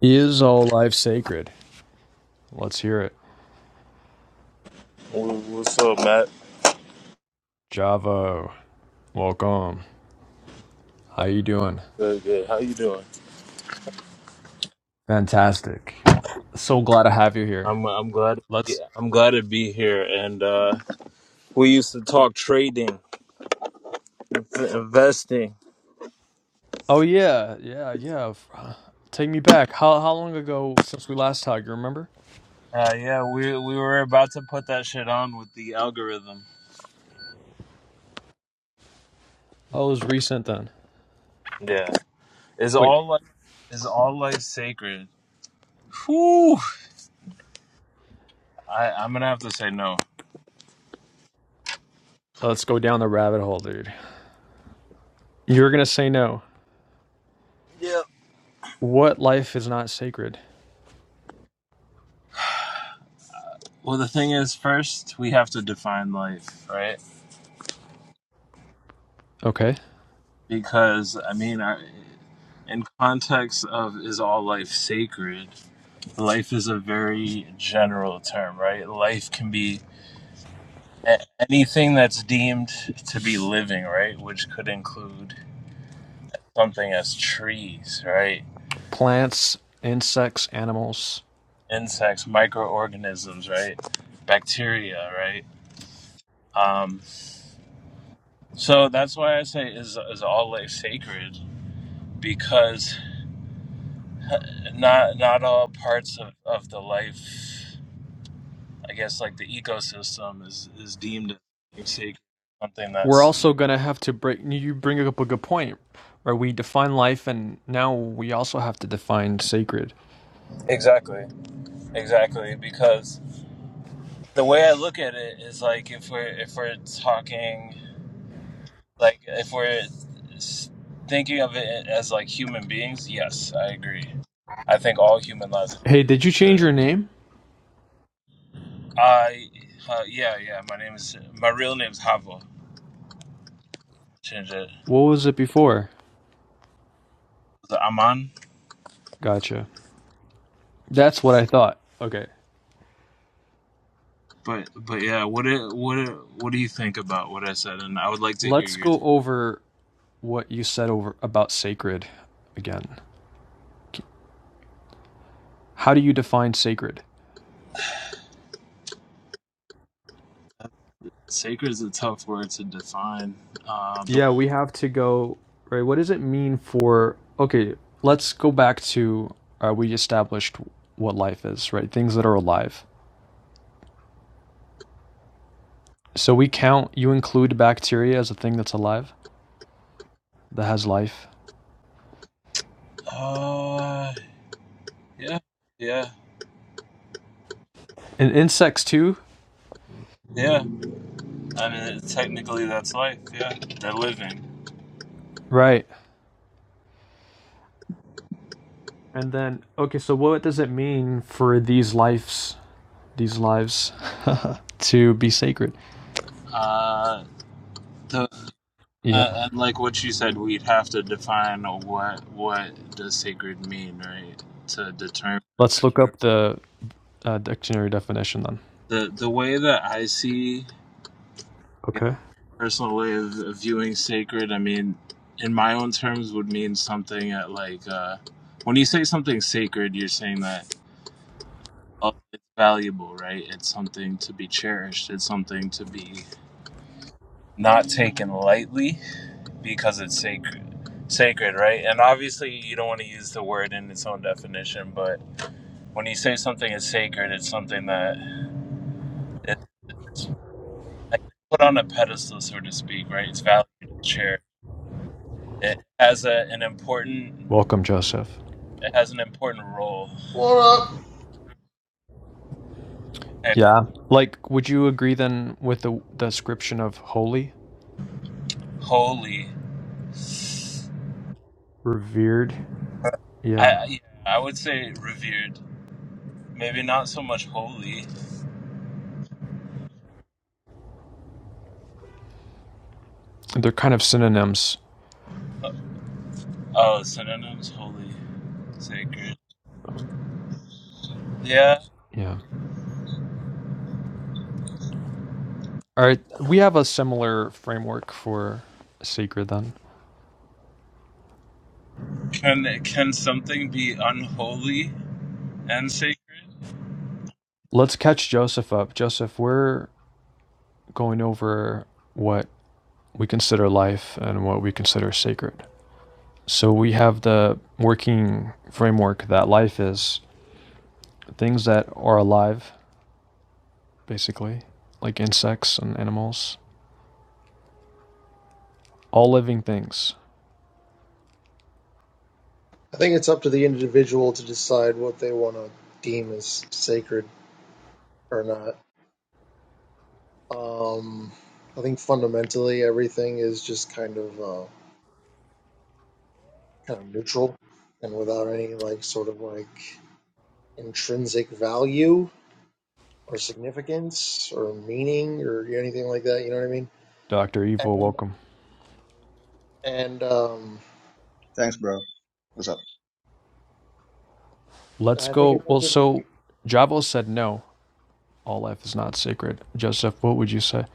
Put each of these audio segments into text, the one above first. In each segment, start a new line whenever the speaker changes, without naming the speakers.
Is all life sacred? Let's hear it.
Well, What's up, Matt?
Javo, welcome. How you doing?
Good, good. How you doing?
Fantastic. So glad to have you here.
I'm I'm glad to
Let's.
I'm glad to be here. And uh, we used to talk trading, inf- investing.
Oh yeah, yeah, yeah. F- Take me back. How how long ago since we last talked? You remember?
Uh, yeah, we we were about to put that shit on with the algorithm.
Oh, it was recent then.
Yeah, is
Wait.
all life is all life sacred? Whew. I I'm gonna have to say no.
Let's go down the rabbit hole, dude. You're gonna say no.
Yeah.
What life is not sacred?
Well, the thing is, first we have to define life, right?
Okay.
Because I mean, I, in context of is all life sacred? life is a very general term, right? Life can be anything that's deemed to be living, right? Which could include something as trees, right?
Plants, insects, animals.
Insects, microorganisms, right? Bacteria, right? Um, so that's why I say is is all life sacred because not not all parts of, of the life, I guess, like the ecosystem is is deemed sacred, something
we're
that's
also gonna have to break. You bring up a good point, where we define life, and now we also have to define sacred.
exactly Exactly, because the way I look at it is like if we're if we're talking like if we're s- thinking of it as like human beings, yes, I agree. I think all human lives
Hey, did you
are
change
to
your name?
I uh, yeah, yeah, my name is my real name is Havo. Change it.
What was it before?
The Aman.
Gotcha. That's what I thought. Okay,
But but yeah, what it, what it, what do you think about what I said? And I would like to hear
let's
your
go over what you said over about sacred again. How do you define sacred?
sacred is a tough word to define. Uh, but,
Yeah, we have to go right. What does it mean for? Okay, let's go back to uh, we established what life is, right? Things that are alive. So we count, you include bacteria as a thing that's alive, that has life.
uh yeah, yeah.
And insects too?
Yeah, I mean, technically, that's life. Yeah, they're living.
Right. And then, okay, so what does it mean for these lives, these lives, to be sacred?
Uh, the,
Yeah.
uh, and like what you said, we'd have to define what what does sacred mean, right? To determine
Let's look up the uh, dictionary definition then.
the the way that I see a
Okay.
personal way of viewing sacred. I mean, in my own terms, would mean something at like uh, when you say something sacred, you're saying that oh, it's valuable, right? It's something to be cherished. It's something to be not taken lightly because it's sacred sacred right and obviously you don't want to use the word in its own definition but when you say something is sacred it's something that it's like, put on a pedestal so to speak right it's valued it's shared it has a, an important
Welcome, Joseph.
it has an important role
What up?
and
Yeah. Like, would you agree then with the description of holy?
holy
Revered. Yeah.
i yeah i would say revered maybe not so much holy
They're kind of synonyms.
oh synonyms holy sacred yeah
Yeah. All right. We have a similar framework for sacred then.
can can something be unholy and sacred.
Let's catch Joseph up. Joseph, we're going over what we consider life and what we consider sacred. So we have the working framework that life is things that are alive, basically, like insects and animals, all living things.
I think it's up to the individual to decide what they want to deem as sacred or not. Um, I think fundamentally everything is just kind of uh, kind of neutral and without any like sort of like intrinsic value or significance or meaning or anything like that. You know what I mean?
Dr. Evil,
And
welcome.
and um,
Thanks, bro. What's up?
Let's
I think
go.
it's up
Well,
to
so Javo said no, all life is not sacred. Joseph, what would you say?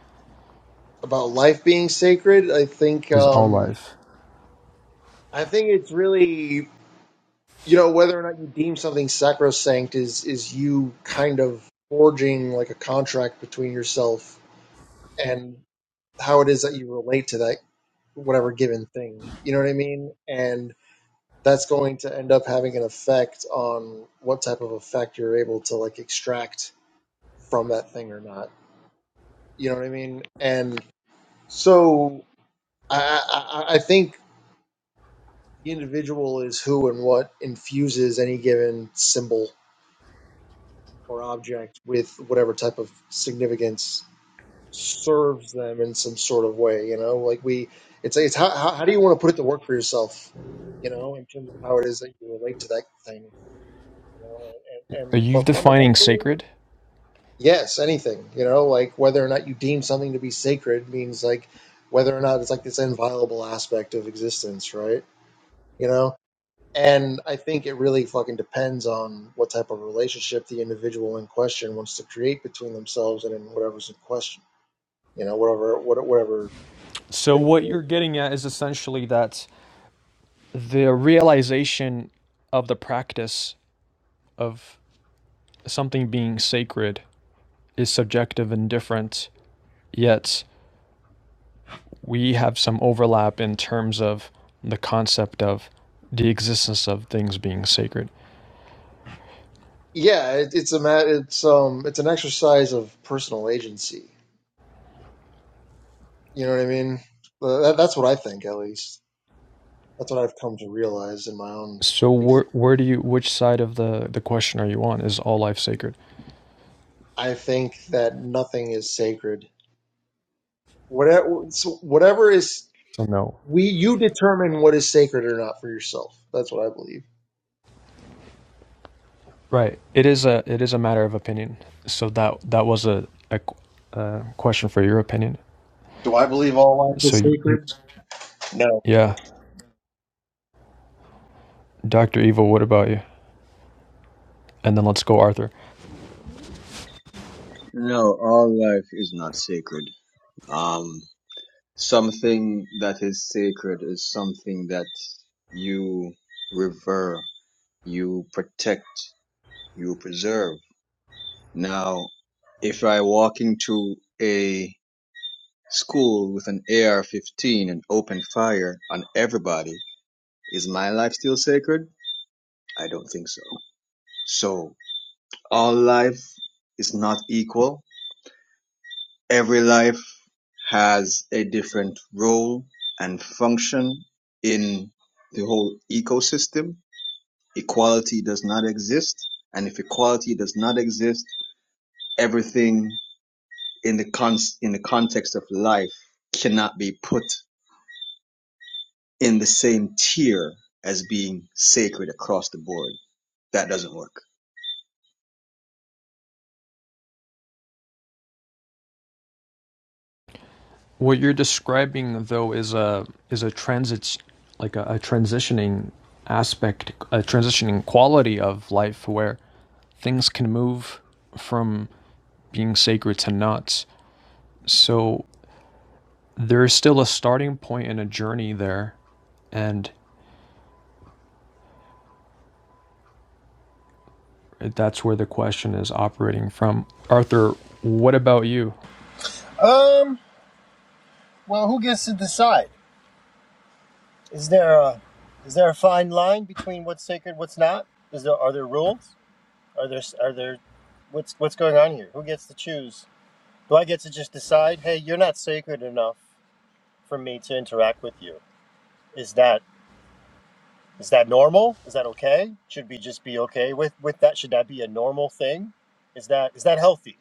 about life being sacred. I think
Is all
um,
life.
I think it's really you know whether or not you deem something sacrosanct is is you kind of forging like a contract between yourself and how it is that you relate to that whatever given thing you know what i mean and that's going to end up having an effect on what type of effect you're able to like extract from that thing or not you know what i mean and so i i, I I think the individual is who and what infuses any given symbol or object with whatever type of significance serves them in some sort of way. You know, like we, it's it's how how, how do you want to put it to work for yourself? You know, in terms of how it is that you relate to that thing. You know, and and,
Are
and
you
but
defining
fundamentally,
sacred?
yes, anything. You know, like whether or not you deem something to be sacred means like whether or not it's like this inviolable aspect of existence, right? You know, and I think it really fucking depends on what type of relationship the individual in question wants to create between themselves and in whatever's in question. You know, whatever, what, whatever.
So
thing it
what
is.
you're getting at is essentially that the realization of the practice of something being sacred is subjective and different, yet we have some overlap in terms of the concept of the existence of things being sacred.
Yeah, it, it's a ma- it's um it's an exercise of personal agency. You know what I mean? Uh, That, that's what I think, at least. That's what I've come to realize in my own
So where
existence.
where do you which side of the the question are you on? Is all life sacred?
I think that nothing is sacred. Whatever, so whatever is
So no.
we you determine what is sacred or not for yourself. That's what I believe
Right. It is a it is a matter of opinion. So that that was a a, a question for your opinion.
Do I believe all life
So
is
you-
sacred? No.
yeah, Dr. Evil, what about you? And then let's go Arthur.
No, all life is not sacred. Um, something that is sacred is something that you revere, you protect, you preserve. Now, if I walk into a school with an AR-15 and open fire on everybody, is my life still sacred? I don't think so. So, all life is not equal Every life has a different role and function in the whole ecosystem. Equality does not exist, and if equality does not exist, everything in the con- in the context of life cannot be put in the same tier as being sacred across the board. That doesn't work.
What you're describing though is a is a transit like a, a transitioning aspect, a transitioning quality of life where things can move from being sacred to not. So there is still a starting point and a journey there, and that's where the question is operating from. Arthur, what about you?
Um, well, who gets to decide? Is there a is there a fine line between what's sacred, what's not? Is there are there rules? Are there are there what's what's going on here? Who gets to choose? Do I get to just decide, "Hey, you're not sacred enough for me to interact with you." Is that is that normal? Is that okay? Should we just be okay with with that? Should that be a normal thing? Is that is that healthy?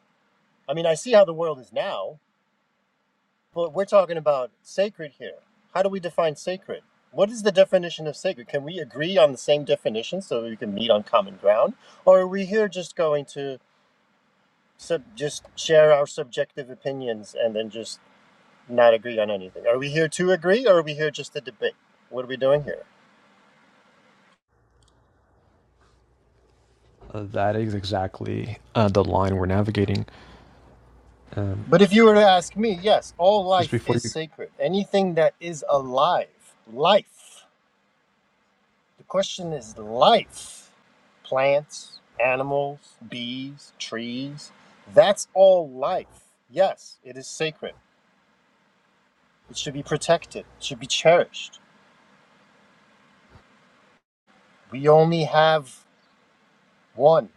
I mean, I see how the world is now. But we're talking about sacred here. How do we define sacred? What is the definition of sacred? Can we agree on the same definition so we can meet on common ground? Or are we here just going to sub- just share our subjective opinions and then just not agree on anything? Are we here to agree or are we here just to debate? What are we doing here?
Uh, that is exactly uh, the line we're navigating. Um,
But if you were to ask me, yes, all
just
life
before
is
you,
sacred. Anything that is alive, life. The question is life. Plants, animals, bees, trees. That's all life. Yes, it is sacred. It should be protected, it should be cherished. We only have one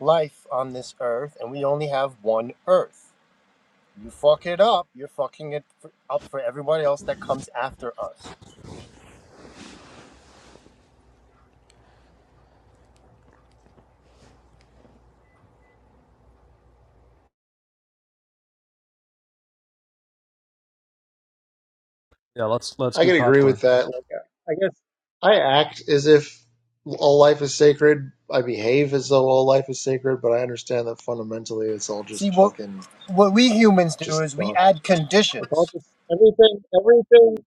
life on this earth, and we only have one earth. You fuck it up, you're fucking it up for everybody else that comes after us.
yeah, let's let's
I
do
can agree
popcorn.
with that. Like, I guess I act as if all life is sacred. I behave as though all life is sacred, but I understand that fundamentally it's all
See,
just
what,
fucking
what we humans do
just
is we
dust.
add
It's
conditions.
all just everything, everything,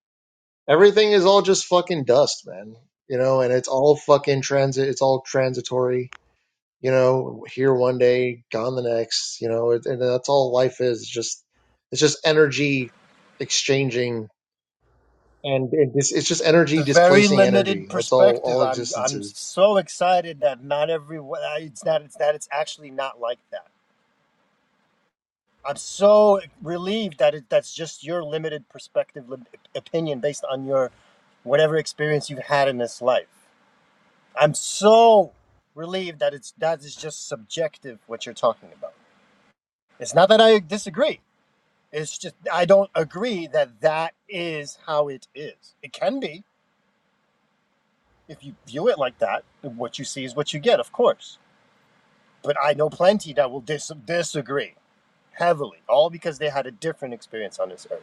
everything is all just fucking dust, man. You know, and it's all fucking transit. It's all transitory. You know, here one day, gone the next. You know, and that's all life is. Just it's just energy exchanging and it, it's, it's just energy
It's a very
displacing energy.
limited
That's all
perspective.
all
I'm
existence
I'm
is.
so excited that not everyone. It's not. It's that. It's actually not like that. I'm so relieved that it, that's just your limited perspective, lim- opinion based on your whatever experience you've had in this life. I'm so relieved that it's that is just subjective what you're talking about. It's not that I disagree. It's just I don't agree that that is how it is. It can be if you view it like that. What you see is what you get, of course But I know plenty that will dis- disagree heavily, all because they had a different experience on this earth.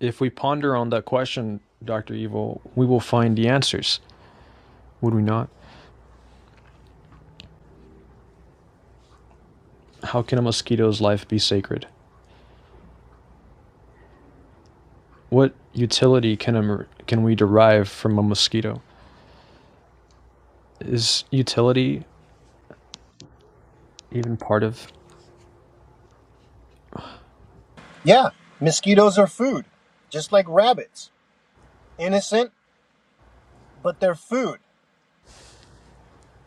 If we ponder on that question, Dr. Evil, we will find the answers, would we not? How can a mosquito's life be sacred? What utility can, a, can we derive from a mosquito? Is utility even part of
Yeah, mosquitoes are food, just like rabbits. Innocent, but they're food.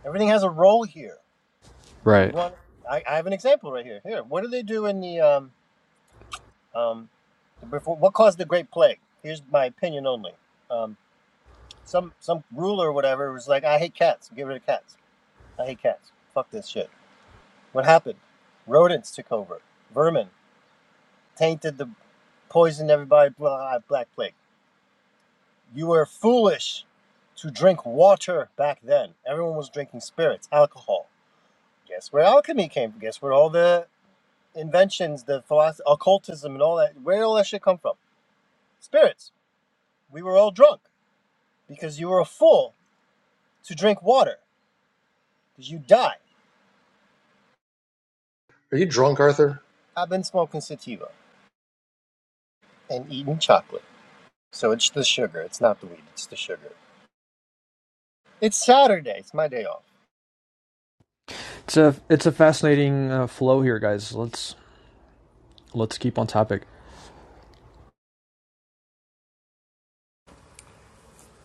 Everything has a role here. You
Right.
want? I, I have an example right here. Here, what do they do in the um um the, before? What caused the Great Plague? Here's my opinion only. Um, some some ruler or whatever was like, I hate cats. Get rid of cats. I hate cats. Fuck this shit. What happened? Rodents took over. Vermin tainted the poisoned everybody, blah, blah, Black Plague. You were foolish to drink water back then. Everyone was drinking spirits, alcohol. Guess where alchemy came from? Guess where all the inventions, the philosophy, occultism, and all that, where did all that shit come from? Spirits. We were all drunk because you were a fool to drink water because you die.
Are you drunk, Arthur?
I've been smoking sativa and eating chocolate. So it's the sugar. It's not the weed, it's the sugar. It's Saturday. It's my day off.
It's a it's a fascinating uh, flow here, guys. Let's let's keep on topic.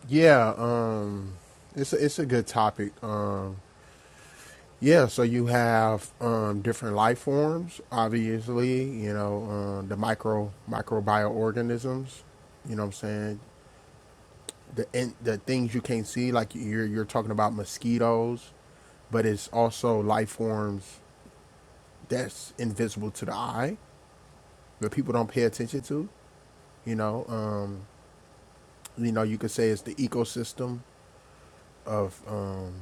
Yeah, um, it's a, it's a good topic. Um, yeah, so you have um, different life forms, obviously. You know, um, the micro microbioorganisms. You know what I'm saying? The in, the things you can't see, like you're you're talking about mosquitoes, but it's also life forms that's invisible to the eye, but people don't pay attention to. You know, um, you know, you could say it's the ecosystem of um,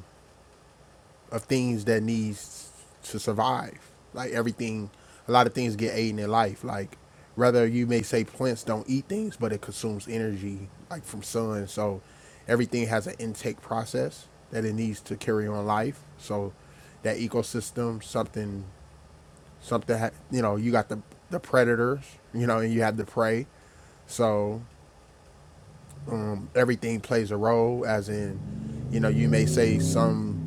of things that needs to survive. Like everything, a lot of things get ate in their life. Like rather you may say plants don't eat things, but it consumes energy like from sun. So everything has an intake process that it needs to carry on life. So that ecosystem, something, something, ha- you know, you got the the predators, you know, and you have the prey. So um, everything plays a role, as in, you know, you may say some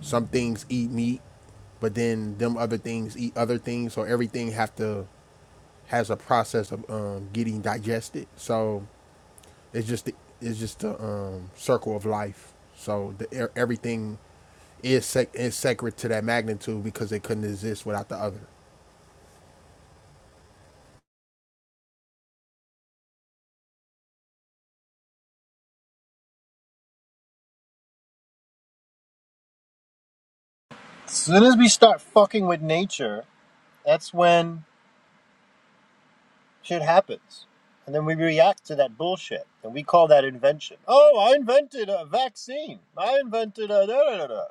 some things eat meat, but then them other things eat other things. So everything have to has a process of um, getting digested. So it's just the, it's just the um, circle of life. So the, e- everything is sec- is sacred to that magnitude because it couldn't exist without the other.
As soon as we start fucking with nature, that's when Shit happens. And then we react to that bullshit. And we call that invention. Oh, I invented a vaccine. I invented a da da da da.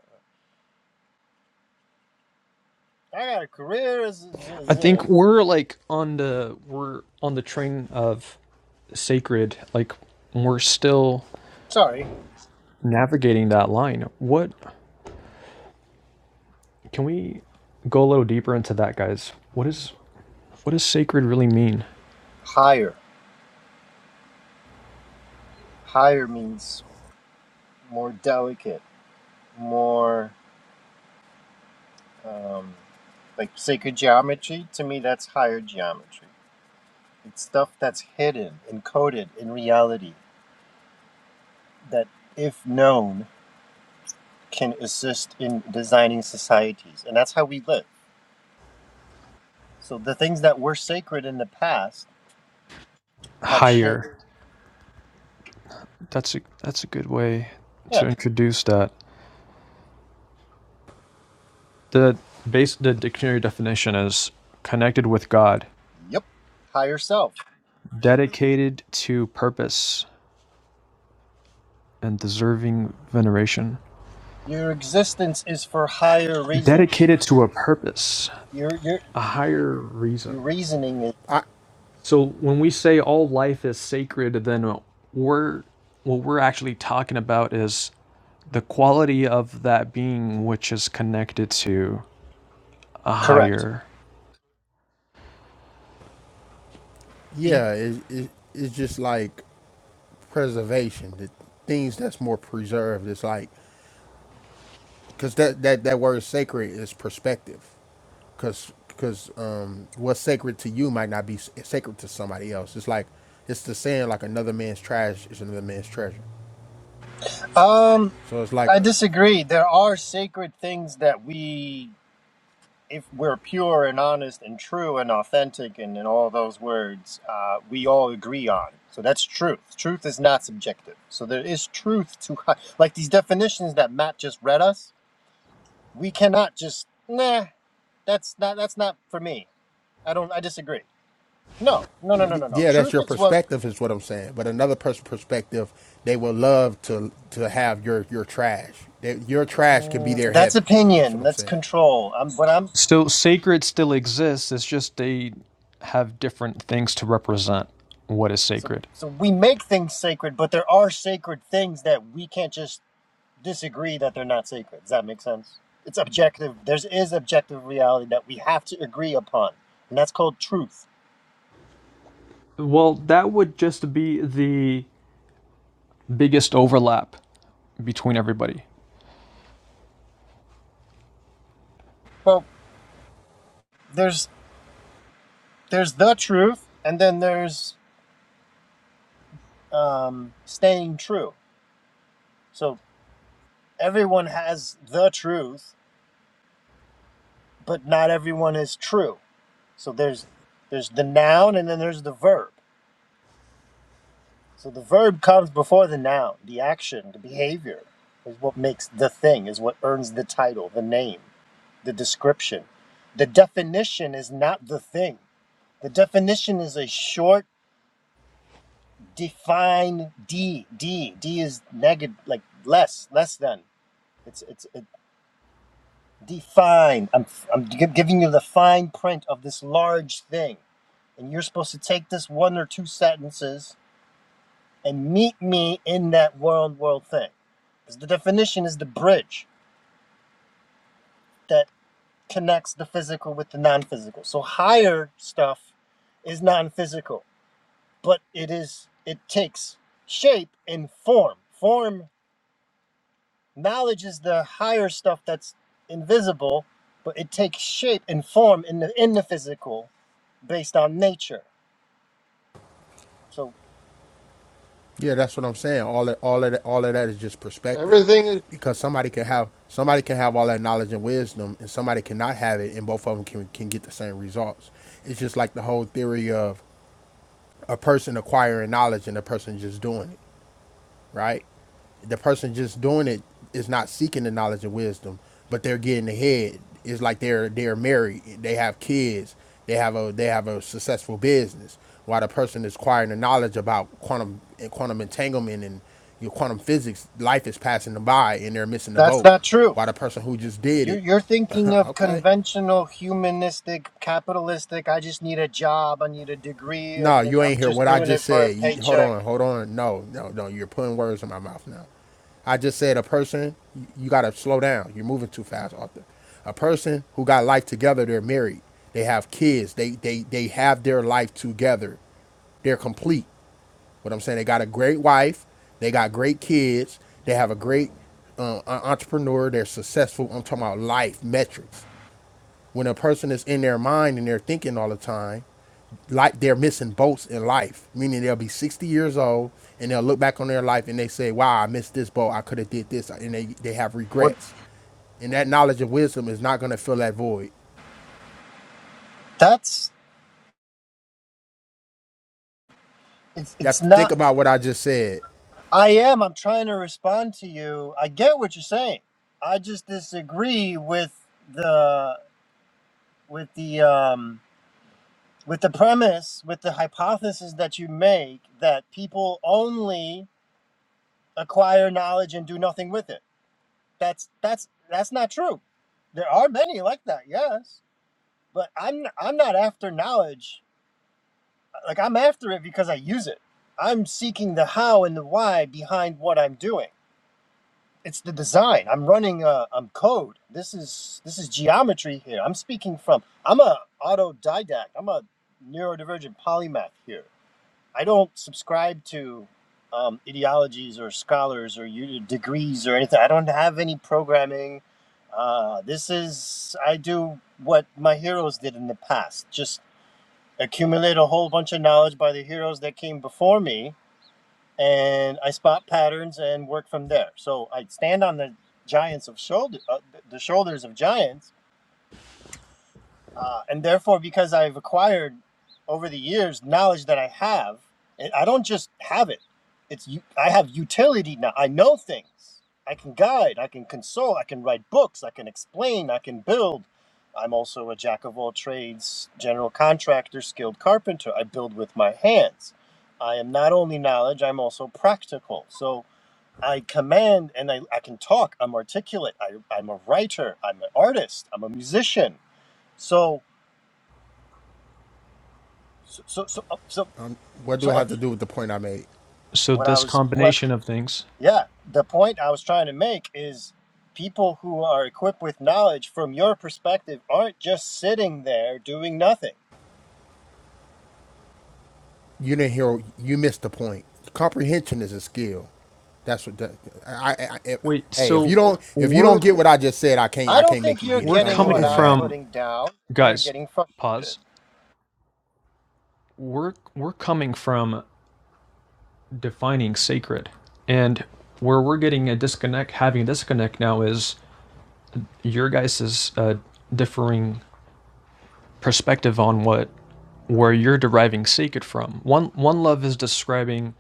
I got a career as, as,
I
as a.
think we're like on the we're on the train of sacred. Like we're still
Sorry.
navigating that line. What Can we go a little deeper into that, guys? What is what does sacred really mean?
Higher. Higher means more delicate, more um, like sacred geometry. To me, that's higher geometry. It's stuff that's hidden, encoded in reality, that if known, can assist in designing societies. And that's how we live. So the things that were sacred in the past have shaped.
Higher. That's a that's a good way
Yeah.
to introduce that. The base the dictionary definition is connected with God,
Yep. Higher self.
dedicated to purpose and deserving veneration.
Your existence is for higher reasons.
Dedicated to a purpose,
Your your
a higher reason.
your reasoning is
I
So when we say all life is sacred, then we're what we're actually talking about is the quality of that being which is connected to a
correct.
higher
E,
yeah, it, it, it's just like preservation. The things that's more preserved. It's like because that that that word sacred is perspective. because because um, what's sacred to you might not be sacred to somebody else. It's like it's the saying like another man's trash is another man's treasure.
Um,
So it's
I
like, uh,
disagree. There are sacred things that we, if we're pure and honest and true and authentic and in all those words, uh, we all agree on. So that's truth. Truth is not subjective. So there is truth to, hi- like these definitions that Matt just read us we cannot just nah that's not that's not for me i don't i disagree no no no no no no
yeah, that's
truth
your
is what
perspective is what I'm saying. But another person's perspective, they will love to to have your your trash. They, your trash can be
Mm,
their
that's
heaven. That's what
opinion
I'm
that's
saying.
control i'm but i'm
still sacred still exists it's just they have different things to represent what is
so
sacred
so we make things sacred but there are sacred things that we can't just disagree that they're not sacred does that make sense it's objective there's is objective reality that we have to agree upon and that's called truth
well that would just be the biggest overlap between everybody
well there's there's the truth and then there's um staying true so everyone has the truth, but not everyone is true. So there's there's the noun and then there's the verb. So the verb comes before the noun, the action, the behavior is what makes the thing, is what earns the title, the name, the description. The definition is not the thing. The definition is a short, defined D. D. D is negative, like less, less than. It's it's Define. I'm I'm gi- giving you the fine print of this large thing, and you're supposed to take this one or two sentences and meet me in that world world thing. 'Cause the definition is the bridge that connects the physical with the non-physical. So higher stuff is non-physical, but it is it takes shape and form. Form knowledge is the higher stuff that's invisible, but it takes shape and form in the in the physical based on nature. So
Yeah, that's what I'm saying. All that, all of that, all of that is just perspective,
Everything is
because somebody can have somebody can have all that knowledge and wisdom, and somebody cannot have it, and both of them can can get the same results. It's just like the whole theory of a person acquiring knowledge and a person just doing it right? The person just doing it is not seeking the knowledge of wisdom, but they're getting ahead. It's like they're they're married, they have kids, they have a they have a successful business. While the person is acquiring the knowledge about quantum quantum entanglement and your quantum physics, life is passing them by and they're missing the
that's
boat.
not true.
While the person who just did
You're,
it,
you're thinking of
okay,
conventional, humanistic, capitalistic, I just need a job, I need a degree,
no,
and that
you
I'm
ain't hear
just
what I
doing it
just
for a
said. You, hold
paycheck.
on, hold on. No, no, no, you're putting words in my mouth now. I just said a person, you- got to slow down. You're moving too fast, Arthur. A person who got life together, they're married, they have kids, they they they have their life together. They're complete. What I'm saying, they got a great wife, they got great kids, they have a great uh, entrepreneur. They're successful. I'm talking about life metrics. When a person is in their mind and they're thinking all the time, like they're missing boats in life, meaning they'll be 60 years old and they'll look back on their life and they say, "Wow, I missed this boat. I could have did this," and they they have
What
regrets. And that knowledge and wisdom is not going to fill that void.
that's, it's,
You
it's
have to think
not,
about what I just said.
I am, I'm trying to respond to you. I get what you're saying. I just disagree with the, with the, um, with the premise, with the hypothesis that you make that people only acquire knowledge and do nothing with it That's that's that's not true. There are many like that, yes, but I'm I'm not after knowledge. Like I'm after it because I use it. I'm seeking the how and the why behind what I'm doing. It's the design. I'm running uh I'm code. This is this is geometry here. I'm speaking from I'm a autodidact. I'm a neurodivergent polymath here. I don't subscribe to um, ideologies or scholars or u- degrees or anything. I don't have any programming. Uh, this is I do what my heroes did in the past. Just accumulate a whole bunch of knowledge by the heroes that came before me, and I spot patterns and work from there. So I stand on the giants of shoulder, uh, the shoulders of giants uh, and therefore, because I've acquired over the years knowledge that I have, and I don't just have it. It's I have utility now. I know things. I can guide. I can console. I can write books. I can explain. I can build. I'm also a jack of all trades, general contractor, skilled carpenter. I build with my hands. I am not only knowledge. I'm also practical. So I command and I, I can talk. I'm articulate. I, I'm a writer. I'm an artist. I'm a musician. So so so so uh, so,
Um, what do
so
I
uh,
have to do with the point I made?
so
what i
this
was what
combination of things
yeah the point i was trying to make is people who are equipped with knowledge from your perspective aren't just sitting there doing nothing
You didn't hear. You missed the point. Comprehension is a skill. That's what. That, I, I, I-
wait
Hey, if you
so
don't if you don't
we're
get what I just said, I can't
i
I
don't
can't make
think
you
you're
get
we're
it. Um,
getting
go
what
coming
ahead,
i'm
Matt.
from
putting down you're
guys
getting frustrated
pause we're we're coming from defining sacred. And where we're getting a disconnect, having a disconnect now is your guys' uh, differing perspective on what where you're deriving sacred from. One one love is describing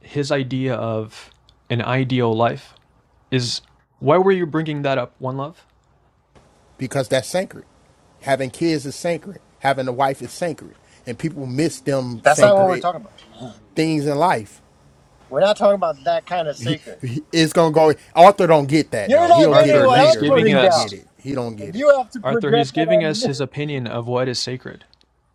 his idea of an ideal life. Is why were you bringing that up? One love.
because that's sacred. Having kids is sacred. Having a wife is sacred. And people miss them
that's not what
Okay,
we're
sacred
talking about
things in life.
we're not talking about that kind of
He,
sacred
he- it's gonna go. Arthur don't get that
you're
though.
not
He'll get
getting
it
Arthur.
what
He's
i'm
later, but
giving
he
putting
don't
down
get
us
it. He don't
and
get
you
it.
have to
Arthur. He's
project that
giving
on
us
me
his opinion of what is sacred.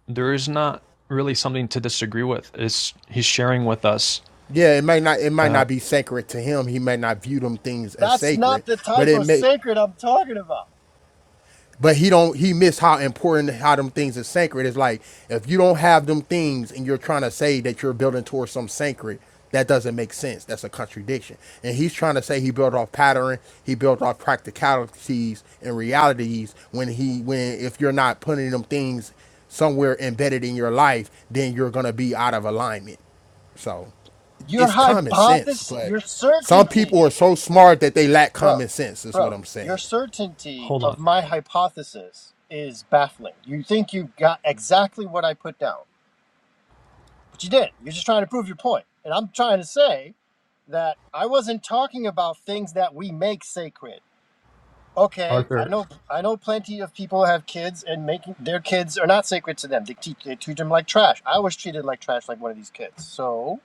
There is not really something to disagree with. It's he's sharing with us.
Yeah, it may not. It might
Uh,
not be sacred to him. He may not view them things as
that's
sacred,
not the
but
type
it
of
may.
sacred i'm talking about
But he don't he missed how important how them things is sacred. It's like if you don't have them things and you're trying to say that you're building towards some sacred, that doesn't make sense. That's a contradiction. And he's trying to say he built off pattern, he built off practicalities and realities when he when if you're not putting them things somewhere embedded in your life, then you're gonna be out of alignment. So
your
it's common sense,
hypothesis
but
your
some
certainty
people are so smart that they lack
bro,
common sense, is what
bro,
I'm
your
saying.
certainty
hold on.
of my hypothesis is baffling. You think you got exactly what I put down, but you didn't. You're just trying to prove your point. And I'm trying to say that I wasn't talking about things that we make sacred. Okay, I
Arthur.
know I know plenty of people have kids and making their kids are not sacred to them. They teach they treat them like trash. I was treated like trash like one of these kids. So,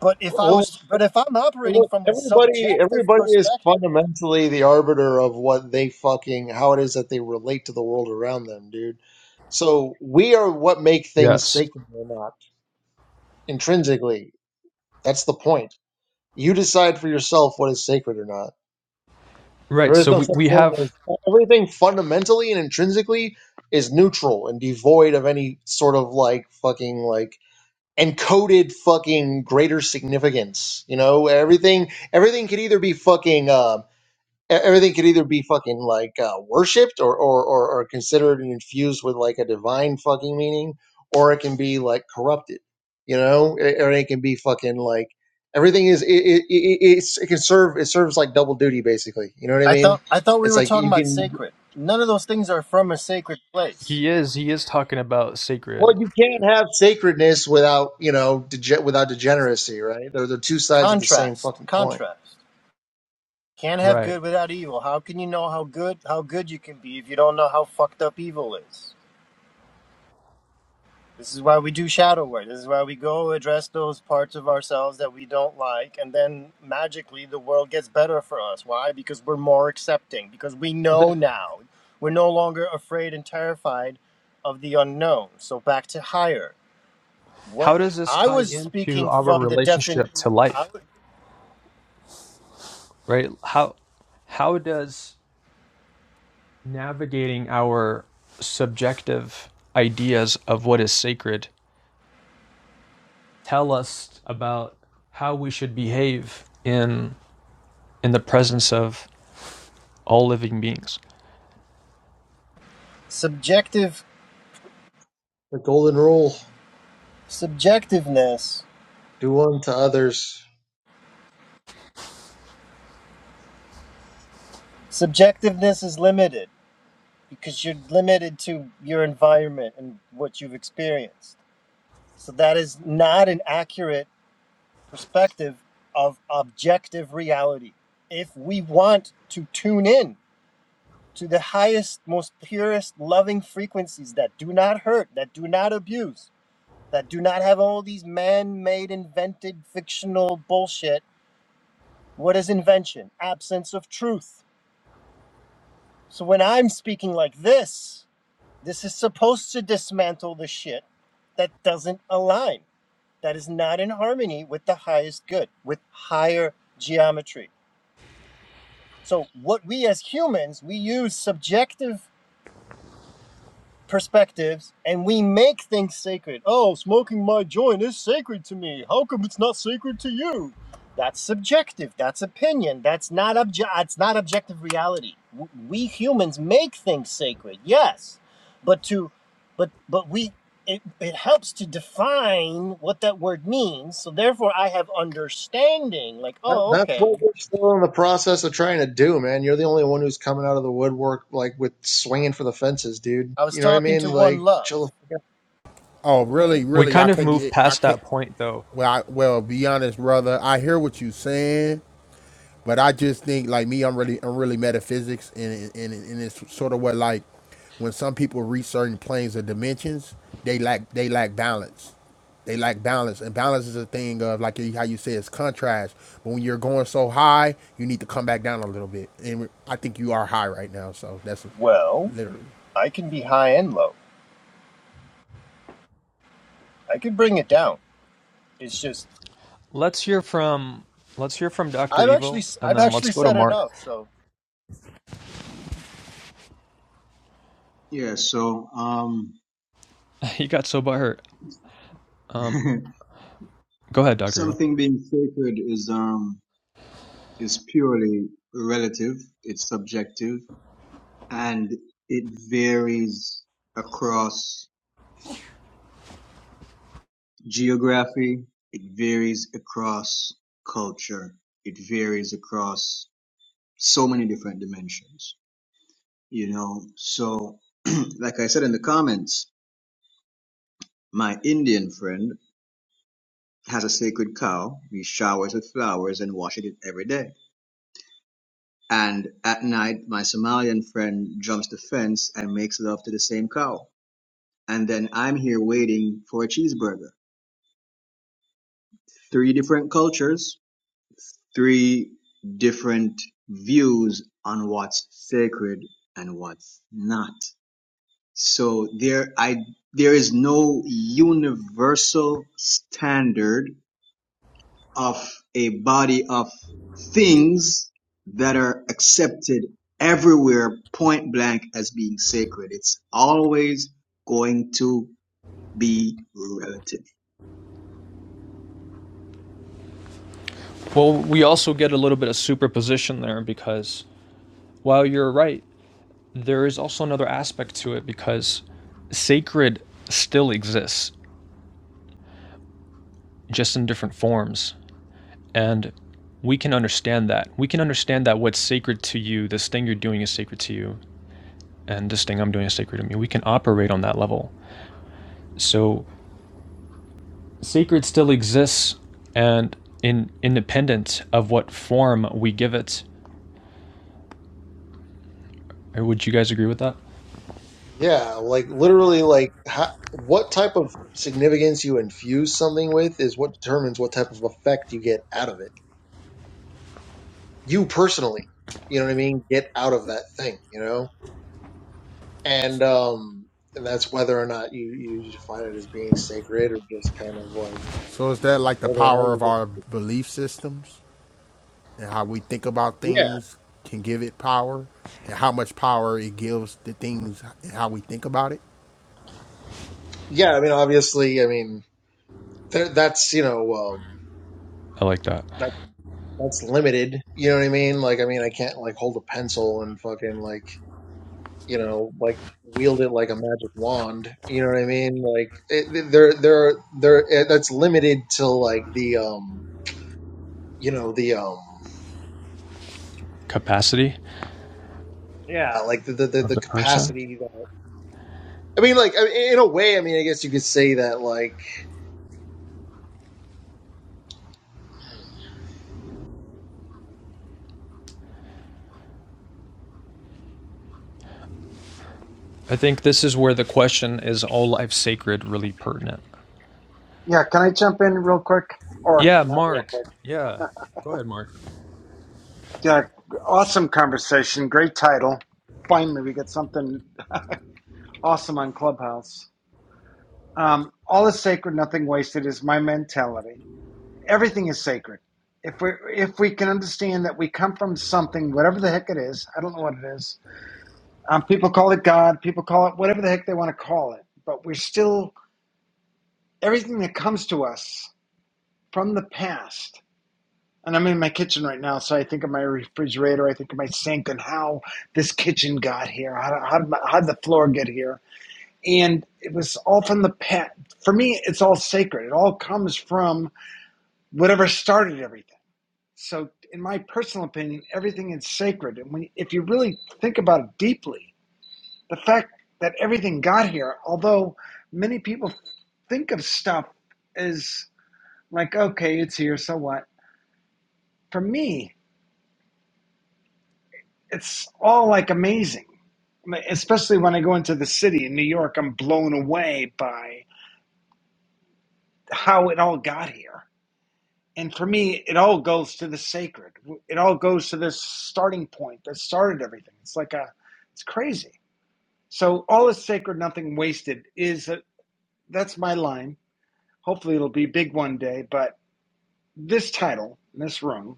but if I
well.
was but if I'm operating
Look,
from a
everybody,
subjective
everybody is
perspective,
fundamentally the arbiter of what they fucking how it is that they relate to the world around them, dude. So we are what make things
Yes.
sacred or not intrinsically. That's the point. You decide for yourself what is sacred or not.
Right.
There is
So
no
we,
such
we
thing
have
as everything fundamentally and intrinsically is neutral and devoid of any sort of like fucking like encoded fucking greater significance. You know, everything everything could either be fucking um e- everything could either be fucking like uh, worshipped or, or or or considered and infused with like a divine fucking meaning, or it can be like corrupted, you know, or or it can be fucking like everything is it it, it, it's, it can serve it serves like double duty basically. You know what I
I thought
mean?
I thought we
It's
were
like
talking
you
about
can
sacred. None of those things are from a sacred place.
he is he is talking about sacred.
well you can't have sacredness without you know dege- without degeneracy, right? They're the two sides of the same
Contrast,
fucking coin.
contrast. Can't have
Right.
good without evil. How can you know how good how good you can be if you don't know how fucked up evil is? This is why we do shadow work. This is why we go address those parts of ourselves that we don't like, and then magically the world gets better for us. Why? Because we're more accepting. Because we
But then
know now. We're no longer afraid and terrified of the unknown. So back to higher. What
how does this
I
tie
was
into
speaking
our
from the defin,
relationship to
I
life?
w-
Right? How how does navigating our subjective ideas of what is sacred tell us about how we should behave in in the presence of all living beings?
subjective
The golden rule:
subjectiveness.
do unto others
Subjectiveness is limited because you're limited to your environment and what you've experienced. So that is not an accurate perspective of objective reality. If we want to tune in to the highest, most purest, loving frequencies that do not hurt, that do not abuse, that do not have all these man made, invented, fictional bullshit. What is invention? Absence of truth. So when I'm speaking like this, this is supposed to dismantle the shit that doesn't align, that is not in harmony with the highest good, with higher geometry. So what we as humans, we use subjective perspectives and we make things sacred. Oh, smoking my joint is sacred to me. How come it's not sacred to you? That's subjective. That's opinion. That's not obje- it's not objective reality. W- We humans make things sacred. Yes. But to but but we it, it helps to define what that word means. So therefore I have understanding like,
That,
oh,
that's what
okay.
we're still in the process of trying to do, man. You're the only one who's coming out of the woodwork, like with swinging for the fences, dude.
I was
You know what I
talking
mean?
to one
Like,
love.
chill the fuck out.
Oh, really,
We
really, I
kind of
can't
move
get, I
past
can't.
that point though
Well, I, well, be honest, brother. I hear what you saying, but I just think, like me, I'm really, I'm really metaphysics, and and, and it's sort of what like when some people reach certain planes of dimensions, they lack, they lack balance. They lack balance, and balance is a thing of like how you say it's contrast. But when you're going so high, you need to come back down a little bit, and I think you are high right now. So that's
Well,
literally.
I can be high and low. I can bring it down. It's just
Let's hear from let's hear from Doctor
I've
Evil,
actually i
and
I've
then let's
actually
go to
said
Mark.
enough. So
Yeah. So, um,
He got so by Um, go ahead, Doctor Evil.
something being sacred is um is purely relative. It's subjective and it varies across geography. It varies across culture. It varies across so many different dimensions, you know? So, like I said in the comments, my Indian friend has a sacred cow. He showers with flowers and washes it every day. And at night, my Somalian friend jumps the fence and makes love to the same cow. And then I'm here waiting for a cheeseburger. Three different cultures, three different views on what's sacred and what's not. So there, I, there is no universal standard of a body of things that are accepted everywhere point blank as being sacred. It's always going to be relative.
Well, we also get a little bit of superposition there because while you're right, there is also another aspect to it because sacred still exists, just in different forms, and we can understand that. We can understand that what's sacred to you, this thing you're doing is sacred to you, and this thing I'm doing is sacred to me. We can operate on that level. So sacred still exists and in independent of what form we give it. Or would you guys agree with that?
Yeah, like literally, like how, what type of significance you infuse something with is what determines what type of effect you get out of it. You personally, you know what I mean? Get out of that thing, you know, and um, and that's whether or not you you define it as being sacred or just kind of like
So is that like the
whether or not
power of
you're just
our belief systems? and how we think about
yeah,
things can give it power and how much power it gives the things and how we think about it.
yeah. I mean, obviously, I mean. There, that's you know um,
I like that.
that that's limited. You know what I mean? Like I mean I can't like hold a pencil and fucking like you know like wield it like a magic wand. You know what I mean? Like it, there there there eh, that's limited to like the um you know the um
Capacity
Yeah. uh, like the the, the,
of
the
the person.
capacity that I mean like I in a way I mean I guess you could say that like
I think this is where the question is all life sacred really pertinent.
Yeah, can I jump in real quick? Or
Yeah, Mark. Yeah. Go ahead, Mark.
yeah, awesome conversation, great title. Finally, we get something awesome on Clubhouse. Um, all is sacred, nothing wasted is my mentality. Everything is sacred. If we if we can understand that we come from something, whatever the heck it is, I don't know what it is. Um, people call it God. People call it whatever the heck they want to call it. But we're still everything that comes to us from the past And I'm in my kitchen right now, so I think of my refrigerator, I think of my sink, and how this kitchen got here. How, how, did my, how did the floor get here? And it was all from the past. For me, it's all sacred. It all comes from whatever started everything. So, in my personal opinion, everything is sacred. And when, if you really think about it deeply, the fact that everything got here, although many people think of stuff as like, okay, it's here, so what? For me, it's all like amazing. Especially when I go into the city in New York, I'm blown away by how it all got here. And for me, it all goes to the sacred. It all goes to this starting point that started everything. It's like a, it's crazy. So all is sacred, nothing wasted is a, that's my line. Hopefully, it'll be big one day. But this title, this room,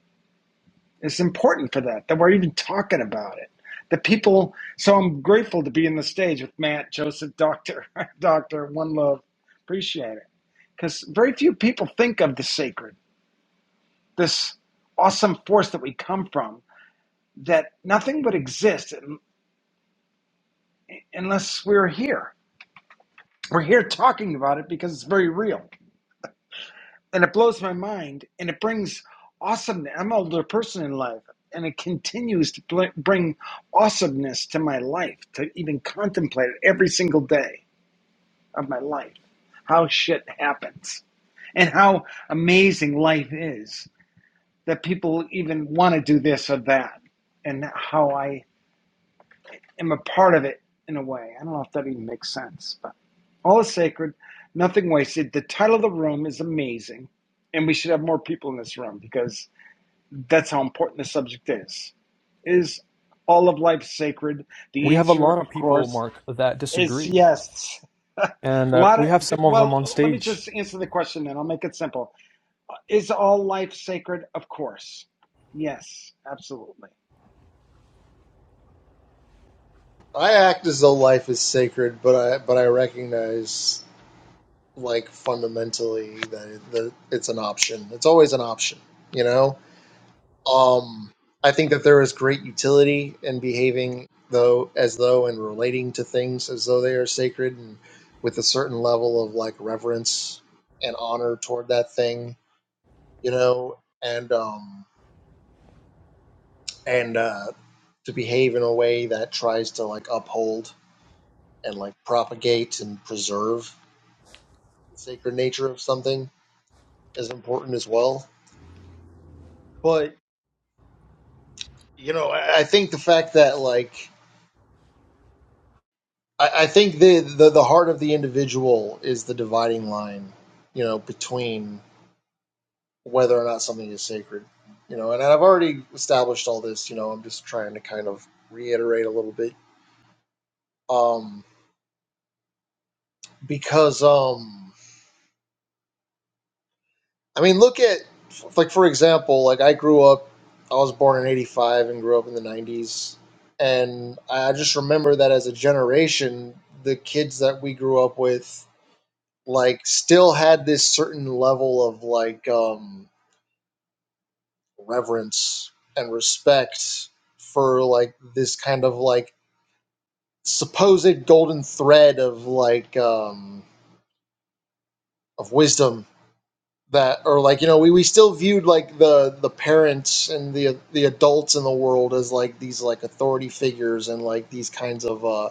It's important for that, that we're even talking about it. The people, so I'm grateful to be in the stage with Matt, Joseph, Doctor, Doctor, One Love. Appreciate it. Because very few people think of the sacred, this awesome force that we come from, that nothing would exist un- unless we're here. We're here talking about it because it's very real. and it blows my mind and it brings awesomeness i'm an older person in life and it continues to bring awesomeness to my life to even contemplate it every single day of my life how shit happens and how amazing life is that people even want to do this or that and how i am a part of it in a way. I don't know if that even makes sense, but all is sacred, nothing wasted. The title of the room is amazing, and we should have more people in this room because that's how important the subject is. Is all of life sacred? The
We have a
answer,
lot of
of
people,
course,
Mark, that
is
disagree.
yes.
And
A
uh,
lot
we
of
have some of them
well,
on
let me
stage.
just answer the question, then I'll make it simple. Is all life sacred? Of course, yes, absolutely.
I act as though life is sacred, but I but I recognize. like fundamentally that it, that it's an option. It's always an option, you know. Um, I think that there is great utility in behaving though as though and relating to things as though they are sacred and with a certain level of like reverence and honor toward that thing, you know, and um and uh to behave in a way that tries to like uphold and like propagate and preserve the sacred nature of something is important as well. But you know, I, I think the fact that like I, I think the, the the heart of the individual is the dividing line, you know, between whether or not something is sacred. You know, and I've already established all this, you know, I'm just trying to kind of reiterate a little bit. Um because um I mean look at f- like for example, like I grew up I was born in eighty five and grew up in the nineties and I just remember that as a generation, the kids that we grew up with like still had this certain level of like um reverence and respect for like this kind of like supposed golden thread of like um of wisdom that or like you know we, we still viewed like the the parents and the the adults in the world as like these like authority figures and like these kinds of uh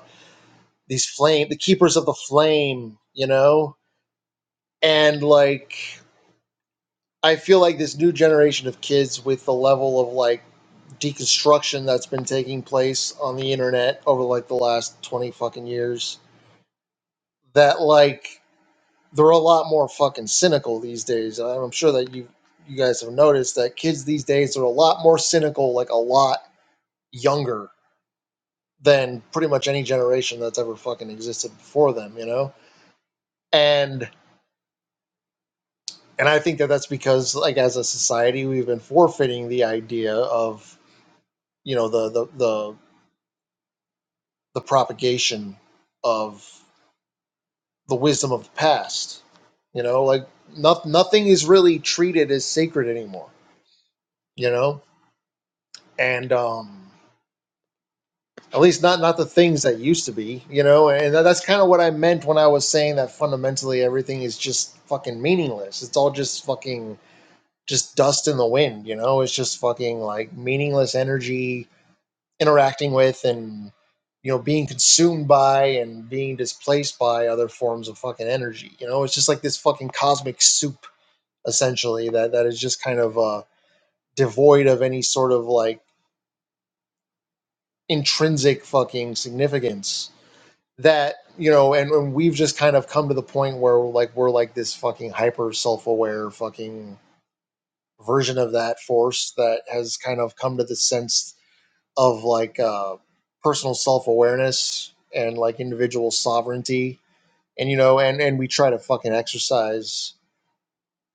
these flame the keepers of the flame you know and like I feel like this new generation of kids with the level of like deconstruction that's been taking place on the internet over like the last 20 fucking years that like they're a lot more fucking cynical these days. And I'm sure that you you guys have noticed that kids these days are a lot more cynical, like a lot younger than pretty much any generation that's ever fucking existed before them, you know? And and I think that that's because like as a society we've been forfeiting the idea of you know the the the the propagation of the wisdom of the past. You know, like not, nothing is really treated as sacred anymore. You know, and um, at least not not the things that used to be. You know, and that's kind of what I meant when I was saying that fundamentally everything is just fucking meaningless. It's all just fucking just dust in the wind. You know, it's just fucking like meaningless energy interacting with and you know being consumed by and being displaced by other forms of fucking energy you know it's just like this fucking cosmic soup essentially that that is just kind of uh devoid of any sort of like intrinsic fucking significance that you know and, and we've just kind of come to the point where like we're like this fucking hyper self-aware fucking version of that force that has kind of come to the sense of like uh, personal self awareness and like individual sovereignty, and you know, and and we try to fucking exercise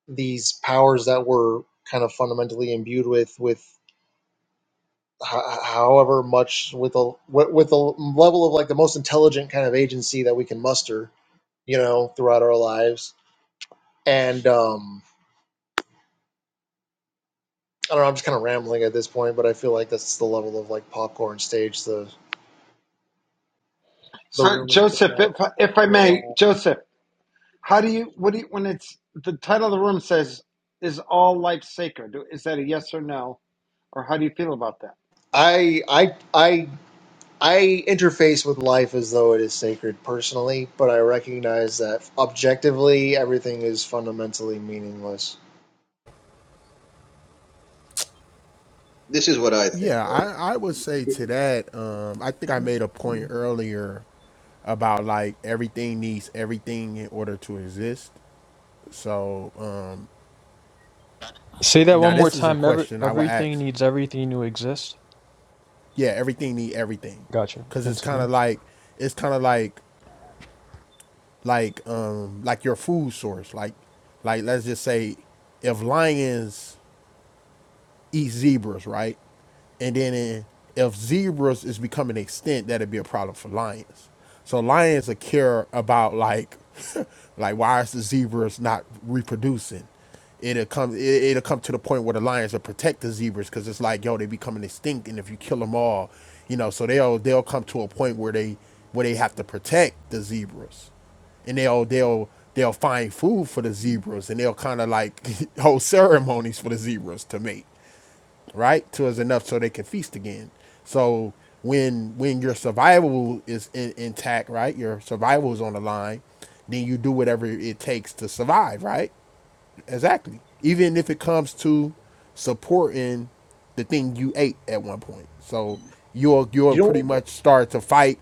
these powers that we're kind of fundamentally imbued with with ho- however much with a with with a level of like the most intelligent kind of agency that we can muster you know throughout our lives and um i don't know i'm just kind of rambling at this point but i feel like that's the level of like popcorn stage the the
So,
room has been
Joseph,
at
if I, if I
for a
may,
while
Joseph. How do you what do you when it's the title of the room says is all life sacred? Is that a yes or no, or how do you feel about that?
i i i I interface with life as though it is sacred personally, but I recognize that objectively everything is fundamentally meaningless.
This is what I think,
Yeah,
right?
I, I would say to that, um, I think I made a point earlier about like everything needs everything in order to exist. So um,
Say that
now
one more
this is a
time. Every,
question I would
everything
ask.
needs everything to exist.
Yeah, everything need everything,
Gotcha.
cause it's kind
Continue.
of like it's kind of like like um, like your food source. Like like let's just say if lions eat zebras, right? And then in, if zebras is becoming extinct, that'd be a problem for lions. So lions are care about like, like why is the zebras not reproducing? It'll come. It, it'll come to the point where the lions will protect the zebras because it's like, yo, they becoming extinct, and if you kill them all, you know, so they'll they'll come to a point where they where they have to protect the zebras and they'll they'll they'll find food for the zebras and they'll kind of like hold ceremonies for the zebras to mate right? To is enough so they can feast again. So when when your survival is in, intact, right? Your survival is on the line, then you do whatever it takes to survive, right? Exactly. Even if it comes to supporting the thing you ate at one point. So you'll you'll
You know
pretty
what?
much start to fight.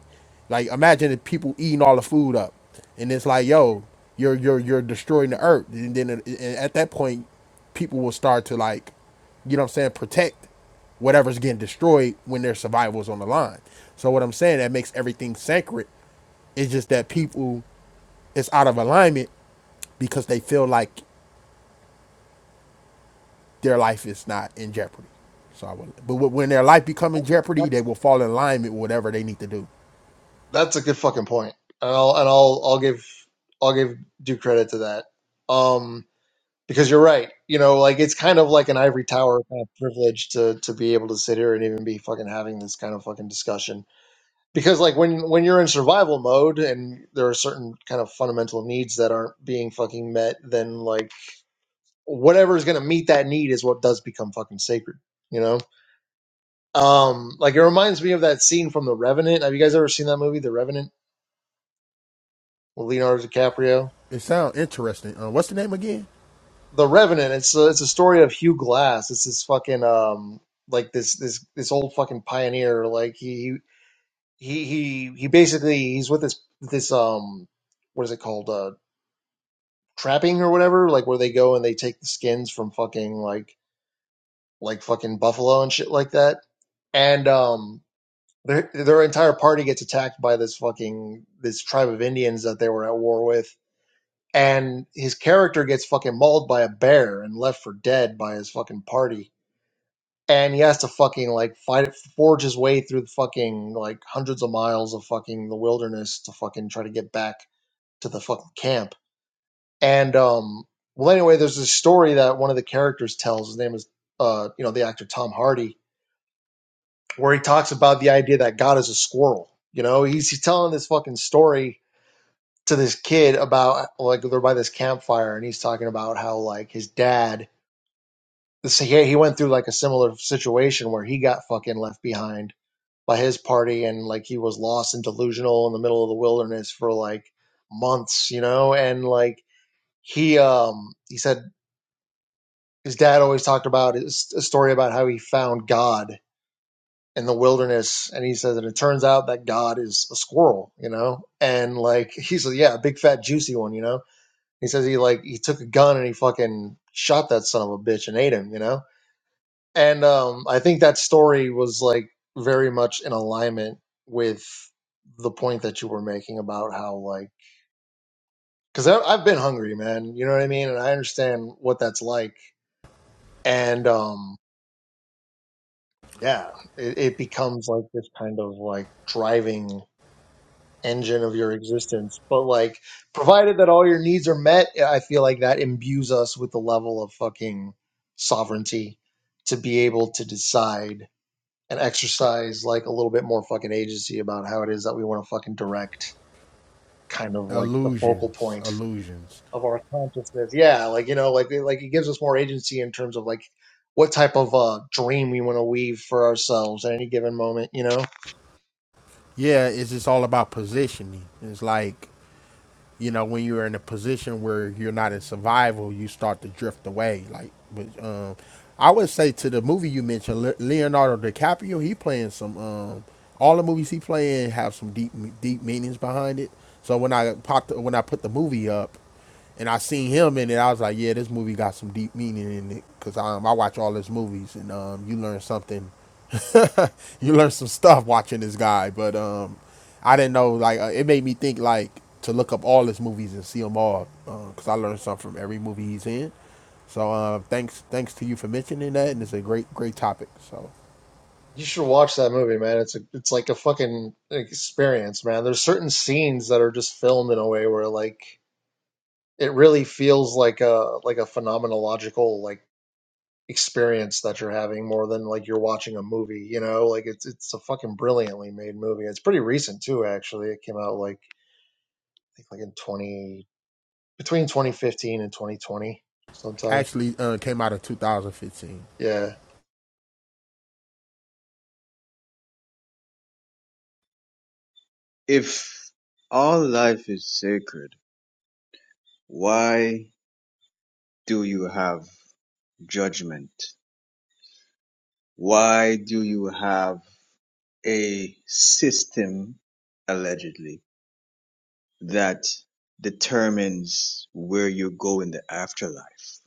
Like imagine if people eating all the food up and it's like, yo, you're you're you're destroying the earth. And then it- and at that point people will start to like, you know what I'm saying, protect whatever's getting destroyed when their survival is on the line. So what I'm saying that makes everything sacred it's just that people it's out of alignment because they feel like their life is not in jeopardy. So I would, but when their life become in jeopardy, they
That's
will fall in alignment with whatever they need to do.
that's a good fucking point. And I'll and I'll I'll give I'll give due credit to that. Um because you're right. You know, like it's kind of like an ivory tower kind of privilege to to be able to sit here and even be fucking having this kind of fucking discussion. Because like when when you're in survival mode and there are certain kind of fundamental needs that aren't being fucking met, then like whatever is going to meet that need is what does become fucking sacred you know um like it reminds me of that scene from the revenant have you guys ever seen that movie the revenant with leonardo dicaprio
It sounds interesting. Uh, what's the name again?
the revenant it's a, it's a story of hugh glass it's this fucking um like this this this old fucking pioneer like he he he he basically he's with this this um what is it called uh trapping or whatever like where they go and they take the skins from fucking like like fucking buffalo and shit like that and um Their their entire party gets attacked by this fucking this tribe of Indians that they were at war with, and his character gets fucking mauled by a bear and left for dead by his fucking party, and he has to fucking like fight it, forge his way through the fucking like hundreds of miles of fucking the wilderness to fucking try to get back to the fucking camp. And um, well, anyway, there's this story that one of the characters tells. His name is uh, you know, the actor Tom Hardy where he talks about the idea that God is a squirrel. You know, he's, he's telling this fucking story to this kid about like they're by this campfire, and he's talking about how like his dad. This, he, he went through like a similar situation where he got fucking left behind by his party, and like he was lost and delusional in the middle of the wilderness for like months, you know, and like he um he said his dad always talked about his, a story about how he found God in the wilderness and he says and it turns out that god is a squirrel you know and like he's says yeah a big fat juicy one you know he says he like he took a gun and he fucking shot that son of a bitch and ate him you know and um i think that story was like very much in alignment with the point that you were making about how like because i've been hungry man you know what i mean and i understand what that's like and um yeah it, it becomes like this kind of like driving engine of your existence. But like, provided that all your needs are met, I feel like that imbues us with the level of fucking sovereignty to be able to decide and exercise like a little bit more fucking agency about how it is that we want to fucking direct kind of like the focal
Illusions.
point
Illusions.
of our consciousness. Yeah, like you know, like it- like it gives us more agency in terms of like what type of uh dream we want to weave for ourselves at any given moment, you know?
Yeah, it's just all about positioning. It's like you know, when you're in a position where you're not in survival, you start to drift away. Like, but um, I would say to the movie you mentioned, Le- Leonardo DiCaprio, he playing some. Um, all the movies he playing have some deep, deep meanings behind it. So when I popped, when I put the movie up, and I seen him in it. I was like, yeah, this movie got some deep meaning in it because um, I watch all his movies, and um, you learn something. you learn some stuff watching this guy, but um, I didn't know. Like, uh, it made me think like to look up all his movies and see them all because I learned something from every movie he's in. So uh, thanks, thanks to you for mentioning that, and it's a great, great topic. So
You should watch that movie, man. It's a, it's like a fucking experience, man. There's certain scenes that are just filmed in a way where like it really feels like a like a phenomenological like experience that you're having more than like you're watching a movie, you know? Like it's it's a fucking brilliantly made movie. It's pretty recent too, actually. It came out like I think like in 20 between 2015 and 2020 sometime.
actually, uh, came out of 2015.
Yeah.
If all life is sacred, Why do you have judgment? Why do you have a system, allegedly, that determines where you go in the afterlife?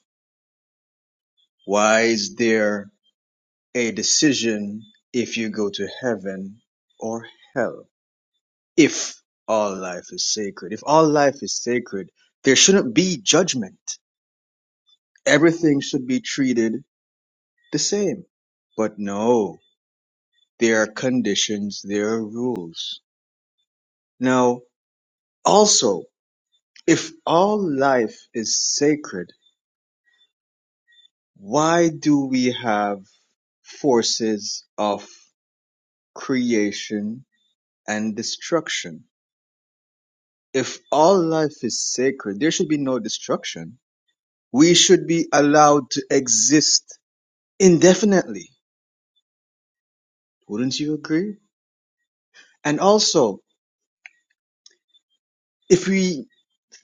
Why is there a decision if you go to heaven or hell? If all life is sacred, if all life is sacred, there shouldn't be judgment. Everything should be treated the same. But no, There are conditions, there are rules. Now, also, if all life is sacred, why do we have forces of creation and destruction? If all life is sacred, there should be no destruction. We should be allowed to exist indefinitely. Wouldn't you agree? And also, if we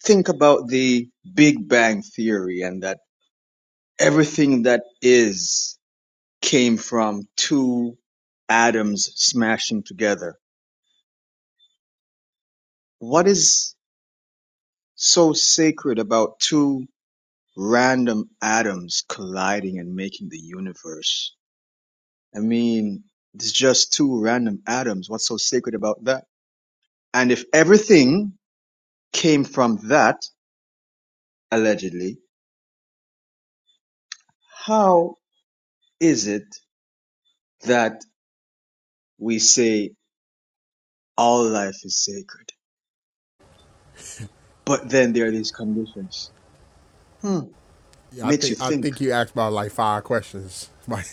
think about the Big Bang Theory and that everything that is came from two atoms smashing together. What is so sacred about two random atoms colliding and making the universe? I mean, it's just two random atoms. What's so sacred about that? And if everything came from that, allegedly, how is it that we say all life is sacred? But then there are these conditions. Hmm.
Yeah, I
Makes you
think I
think.
think you asked about like five questions. Like,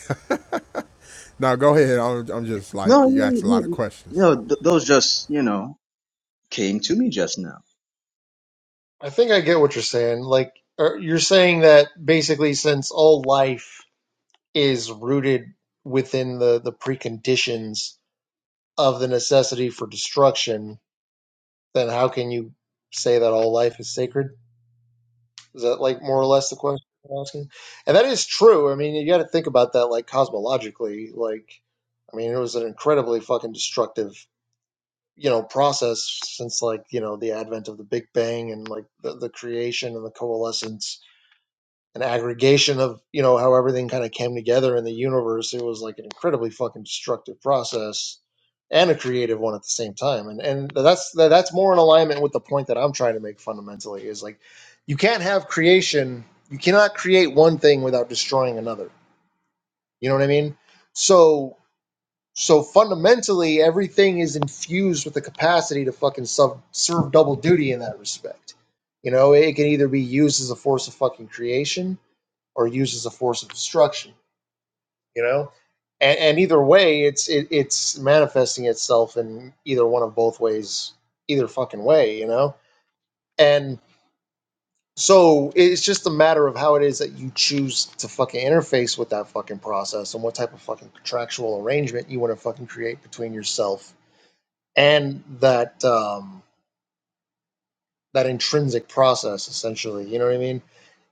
Now go ahead. I'm, I'm just like
No,
you
you,
asked a lot of
you, you
questions.
know, th- those just, you know, came to me just now.
I think I get what you're saying. Like are- you're saying that basically since all life is rooted within the, the preconditions of the necessity for destruction, then how can you say that all life is sacred? Is that like more or less the question you're asking? And that is true. I mean, you got to think about that like cosmologically. Like, I mean, it was an incredibly fucking destructive, you know, process since like you know the advent of the Big Bang and like the, the creation and the coalescence an aggregation of you know how everything kind of came together in the universe. It was like an incredibly fucking destructive process and a creative one at the same time. And and that's that's more in alignment with the point that I'm trying to make fundamentally is like you can't have creation. You cannot create one thing without destroying another. You know what I mean? So so fundamentally, everything is infused with the capacity to fucking sub, serve double duty in that respect. You know, it can either be used as a force of fucking creation or uses a force of destruction. You know, and, and either way, it's it, it's manifesting itself in either one of both ways, either fucking way. You know, and so it's just a matter of how it is that you choose to fucking interface with that fucking process and what type of fucking contractual arrangement you want to fucking create between yourself and that um, that intrinsic process, essentially. You know what I mean?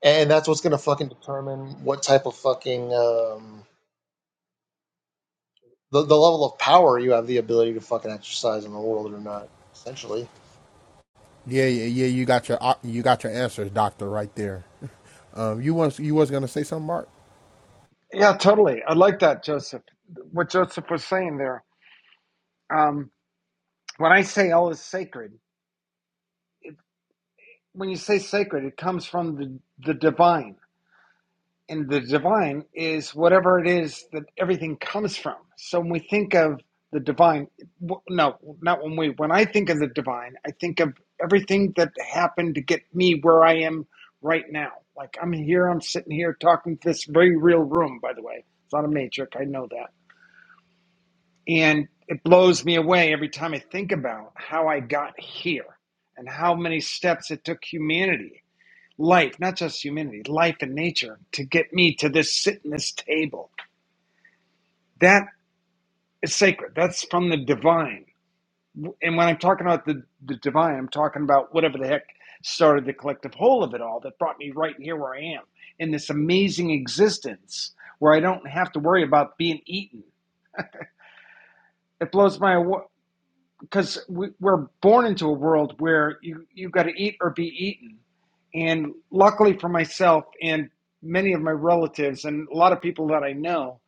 And that's what's gonna fucking determine what type of fucking um, the, the level of power you have the ability to fucking exercise in the world or not, essentially.
Yeah, yeah, yeah. You got your uh, you got your answers, doctor, right there. Um, you was you was gonna say something, Mark?
Yeah, totally. I like that, Joseph. What Joseph was saying there. Um, when I say all is sacred, when you say sacred, it comes from the the divine. and the divine is whatever it is that everything comes from. So when we think of the divine, no, not when we, when I think of the divine, I think of everything that happened to get me where I am right now. Like I'm here, I'm sitting here talking to this very real room, by the way. It's not a matrix, I know that. And it blows me away every time I think about how I got here and how many steps it took humanity life, not just humanity, life and nature, to get me to this sit in this table. That is sacred. That's from the divine. And when I'm talking about the, the divine, I'm talking about whatever the heck started the collective whole of it all that brought me right here where I am in this amazing existence where I don't have to worry about being eaten. It blows my because we, we're born into a world where you you have got to eat or be eaten, and luckily for myself and many of my relatives and a lot of people that I know,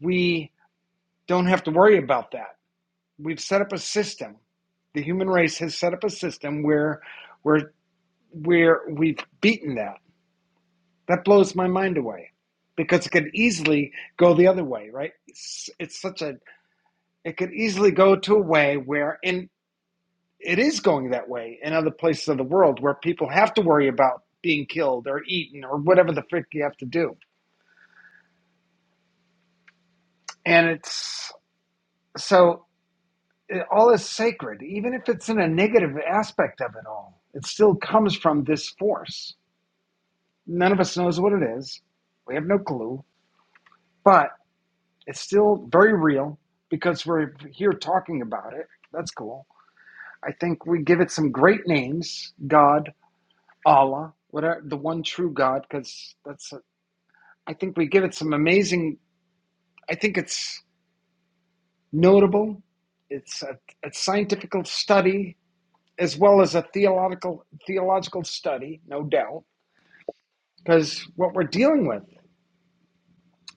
we don't have to worry about that. We've set up a system. The human race has set up a system where where where we've beaten that. That blows my mind away because it could easily go the other way, right? It's, it's such a it could easily go to a way where and it is going that way in other places of the world where people have to worry about being killed or eaten or whatever the frick you have to do. And it's so it, all is sacred, even if it's in a negative aspect of it all. It still comes from this force. None of us knows what it is. We have no clue, but it's still very real because we're here talking about it. That's cool. I think we give it some great names God, Allah, whatever, the one true God, because that's I think we give it some amazing. I think it's notable. It's a, a scientific study as well as a theological theological study, no doubt, because what we're dealing with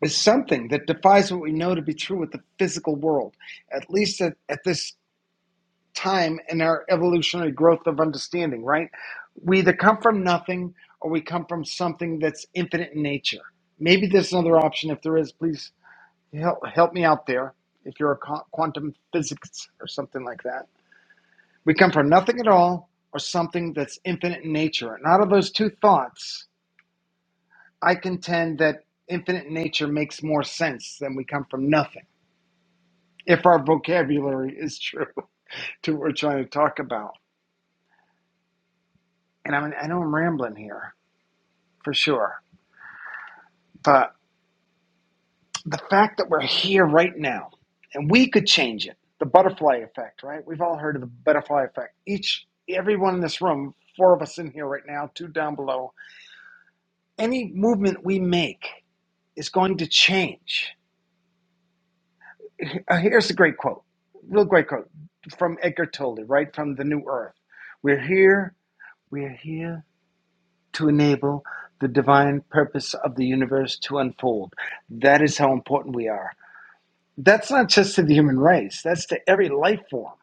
is something that defies what we know to be true with the physical world, at least at, at this time in our evolutionary growth of understanding. Right? We either come from nothing or we come from something that's infinite in nature. Maybe there's another option. If there is, please Help, help me out there if you're a quantum physics or something like that. We come from nothing at all or something that's infinite in nature. And out of those two thoughts, I contend that infinite nature makes more sense than we come from nothing, if our vocabulary is true to what we're trying to talk about. And I mean, I know I'm rambling here for sure, but the fact that we're here right now and we could change it the butterfly effect right we've all heard of the butterfly effect each everyone in this room four of us in here right now two down below any movement we make is going to change Uh, here's a great quote real great quote from edgar tolle right from the new earth we're here we're here to enable the divine purpose of the universe to unfold that is how important we are That's not just to the human race, that's to every life form,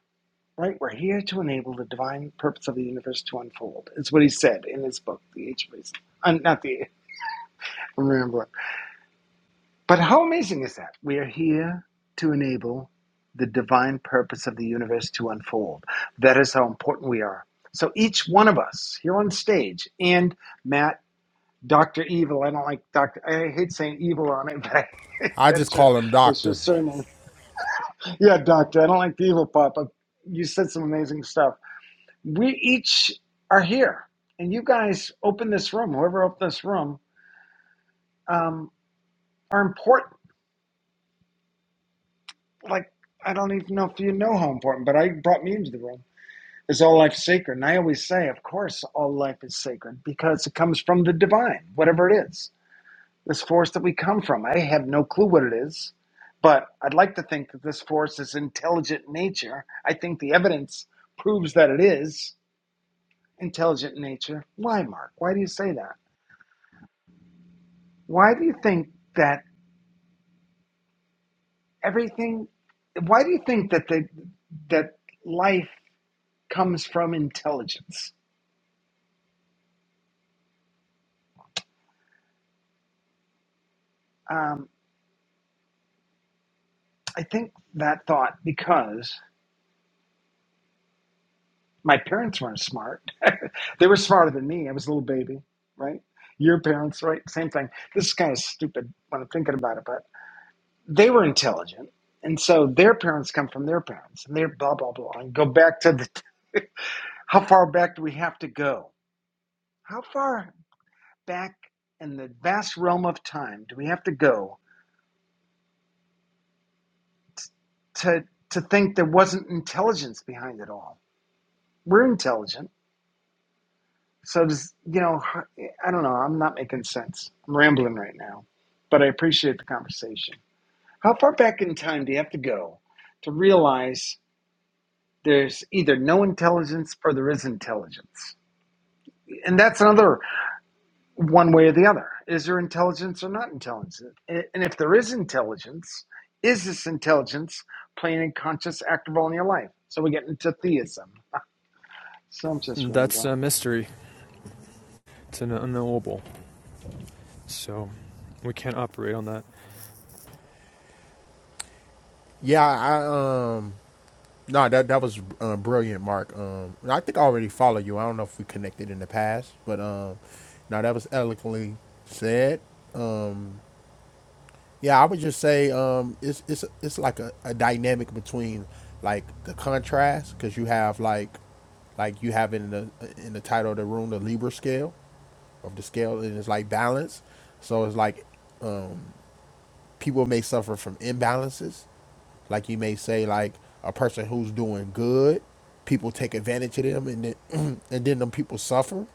right? We're here to enable the divine purpose of the universe to unfold. It's what he said in his book, The Age of Reason. I'm not the, I'm rambling. But how amazing is that? We are here to enable the divine purpose of the universe to unfold. That is how important we are. So each one of us here on stage, and Matt, Dr. Evil, I don't like Dr. I hate saying evil on it, but I,
I just
that's your,
call him
that's your
doctor.
surname. Yeah, Doctor, I don't like the evil part, but you said some amazing stuff. We each are here, and you guys open this room, whoever opened this room, um, are important. Like, I don't even know if you know how important, but I brought me into the room. Is all life sacred? And I always say, of course, all life is sacred because it comes from the divine, whatever it is, this force that we come from. I have no clue what it is, but I'd like to think that this force is intelligent in nature. I think the evidence proves that it is intelligent nature. Why, Mark? Why do you say that? Why do you think that everything? Why do you think that the that life comes from intelligence? Um, I think that thought because my parents weren't smart. they were smarter than me. I was a little baby, right? Your parents, right? Same thing. This is kind of stupid when I'm thinking about it, but they were intelligent. And so their parents come from their parents and they're blah, blah, blah. And go back to the, how far back do we have to go? How far back in the vast realm of time do we have to go to to think there wasn't intelligence behind it all? We're intelligent, so does you know? I I don't know. I'm not making sense. I'm rambling right now, but I appreciate the conversation. How far back in time do you have to go to realize there's either no intelligence or there is intelligence? And that's another. one way or the other. Is there intelligence or not intelligence? And if there is intelligence, is this intelligence playing a conscious active role in your life? So we get into theism. So I'm just
That's
rambling.
a mystery. It's an unknowable. So we can't operate on that.
Yeah, I um no that that was um, brilliant, Mark. Um, I think I already follow you. I don't know if we connected in the past, but um, no, that was eloquently said. Um, Yeah, I would just say um, it's it's it's like a, a dynamic between like the contrast because you have like like you have in the in the title of the room the Libra scale of the scale and it's like balance. So it's like um, people may suffer from imbalances. Like you may say like a person who's doing good, people take advantage of them and then and then them people suffer.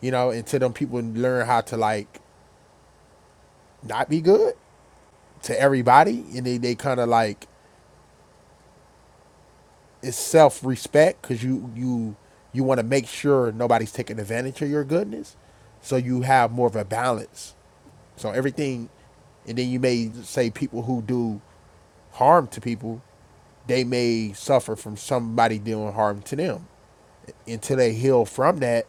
You know, until them people learn how to like not be good to everybody and they, they kind of like it's self respect because you you you want to make sure nobody's taking advantage of your goodness, so you have more of a balance. So everything, and then you may say people who do harm to people, they may suffer from somebody doing harm to them until they heal from that,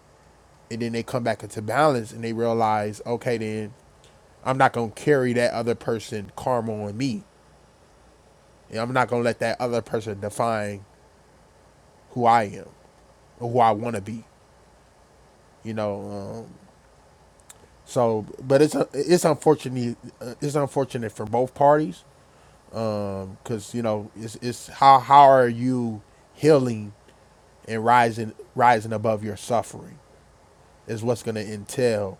and then they come back into balance and they realize, okay, then I'm not gonna carry that other person karma on me, and I'm not gonna let that other person define who I am or who I want to be. you know. Um, so, but it's it's unfortunately uh, it's unfortunate for both parties because you know it's it's how how are you healing and rising rising above your suffering is what's going to entail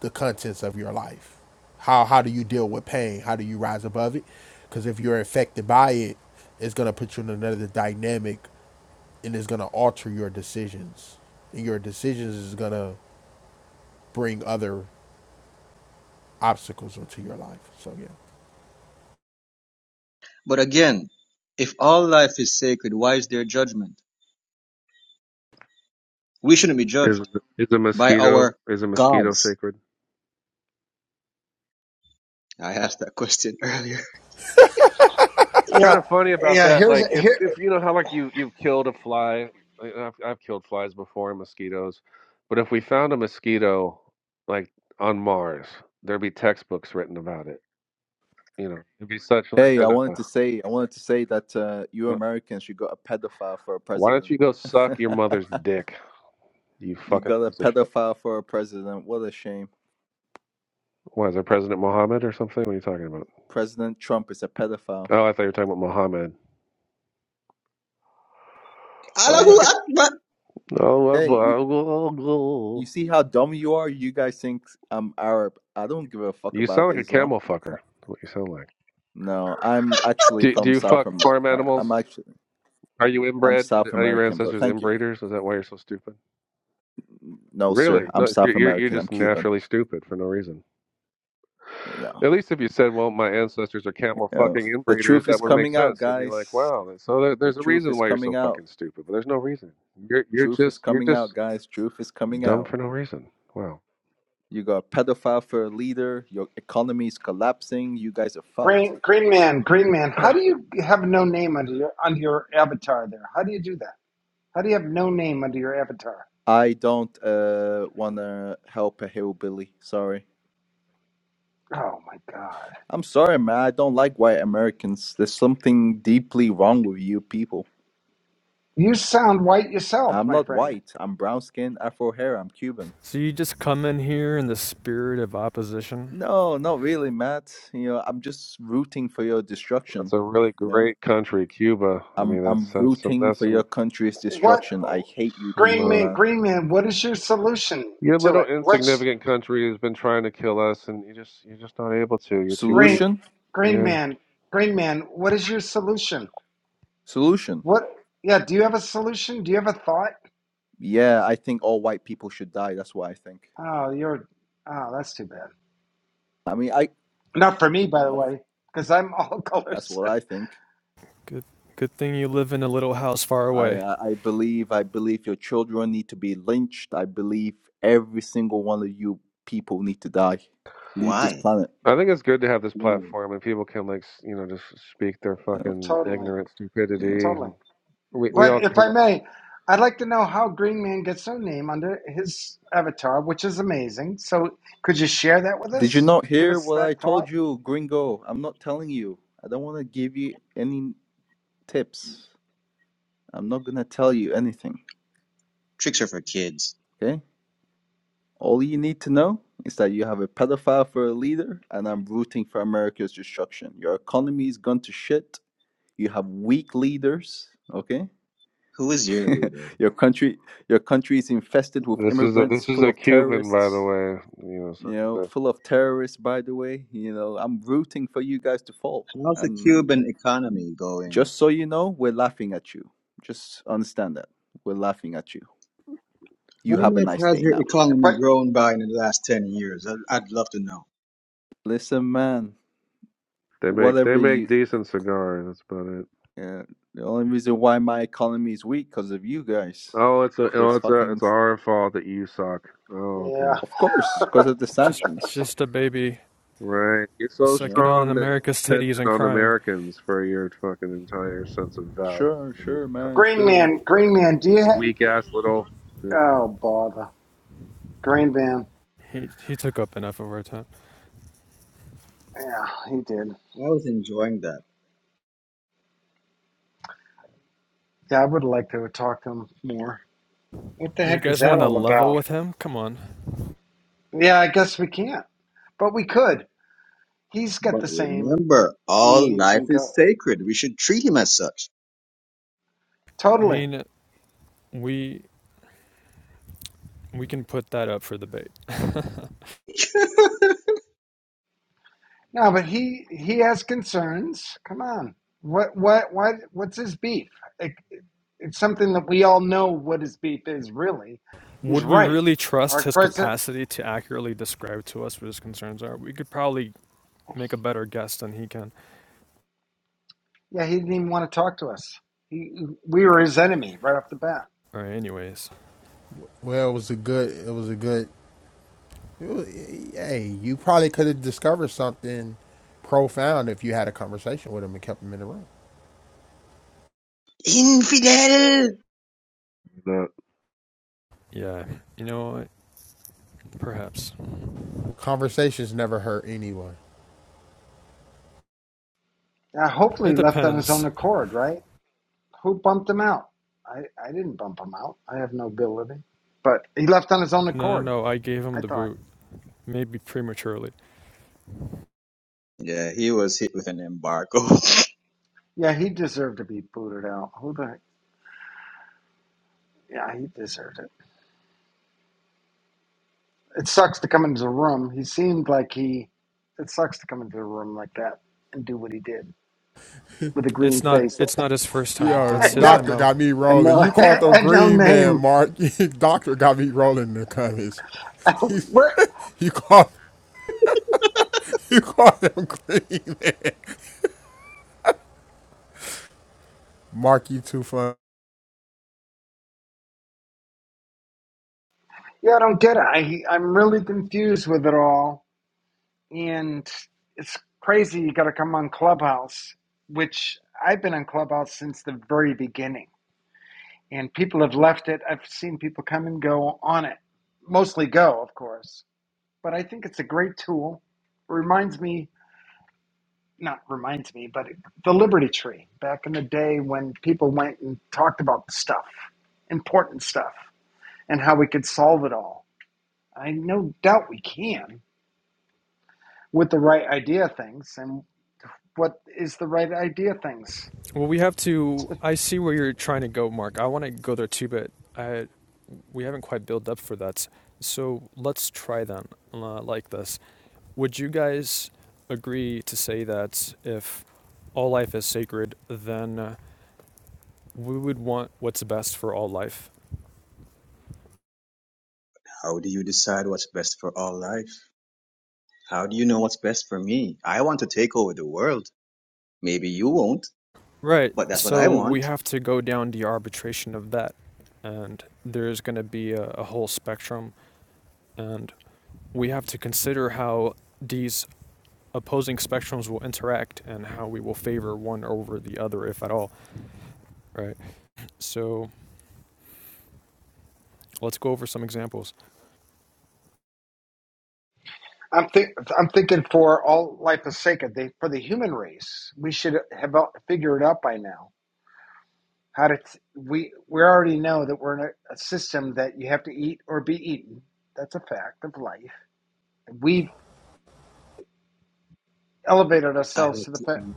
the contents of your life. How how do you deal with pain? How do you rise above it? Because if you're affected by it, it's going to put you in another dynamic and it's going to alter your decisions. And your decisions is going to bring other obstacles into your life. So yeah.
But again, if all life is sacred, why is there judgment? We shouldn't be
Is
judged
is a
by
mosquito
our
is a mosquito
gods.
sacred?
I asked that question earlier.
kind
Yeah,
of funny about
yeah.
that.
Here's
Like if
here.
if you know how like you you've killed a fly. like, I've I've killed flies before and mosquitoes, but if we found a mosquito like on Mars, there'd be textbooks written about it. You know, it'd be such like
Hey, I
a. Uh,
wanted to say, I wanted to say that uh, you
uh,
Americans, you got a pedophile for a
why don't
president.
you go suck your mother's dick, you
You
fucking
got a
piece of shit?
pedophile for a president. What a shame.
What is there President Mohammed or something? What are you talking about?
President Trump is a pedophile.
Oh, I thought you were talking about Mohammed. My
Well, you
Allahu
bad.
can.
Akbar!
Oh,
Hey, you you
Akbar.
see how dumb you are? You guys think I'm Arab? I don't give a fuck
You sound
about
like a
Islam.
camel fucker. That's what you sound like.
No, I'm actually
Do, do
from
you
South
fuck farm
America.
animals?
I'm actually
Are you
I'm
inbred?
South
Are your
American, but
ancestors
thank you.
inbreeders? Is that why you're so stupid?
No,
Really?
sir, I'm
No,
South
you're, you're you're
American. I'm
just
Cuban.
naturally stupid for no reason.
No,
At least if you said, well, my ancestors are camel
you know,
fucking
the
inbreeders,
truth
that
is
would make
coming out,
sense. It'd be like,
guys.
wow, that- so there,
The
there's a
truth
reason
is
why you're so
coming out.
fucking stupid, but there's no reason. You're, you're
Truth is
just, you're
coming
just
out, guys. Truth is coming
dumb
out.
for no reason. Wow.
You got a pedophile for a leader. Your economy is collapsing. You guys are fucked.
Green Green Man, Green Man. How do
That's
you have no name under your under your avatar there? How do you do that? How do you have no name under your avatar?
I don't uh wanna help a hillbilly. Sorry.
Oh my God!
I'm sorry, man. I don't like white Americans. There's something deeply wrong with you people.
You sound white yourself,
I'm
my
not
friend.
white. I'm brown skinned, afro hair. I'm Cuban.
So you just come in here in the spirit of opposition.
No, not really, Matt. You know, I'm just rooting for your destruction.
a really
You know,
great country, Cuba. I
I'm
mean, that's,
I'm
that's some,
rooting
that's
for
some,
your country's
What
destruction. I hate you
some,
Green
people,
uh,
Man,
man.
Green Man, what is your solution
Your
to
little
it? What's
insignificant country has been trying to kill us, and you just you're just not able to. You're too weak.
Green,
Solution?
Green
Yeah,
Man, Green Man, what is your solution?
Solution.
What? Yeah, do you have a solution? Do you have a thought?
Yeah, I think all white people should die. That's what I think.
Oh, you're. Oh, that's too bad.
I mean, I
Not for me, by the
that's
way, because I'm all
that's
colors.
what I think.
Good good thing you live in a little house far
I
away.
I I believe I believe your children need to be lynched. I believe every single one of you people need to die. Leave this
Why?
planet.
I think it's good to have this
Why?
platform, and people can like s- you know just speak their
You know?
fucking
totally,
ignorant
yeah.
stupidity.
totally.
And we we
Why?
all
But if
kind
I
of
may, I'd like to know how Green Man gets their name under his avatar, which is amazing. So, could you share that with
Did you
us?
not
Give
hear
us
what
that
I
thought.
told you, Gringo? I'm not telling you. I don't want to give you any tips. I'm not gonna tell you anything.
Tricks are for kids.
Okay? All you need to know is that you have a pedophile for a leader, and I'm rooting for America's destruction. Your economy is gone to shit. You have weak leaders. Okay,
Who is your leader?
your country, your country is infested with
this is a
immigrants,
this is
full
a
of
Cuban, by the
terrorists.
way. You know, so
You know,
the,
full of terrorists. By the way, you know, I'm rooting for you guys to fall.
How's the
And
Cuban economy going?
just so you know, we're laughing at you. Just understand that we're laughing at you.
How
You
the,
have a
much
nice
has
day
your
now.
economy
But
grown by in the last 10 years? I- I'd love to know.
Listen, man.
they make they
Whatever
make
you
decent cigars. That's about it.
Yeah, the only reason why my economy is weak because of you guys.
Oh, it's a oh,
Those
it's a
fucking,
it's our fault that you suck. Oh,
yeah,
okay.
of course, because of the
Just
sanctions.
just a baby
Right. You're so
You
sucking
know,
on
strong that
America's
you're
titties
dependent
and
on
crying.
Americans for your fucking entire sense of value
sure,
and your
sure,
economy
man,
Green
and your
sure.
Man, Green
fucking
Man, do you? Ha-
weak ass little.
oh, bother, Green Man.
He he took up enough of our time.
Yeah, he did.
I was enjoying that.
Yeah, I would like to talk to him more. What the
You
heck is
guys
that
want to
all
level
about?
with him? Come on.
Yeah, I guess we can't, but we could. He's got
But
the same
remember, all
needs
life
and
is
go
sacred. We should treat him as such.
I
totally.
mean, we we can put that up for debate.
No, but he he has concerns. Come on, what what what what's his beef? It, it's something that we all know what his beef is. Really, he's
Would we
right.
really trust
Our
his
president.
capacity to accurately describe to us what his concerns are? We could probably make a better guess than he can.
Yeah, he didn't even want to talk to us. He, we were his enemy right off the bat.
All right, anyways.
Well, it was a good. It was a good. It was, hey, you probably could have discovered something profound if you had a conversation with him and kept him in the room.
Infidel!
The
Yeah, you know Perhaps.
Conversations never hurt anyone.
Uh, hopefully, he
It
left on his own
depends.
accord, right? Who bumped him out? I, I didn't bump him out. I have no ability. But he left on his own
No, no,
accord.
no. I gave him
I
the
thought,
boot, maybe prematurely.
Yeah, he was hit with an embargo.
yeah, he deserved to be booted out. Who the? heck? Yeah, he deserved it. It sucks to come into the room. He seemed like he. It sucks to come into the room like that and do what he did with a green
It's not.
face
It's not his first time.
Yo,
That's
and
his
no
doctor
mo.
got me
and
rolling.
no
You called the
and no
green man,
name.
Mark. doctor got me rolling in the comments. You,
Where?
you called you called him green. Mark, you too fun.
Yeah, I don't get it. I I'm really confused with it all and it's crazy you got to come on clubhouse which i've been on clubhouse since the very beginning and people have left it i've seen people come and go on it mostly go of course but i think it's a great tool It reminds me not reminds me but the liberty tree back in the day when people went and talked about stuff important stuff and how we could solve it all i no doubt we can with the right idea of things and what is the right idea things.
Well, we have to. I see where you're trying to go, Mark. I want to go there too, but I, we haven't quite built up for that. So let's try then, uh, like this. Would you guys agree to say that if all life is sacred, then uh, we would want what's best for all life?
How do you decide what's best for all life? How do you know what's best for me? I want to take over the world. Maybe you won't,
Right.
but that's what I
So we
want.
have to go down the arbitration of that. And there's going to be a, a whole spectrum. And we have to consider how these opposing spectrums will interact and how we will favor one over the other, if at all. Right. So let's go over some examples.
I'm think I'm thinking for all life is sacred. They, for the human race, we should have out- figured out by now how to. T- we we already know that we're in a, a system that you have to eat or be eaten. That's a fact of life. We've elevated
I
ourselves to
like
the
to
fact,
eat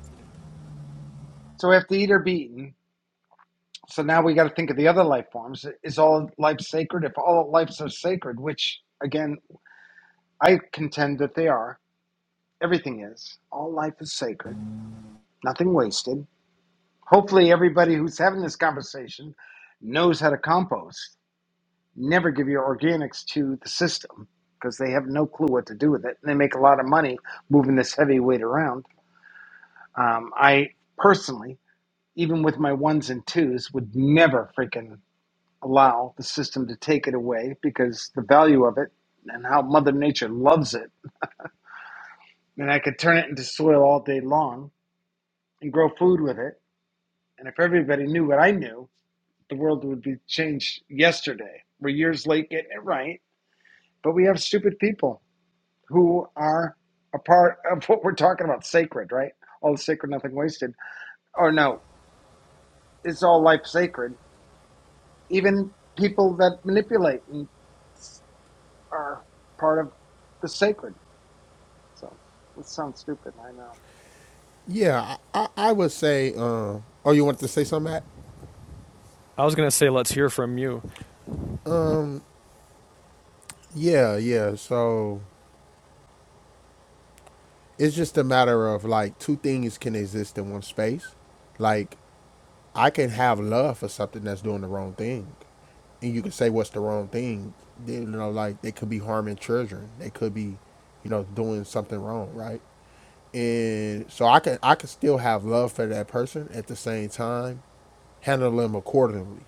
so we have to eat or be eaten. So now we got to think of the other life forms. Is all life sacred? If all lives are sacred, which again I contend that they are, everything is. All life is sacred. Nothing wasted Hopefully, everybody who's having this conversation knows how to compost. Never give your organics to the system because they have no clue what to do with it. And they make a lot of money moving this heavy weight around. Um, I personally, even with my ones and twos, would never freaking allow the system to take it away because the value of it and how Mother Nature loves it. And I could turn it into soil all day long and grow food with it. And if everybody knew what I knew, the world would be changed yesterday. We're years late getting it right, but we have stupid people who are a part of what we're talking about sacred, right? All sacred, nothing wasted. Or no, it's all life sacred. Even people that manipulate and are part of the sacred. So it sounds stupid, I know.
Yeah, I, I would say. Uh, oh, you want to say something, Matt?
I was going to say, let's hear from you.
Yeah, yeah. So it's just a matter of like two things can exist in one space. Like I can have love for something that's doing the wrong thing, and you can say what's the wrong thing. They- you know, like they could be harming children. They could be, you know, doing something wrong, right? And so I can I can still have love for that person at the same time, handle them accordingly.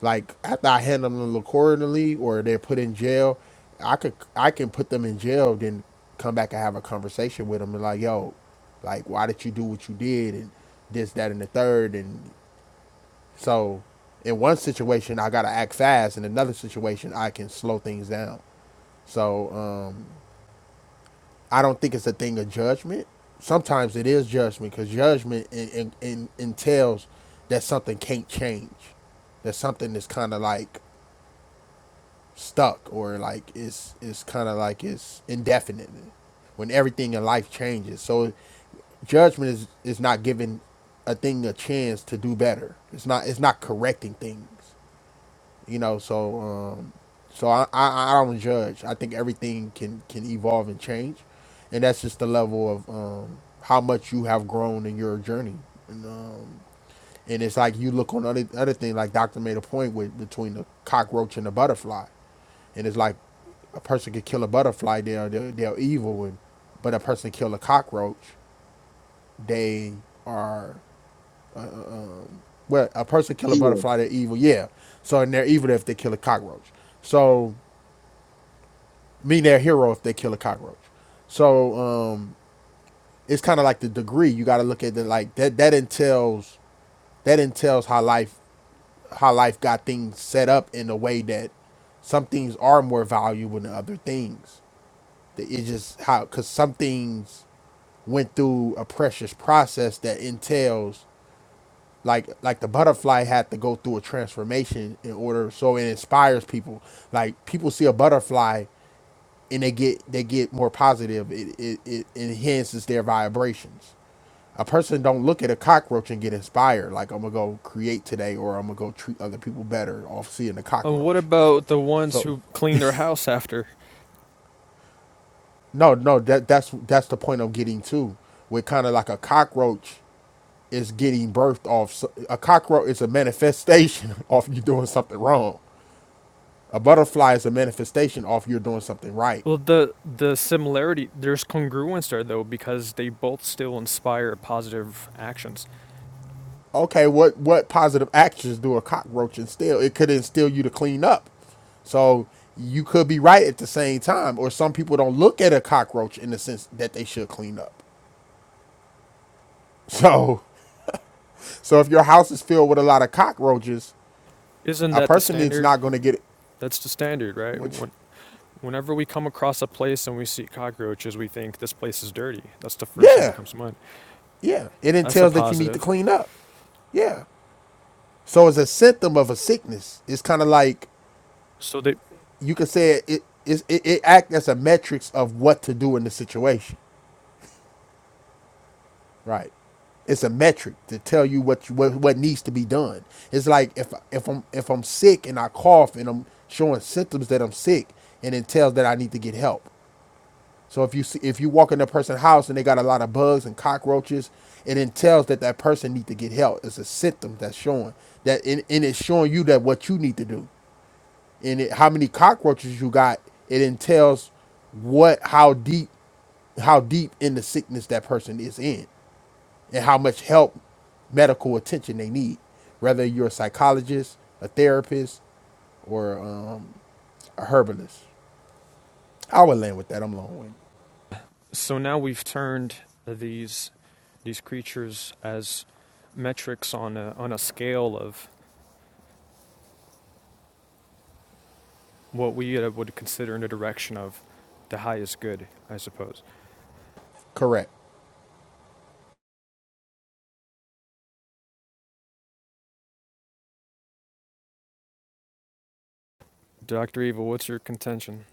Like after I hand them the accordingly, or they're put in jail, I could I can put them in jail, then come back and have a conversation with them and like, yo, like why did you do what you did and this, that, and the third, and so in one situation I gotta act fast, in another situation I can slow things down. So um, I don't think it's a thing of judgment. Sometimes it is judgment because judgment in, in, in, entails that something can't change that something is kind of like stuck or like it's it's kind of like it's indefinite when everything in life changes. So judgment is is not giving a thing a chance to do better. It's not it's not correcting things. You know, so um so I I, I don't judge. I think everything can can evolve and change. And that's just the level of um how much you have grown in your journey. And um and it's like you look on other other thing like Doctor made a point with between the cockroach and the butterfly and it's like a person could kill a butterfly, they're, they're, they're evil, and but a person kill a cockroach, they are uh, uh, um, well, a person kill a
here.
butterfly, they're evil, yeah. So and they're evil if they kill a cockroach. So mean they're a hero if they kill a cockroach. So um, it's kind of like the degree. You got to look at it like that. That entails that entails how life how life got things set up in a way that some things are more valuable than other things. That It's just how, because some things went through a precious process that entails, like like the butterfly had to go through a transformation in order, so it inspires people. Like people see a butterfly and they get they get more positive. It it, it enhances their vibrations. A person don't look at a cockroach and get inspired, like I'm gonna go create today, or I'm gonna go treat other people better off seeing a
Uh, what
cockroach.
about the ones
So
who clean their house after?
no, no, that that's that's the point I'm getting to. with kind of like a cockroach is getting birthed off so, a cockroach is a manifestation of you doing something wrong a butterfly is a manifestation of you're doing something right
Well, the the similarity there's congruence there though because they both still inspire positive actions.
okay what what positive actions do a cockroach instill it could instill you to clean up so you could be right at the same time or some people don't look at a cockroach in the sense that they should clean up so so if your house is filled with a lot of cockroaches
Isn't
a
that the
person is
standard?
not going to get it
That's the standard, right?
which
When, whenever we come across a place and we see cockroaches, we think this place is dirty. That's the first thing that
yeah
comes to mind.
yeah it
That's a
entails that you need to
positive.
clean up yeah. So it's a symptom of a sickness. It's kind of like
So they,
you could say it it, it it act as a metrics of what to do in the situation, right? It's a metric to tell you what you, what what needs to be done. It's like if if I'm if I'm sick and I cough and I'm showing symptoms that I'm sick and it tells that I need to get help. So if you see, if you walk in a person's house and they got a lot of bugs and cockroaches, it entails that that person need to get help. It's a symptom that's showing that, and, and it's showing you that what you need to do. and it, how many cockroaches you got, it entails what how deep how deep in the sickness that person is in and how much help medical attention they need, whether you're a psychologist, a therapist, or um, a herbalist. I would land with that. I'm long winded.
so now we've turned these these creatures as metrics on a, on a scale of what we uh, would consider in the direction of the highest good, I suppose.
Correct.
Dr. Evil, what's your contention?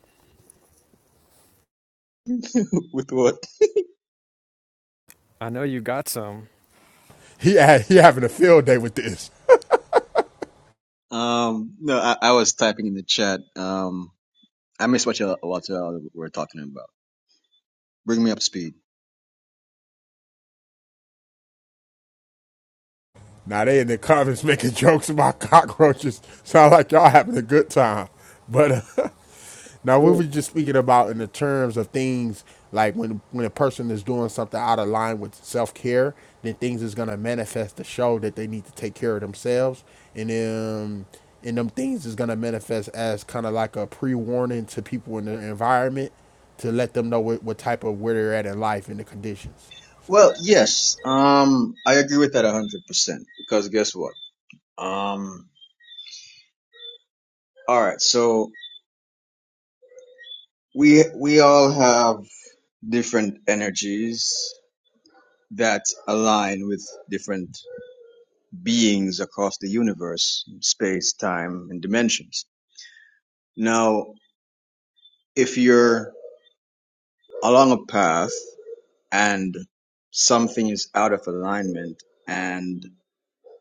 with what?
I know you got some.
He had, he having a field day with this.
Um, no, I, I was typing in the chat. Um, I missed what you what you were talking about. Bring me up to speed.
Now they in the comments making jokes about cockroaches. Sound like y'all having a good time, but. Uh, Now we were just speaking about in the terms of things like when when a person is doing something out of line with self care, then things is gonna manifest to show that they need to take care of themselves, and then and them things is gonna manifest as kind of like a pre warning to people in the environment to let them know what, what type of where they're at in life and the conditions.
Well, yes. Um, I agree with that a hundred percent because guess what? Um, all right. So we we all have different energies that align with different beings across the universe, space, time, and dimensions. Now, if you're along a path and something is out of alignment and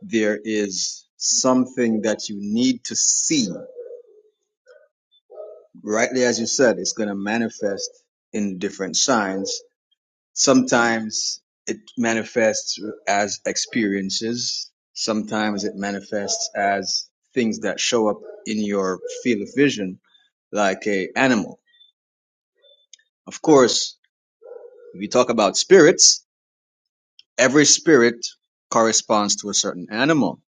there is something that you need to see rightly as you said, it's going to manifest in different signs. Sometimes it manifests as experiences. Sometimes it manifests as things that show up in your field of vision, like a animal. Of course, if you talk about spirits, every spirit corresponds to a certain animal.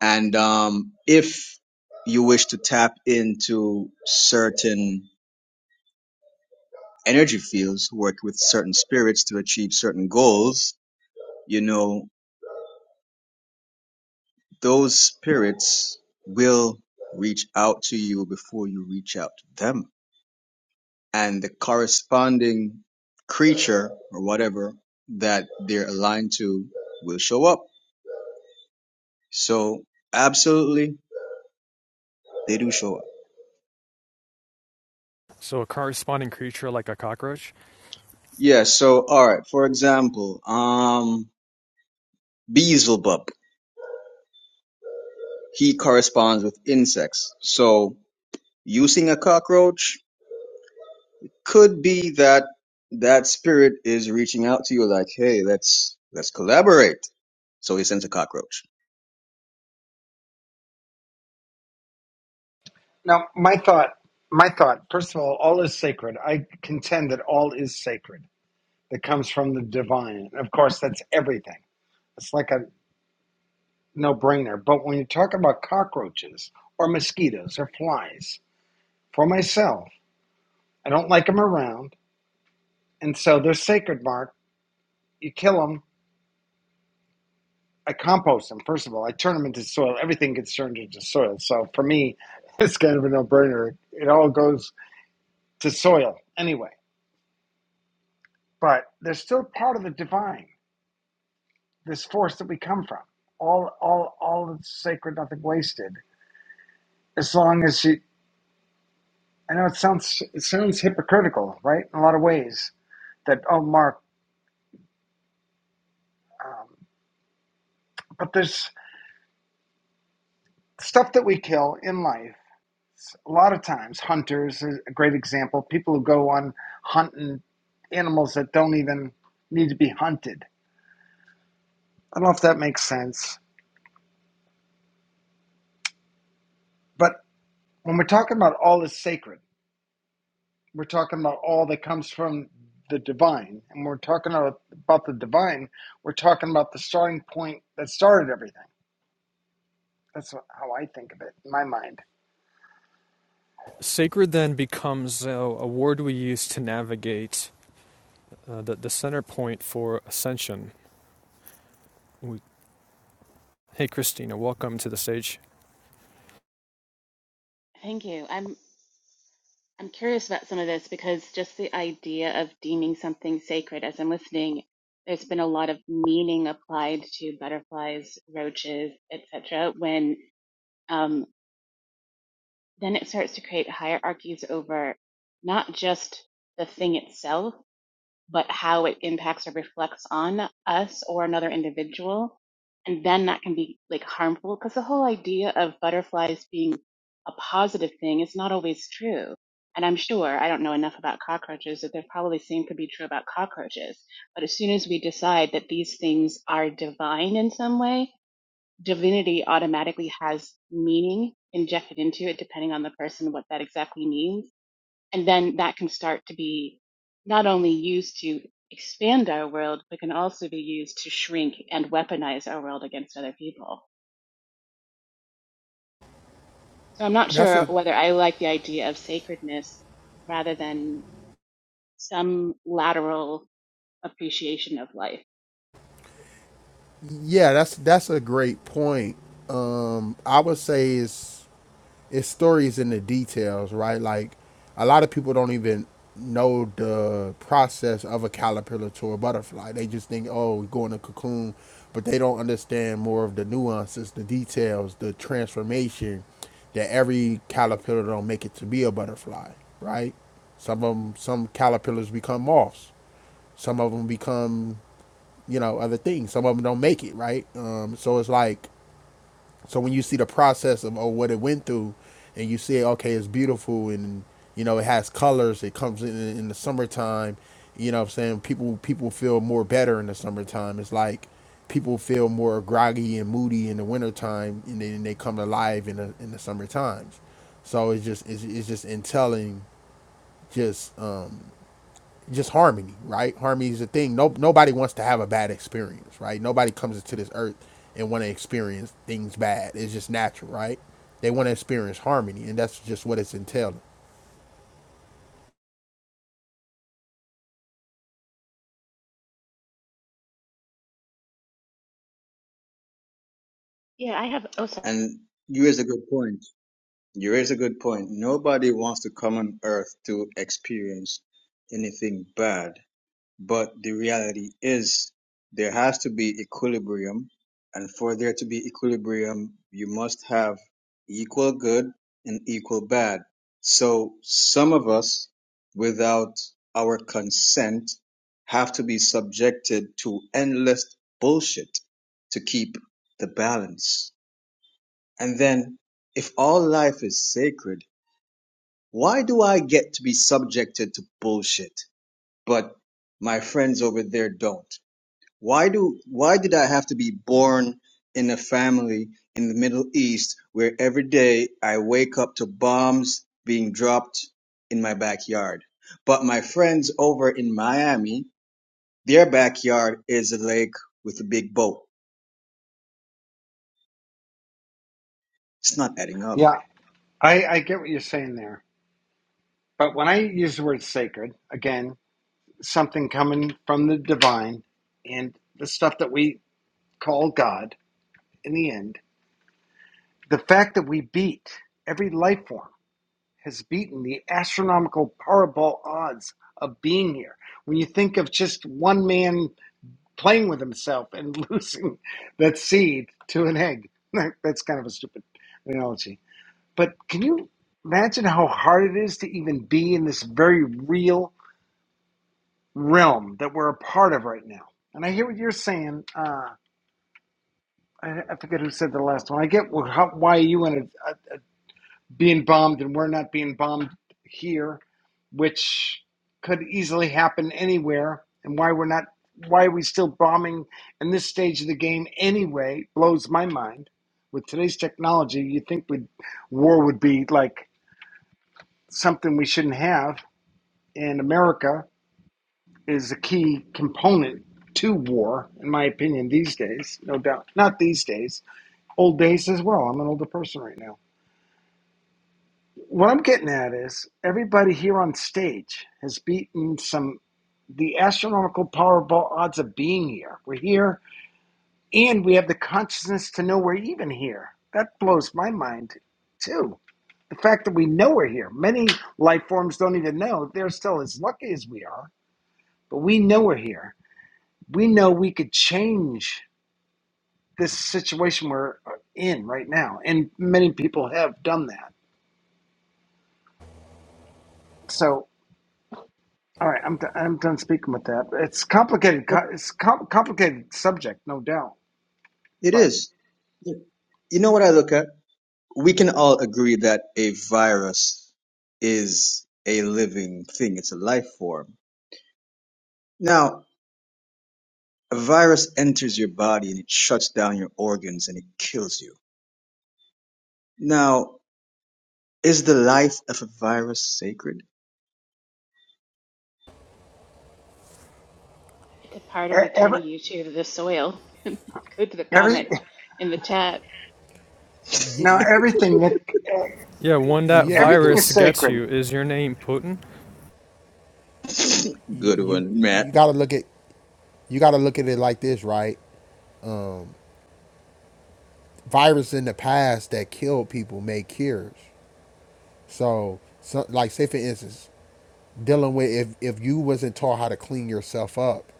And um, if you wish to tap into certain energy fields work with certain spirits to achieve certain goals, you know, those spirits will reach out to you before you reach out to them. And the corresponding creature or whatever that they're aligned to will show up. So absolutely they do show up.
So, a corresponding creature like a cockroach?
Yeah, so all right, for example, um Beelzebub, he corresponds with insects. So using a cockroach could be that that spirit is reaching out to you like, hey, let's let's collaborate. So he sends a cockroach.
Now, my thought, my thought, first of all, all is sacred. I contend that all is sacred that comes from the divine. And Of course, that's everything. It's like a no brainer. But when you talk about cockroaches or mosquitoes or flies, for myself, I don't like them around. And so they're sacred, Mark. You kill them, I compost them, first of all. I turn them into soil. Everything gets turned into soil. So for me, it's kind of a no brainer. It all goes to soil anyway. But they're still part of the divine, this force that we come from. All, all, all is sacred, nothing wasted. As long as you, I know it sounds it sounds hypocritical, right? In a lot of ways, that oh, Mark, um, but there's stuff that we kill in life. A lot of times, hunters is a great example. People who go on hunting animals that don't even need to be hunted. I don't know if that makes sense, but when we're talking about all is sacred, we're talking about all that comes from the divine, and when we're talking about, about the divine. We're talking about the starting point that started everything. That's how I think of it in my mind.
Sacred then becomes a, a word we use to navigate uh, the, the center point for ascension. We, hey, Christina, welcome to the stage.
Thank you. I'm I'm curious about some of this because just the idea of deeming something sacred as I'm listening, there's been a lot of meaning applied to butterflies, roaches, etc. When um, then it starts to create hierarchies over not just the thing itself, but how it impacts or reflects on us or another individual. And then that can be like harmful because the whole idea of butterflies being a positive thing is not always true. And I'm sure I don't know enough about cockroaches that they're probably same could be true about cockroaches. But as soon as we decide that these things are divine in some way, divinity automatically has meaning injected into it depending on the person what that exactly means and then that can start to be not only used to expand our world, but can also be used to shrink and weaponize our world against other people. So I'm not
That's
sure
a
whether I like the idea of sacredness rather than some lateral appreciation of life.
yeah, that's that's a great point. Um, I would say is it's stories in the details, right? Like a lot of people don't even know the process of a caterpillar to a butterfly. They just think, oh, we go in a cocoon, but they don't understand more of the nuances, the details, the transformation that every caterpillar don't make it to be a butterfly, right? Some of them, some caterpillars become moths. Some of them become, you know, other things. Some of them don't make it, right? Um, so it's like so when you see the process of oh what it went through, and you see okay it's beautiful and you know it has colors, it comes in in the summertime. You know what I'm saying people people feel more better in the summertime. It's like people feel more groggy and moody in the wintertime, and then they come alive in the in the summer times. So it's just it's, it's just in telling just um, just harmony, right? Harmony is a thing. No, nobody wants to have a bad experience, right? Nobody comes into this earth and want to experience things bad. It's just natural, right? They want to experience harmony, and that's just what it's entailing.
Yeah, I have also
And you raise a good point. You raise a good point. Nobody wants to come on earth to experience anything bad But the reality is there has to be equilibrium. And for there to be equilibrium, you must have equal good and equal bad. So some of us, without our consent, have to be subjected to endless bullshit to keep the balance. And then if all life is sacred, why do I get to be subjected to bullshit? But my friends over there don't. Why do why did I have to be born in a family in the Middle East where every day I wake up to bombs being dropped in my backyard? But my friends over in Miami, their backyard is a lake with a big boat. It's not adding up.
Yeah, I, I get what you're saying there. But when I use the word sacred, again, something coming from the divine and the stuff that we call God in the end, the fact that we beat every life form has beaten the astronomical powerball odds of being here. When you think of just one man playing with himself and losing that seed to an egg, that's kind of a stupid analogy But can you imagine how hard it is to even be in this very real realm that we're a part of right now? And I hear what you're saying. Uh, I, I forget who said the last one. I get how, why you and uh, being bombed and we're not being bombed here, which could easily happen anywhere, and why we're not. Why are we still bombing in this stage of the game anyway? Blows my mind. With today's technology, you would think we'd, war would be like something we shouldn't have, and America is a key component to war, in my opinion, these days, no doubt. Not these days, old days as well. I'm an older person right now. What I'm getting at is everybody here on stage has beaten some the astronomical powerball odds of being here. We're here and we have the consciousness to know we're even here. That blows my mind too. The fact that we know we're here. Many life forms don't even know. They're still as lucky as we are, but we know we're here we know we could change this situation we're uh, in right now, and many people have done that. So, all right, I'm d- I'm done speaking with that. It's complicated.
Look,
co- It's com- complicated subject, no doubt.
it
But
is. You know what I look at? We can all agree that a virus is a living thing. It's a life form. Now, A virus enters your body and it shuts down your organs and it kills you. Now, is the life of a virus sacred?
it's a part of
e- every
returning you to the soil. Go to the
every
comment in the chat.
now
Y-
everything that
Yeah, when that
yeah, y-
everything is
virus gets
sacred.
you, is your name Putin?
Good
you
one, Matt.
you got to look at you got to look at it like this, right? Virus in the past that killed people made cures. So, so like say for instance, dealing with if if you wasn't taught how to clean yourself up,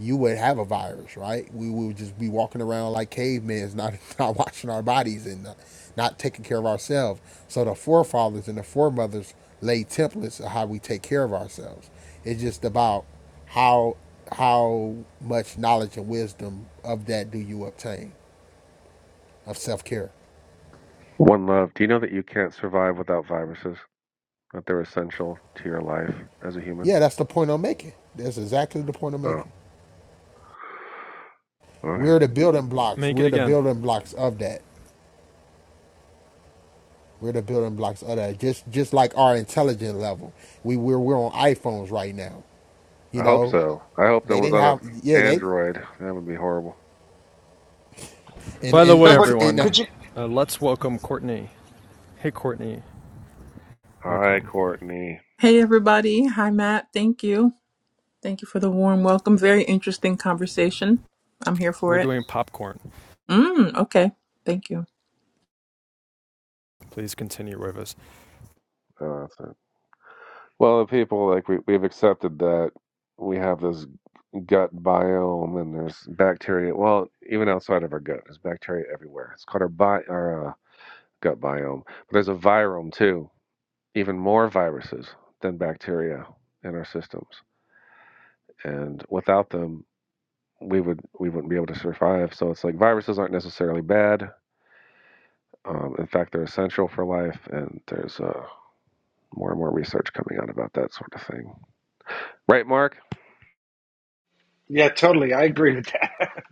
you would have a virus, right? We would just be walking around like cavemen, not not washing our bodies and not, not taking care of ourselves. So the forefathers and the foremothers laid templates of how we take care of ourselves. It's just about how how much knowledge and wisdom of that do you obtain of self care.
one love. Do you know that you can't survive without viruses? That they're essential to your life as a human?
Yeah, that's the point I'm making. That's exactly the point I'm
Oh.
making.
Okay.
We're the building blocks.
Make it
We're the
again.
building blocks of that. We're the building blocks of that. Just just like our intelligence level. We we're we're on iPhones right now. You
I hope
know?
so. I hope that
They
was
didn't
on
have
a
yeah, they
Android. That would be horrible.
and
By the
and
way,
No,
and,
but c-
and uh,
everyone,
could you?
uh, let's welcome Courtney. Hey, Courtney,
Hi,
welcome.
Courtney.
Hey, everybody. Hi, Matt. Thank you. Thank you for the warm welcome. Very interesting conversation. I'm here for
We're
it.
doing popcorn.
Mm, okay. Thank you.
Please continue with us,
Oh, that's it. Well, the people like we we've accepted that we have this gut biome and there's bacteria. Well, even outside of our gut, there's bacteria everywhere. It's called our, bi- our uh, gut biome. But there's a virome too, even more viruses than bacteria in our systems. And without them, we would we wouldn't be able to survive. So it's like viruses aren't necessarily bad. Um, in fact, they're essential for life. And there's uh, more and more research coming out about that sort of thing. Right, Mark?
Yeah, totally. I agree with that.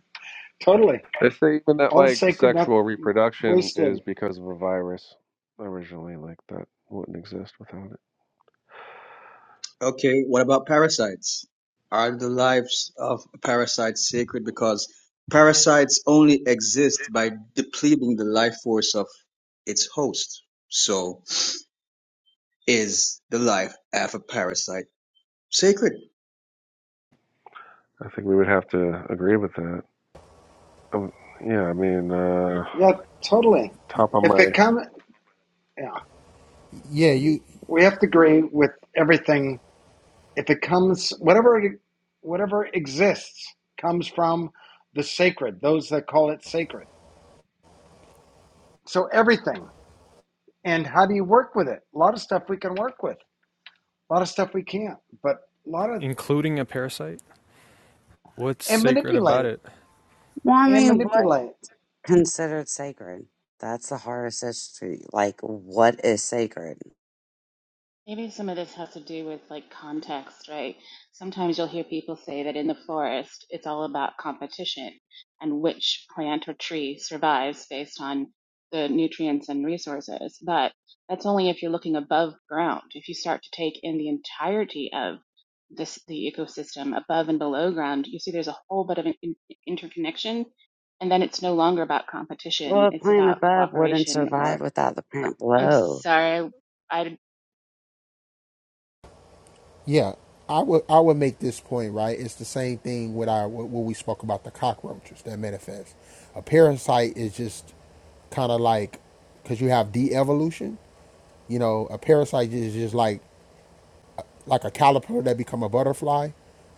totally.
They say even that
All is
like
sacred, not
sexual reproduction is
wasted.
because of a virus originally, like that wouldn't exist without it.
Okay, what about parasites? Are the lives of parasites sacred because parasites only exist by depleting the life force of its host? So, is the life of a parasite sacred?
I think we would have to agree with that. Um, yeah, I mean, uh,
Yeah, totally.
top of
If
my,
it come, yeah,
yeah, you
we have to agree with everything If it comes, whatever whatever exists comes from the sacred. Those that call it sacred. So everything. And how do you work with it? A lot of stuff we can work with. A lot of stuff we can't. But a lot of
including a parasite. What's
and
sacred about
manipulate
it?
Well, I
and
mean, what
manipulate.
considered sacred? That's the hardest issue. Like, what is sacred?
Maybe some of this has to do with like context, right? Sometimes you'll hear people say that in the forest, it's all about competition and which plant or tree survives based on the nutrients and resources. But that's only if you're looking above ground. If you start to take in the entirety of this, the ecosystem above and below ground, you see there's a whole bit of an in- interconnection. And then it's no longer about
Well,
competition.
the
It's
plant
about
above wouldn't
cooperation or
survive without the plant
I'm
below.
sorry. I.
yeah. I would I would make this point, right? It's the same thing with our what we spoke about the cockroaches that manifest. A parasite is just kind of like because you have de-evolution you know a parasite is just like like a caterpillar that become a butterfly,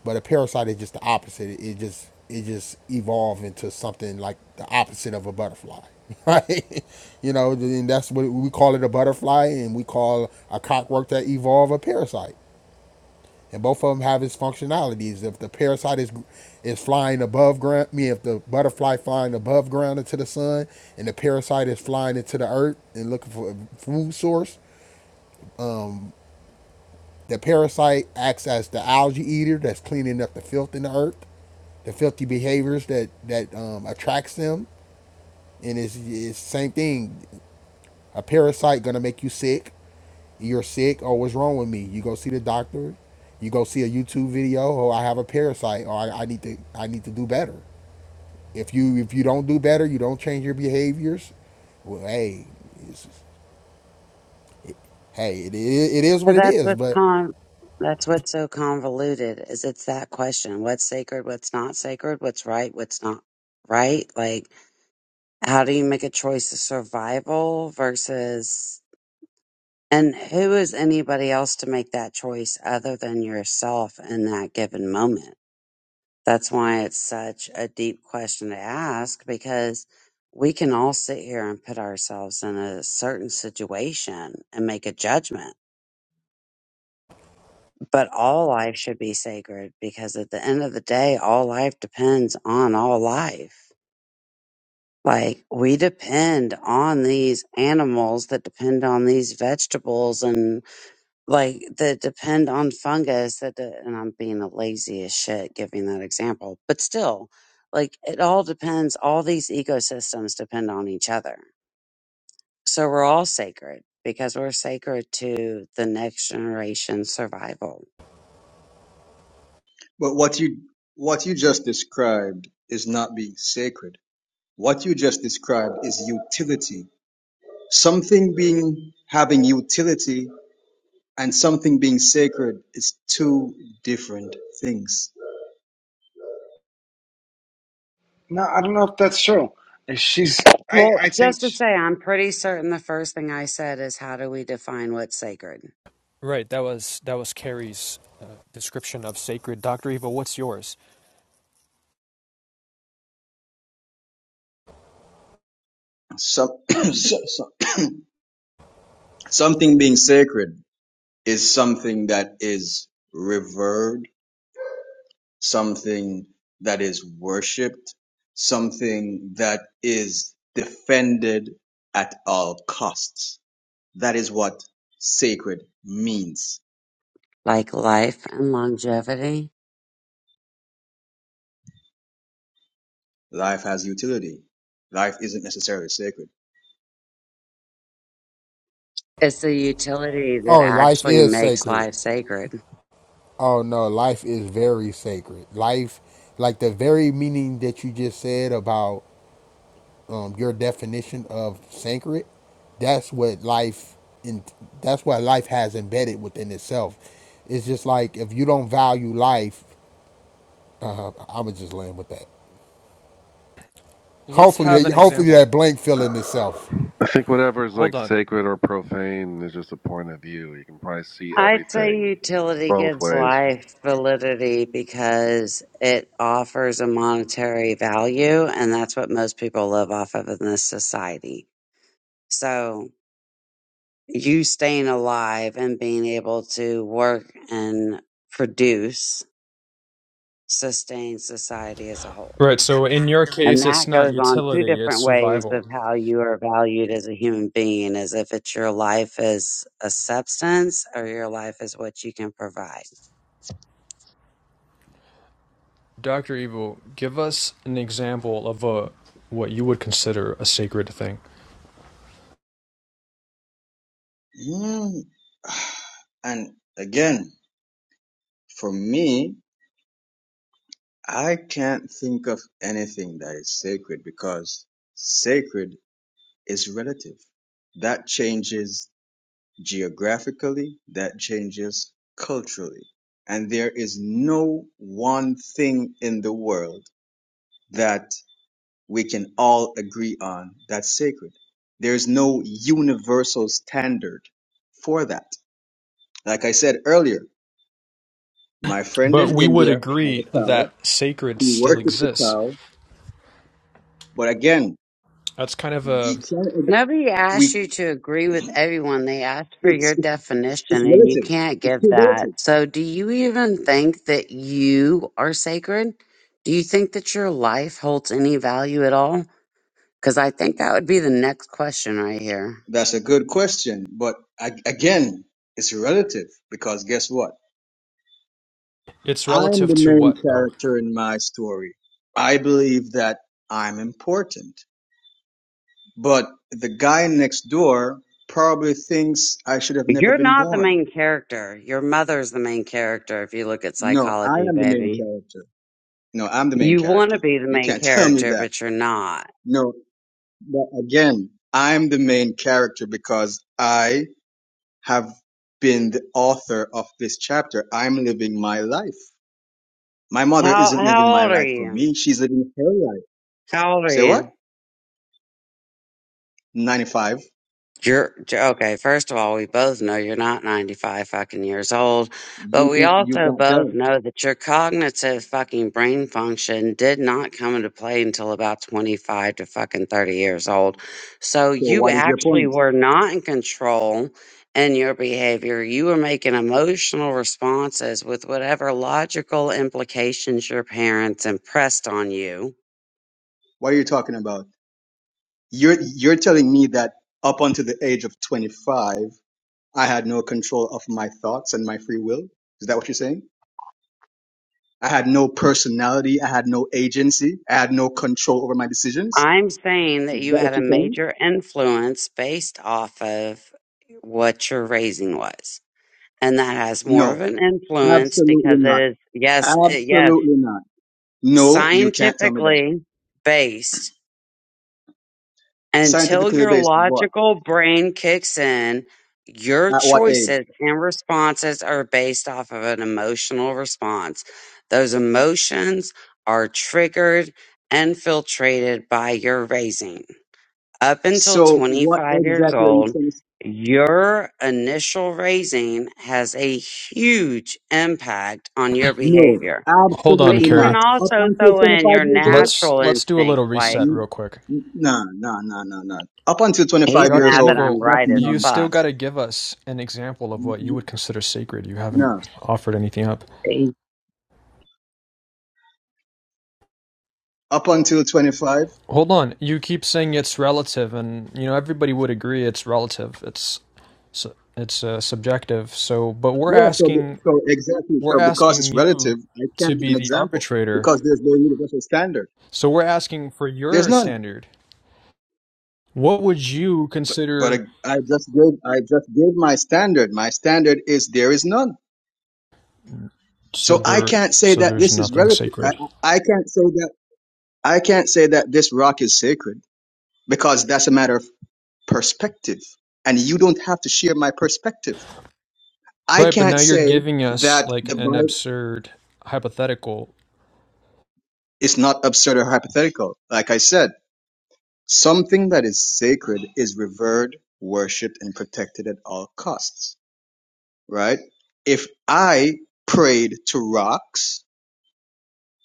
but a parasite is just the opposite. It, just it just evolved into something like the opposite of a butterfly, right? you know, and that's what we call it a butterfly, and we call a cockroach that evolve a parasite, and both of them have its functionalities. If the parasite is is flying above ground, I mean, if the butterfly flying above ground into the sun, and the parasite is flying into the earth and looking for a food source, The parasite acts as the algae eater that's cleaning up the filth in the earth, the filthy behaviors that that um, attracts them, and it's, it's same thing. A parasite gonna make you sick. You're sick. Oh, what's wrong with me? You go see the doctor. You go see a YouTube video. Oh, I have a parasite. Or I, I need to I need to do better. If you if you don't do better, you don't change your behaviors. Well, hey, it's, hey, it, it, it is
So
what it
that's
is.
what's
But
con. That's what's so convoluted. Is it's that question: what's sacred, what's not sacred, what's right, what's not right? Like, how do you make a choice of survival versus, and who is anybody else to make that choice other than yourself in that given moment? That's why it's such a deep question to ask because we can all sit here and put ourselves in a certain situation and make a judgment. But all life should be sacred because at the end of the day, all life depends on all life. Like we depend on these animals that depend on these vegetables and like that depend on fungus that de- and i'm being a lazy as shit giving that example but still like it all depends all these ecosystems depend on each other so we're all sacred because we're sacred to the next generation survival
But what you what you just described is not being sacred. What you just described is utility. Something being having utility and something being sacred is two different things.
No, I don't know if that's true. She's. I
well
I think
just to say i'm pretty certain the first thing i said is how do we define what's sacred
Right. That was that was Carrie's uh, description of sacred. Doctor Evil, what's yours?
Some, so- so- something being sacred is something that is revered, something that is worshipped, something that is defended at all costs. That is what sacred means
like life and longevity
Life has utility. Life isn't necessarily sacred.
it's the utility that
oh, life
actually
is
makes
sacred.
life sacred
Oh no, life is very sacred. Life, like the very meaning that you just said about um, your definition of sacred, that's what life in that's what life has embedded within itself. It's just like if you don't value life, uh, I would just land with that.
Let's
Hopefully,
have an
that, hopefully
example.
that blank filling itself.
I think whatever is
Hold
like
on.
sacred or profane is just a point of view. You can probably see
I'd say
everything
utility
both
gives
ways.
life validity because it offers a monetary value, and that's what most people live off of in this society. So, you staying alive and being able to work and produce sustains society as a whole.
Right, so in your
And
case, it's
that
not
goes on two
utility, it's
different ways of
survival.
how you are valued as a human being, as if it's your life as a substance or your life as what you can provide.
Dr. Evil, give us an example of a what you would consider a sacred thing.
Mm. And again, for me, I can't think of anything that is sacred because sacred is relative. That changes geographically, that changes culturally. And there is no one thing in the world that we can all agree on that's sacred. There's no universal standard for that. Like I said earlier, my friend
But
in
we would
India has
agree
a cow.
that sacred
He
still
worships the
exists.
cow. But again,
That's kind of
we
a
can't,
Nobody asked
we,
you to agree with everyone. They asked for
it's,
your
it's,
definition,
it's
and you
relative.
can't
It's
give
still relative.
that. So, do you even think that you are sacred? Do you think that your life holds any value at all? Because I think that would be the next question right here.
That's a good question. But I, again, it's relative because guess what?
it's
I'm
relative
the
to
main
what though?
character in my story. I believe that I'm important. But the guy next door probably thinks I should have never
You're
been
not the
born.
main character. Your mother's the main character if you look at
No, I
psychology,
am the main
baby.
character. No, I'm the main
You want
character.
to be the
You
main
can't tell me
character,
that.
but you're not.
No, but again, I'm the main character because I have been the author of this chapter. I'm living my life. My mother
How
isn't living
how
my
old are
life for
you?
me. She's living her life.
How old are
Say what?
you?
95.
You're okay. First of all, we both know you're not 95 fucking years old, but
You
we
can't, you
also
can't tell. me.
both know that your cognitive fucking brain function did not come into play until about 25 to fucking 30 years old. So
So
you
what is your
actually
point?
were not in control in your behavior. You were making emotional responses with whatever logical implications your parents impressed on you
What are you talking about? You're, you're telling me that up until the age of 25, I had no control of my thoughts and my free will. Is that what you're saying? I had no personality. I had no agency. I had no control over my decisions.
I'm saying
Is
that you
that what
had a
you're saying?
major influence based off of what your raising was. And that has more of
No,
an influence
absolutely
because it
not.
is, yes, it- yes,
Absolutely not. No, you can't tell me that.
scientifically based. Until
Scientifically
your
based, what?
logical brain kicks in, your
At what age?
choices and responses are based off of an emotional response. Those emotions are triggered and filtrated by your raising. up until
So what
25 years
exactly are you
old,
trying to s
your initial raising has a huge impact on your
No,
behavior.
Hold on,
But
absolutely
you can
Carrie.
not. Up
also
until
throw in
25
your
years old?
Let's
natural
let's do a
instinct,
little
like
reset real
N-
quick.
n- Nah, nah, nah, nah, nah. Up until
he's
25 years
Dr.
mad that
old,
I'm
Evil,
that's
right as
you still
fuck.
got
nonsense.
to give us an example of
Y-
what you
y-
would consider sacred. You haven't
No.
offered anything up.
Up until 25?
Hold on. You keep saying it's relative, and you know everybody would agree it's relative. It's it's uh, subjective. So, but we're
Yeah, so the,
asking
so exactly.
we're
So because
asking
it's
you
relative, I
to
can't give
be
an
the
example
arbitrator.
because there's no universal standard.
So we're asking for
There's
your
none.
standard. What would you
But I,
consider?
I just gave I just gave my standard. My standard is there is none.
So
So I
there,
can't say
so
that
there's
this is
nothing
relative. I,
sacred,
I can't say that I can't say that this rock is sacred because that's a matter of perspective, and you don't have to share my perspective. I
right? But
can't
now you're
say
giving us
that
like
the
an
Bible
absurd hypothetical.
is not absurd or hypothetical. Like I said. Something that is sacred is revered, worshipped, and protected at all costs, right? If I prayed to rocks,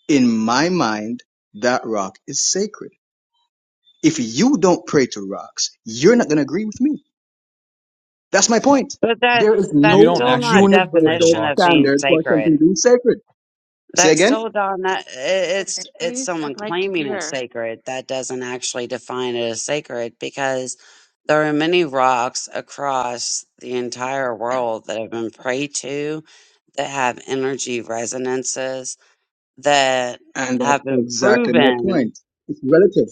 in my mind, that rock is sacred. If you don't pray to rocks, you're not going to agree with me. That's my point.
But
There
that's
is
You
that's
no
don't
still not a
actually pray to
universal
definition of
rocks, though.
being
standard for something
sacred.
being sacred. Say
That's
again?
still Don. That i- it's it's
Please,
someone
I'd like to
claiming it's
hear.
sacred that doesn't actually define it as sacred because there are many rocks across the entire world that have been prayed to that have energy resonances that
And
have
that's
been
exactly my
proven.
point. It's relative.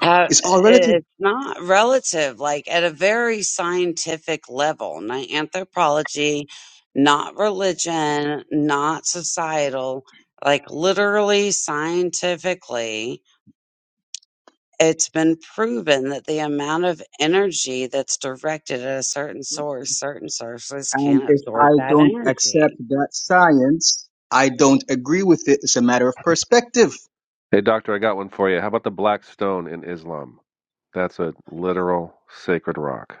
Uh,
It's all relative.
it's not relative, like at a very scientific level, not anthropology, not religion, not societal, like literally scientifically, it's been proven that the amount of energy that's directed at a certain source, certain sources
And
can
if I
absorb that
don't accept
energy.
that science, I don't agree with it. It's a matter of perspective.
Hey, doctor, I got one for you. How about the black stone in Islam? That's a literal sacred rock.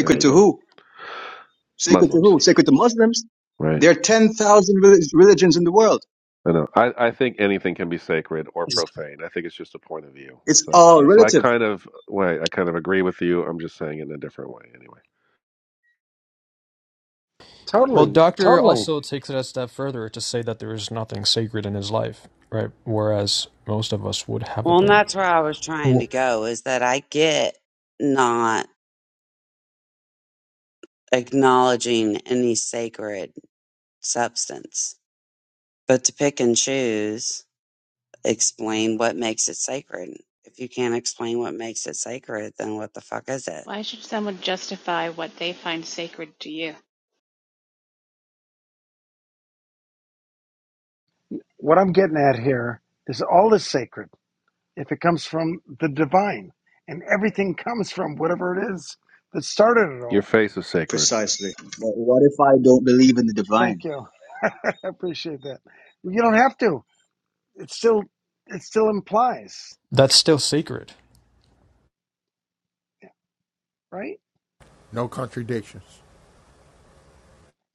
There you
to
go.
who? Sacred to
Muslims,
who? Sacred to Muslims.
right?
There are 10,000 relig- religions in the world.
I know. I, I think anything can be sacred or profane. I think it's just a point of view.
It's
So that's,
all
that's so I
relative.
kind of wait. I kind of agree with you. I'm just saying it in a different way. Anyway,
Well,
totally,
Doctor
totally.
also takes it a step further to say that there is nothing sacred in his life, right? Whereas most of us would have a
Well, and
thing.
that's where I was trying to
Well,
go is that I get not acknowledging any sacred substance But to pick and choose, explain what makes it sacred. If you can't explain what makes it sacred, then what the fuck is it?
Why should someone justify what they find sacred to you?
What I'm getting at here is all is sacred if it comes from the divine, and everything comes from whatever it is that started it
your
all.
face is sacred.
Precisely. But what if I don't believe in the
Thank
divine?
you. I appreciate that. You don't have to. It still it still implies,
that's still sacred.
right?
No contradictions.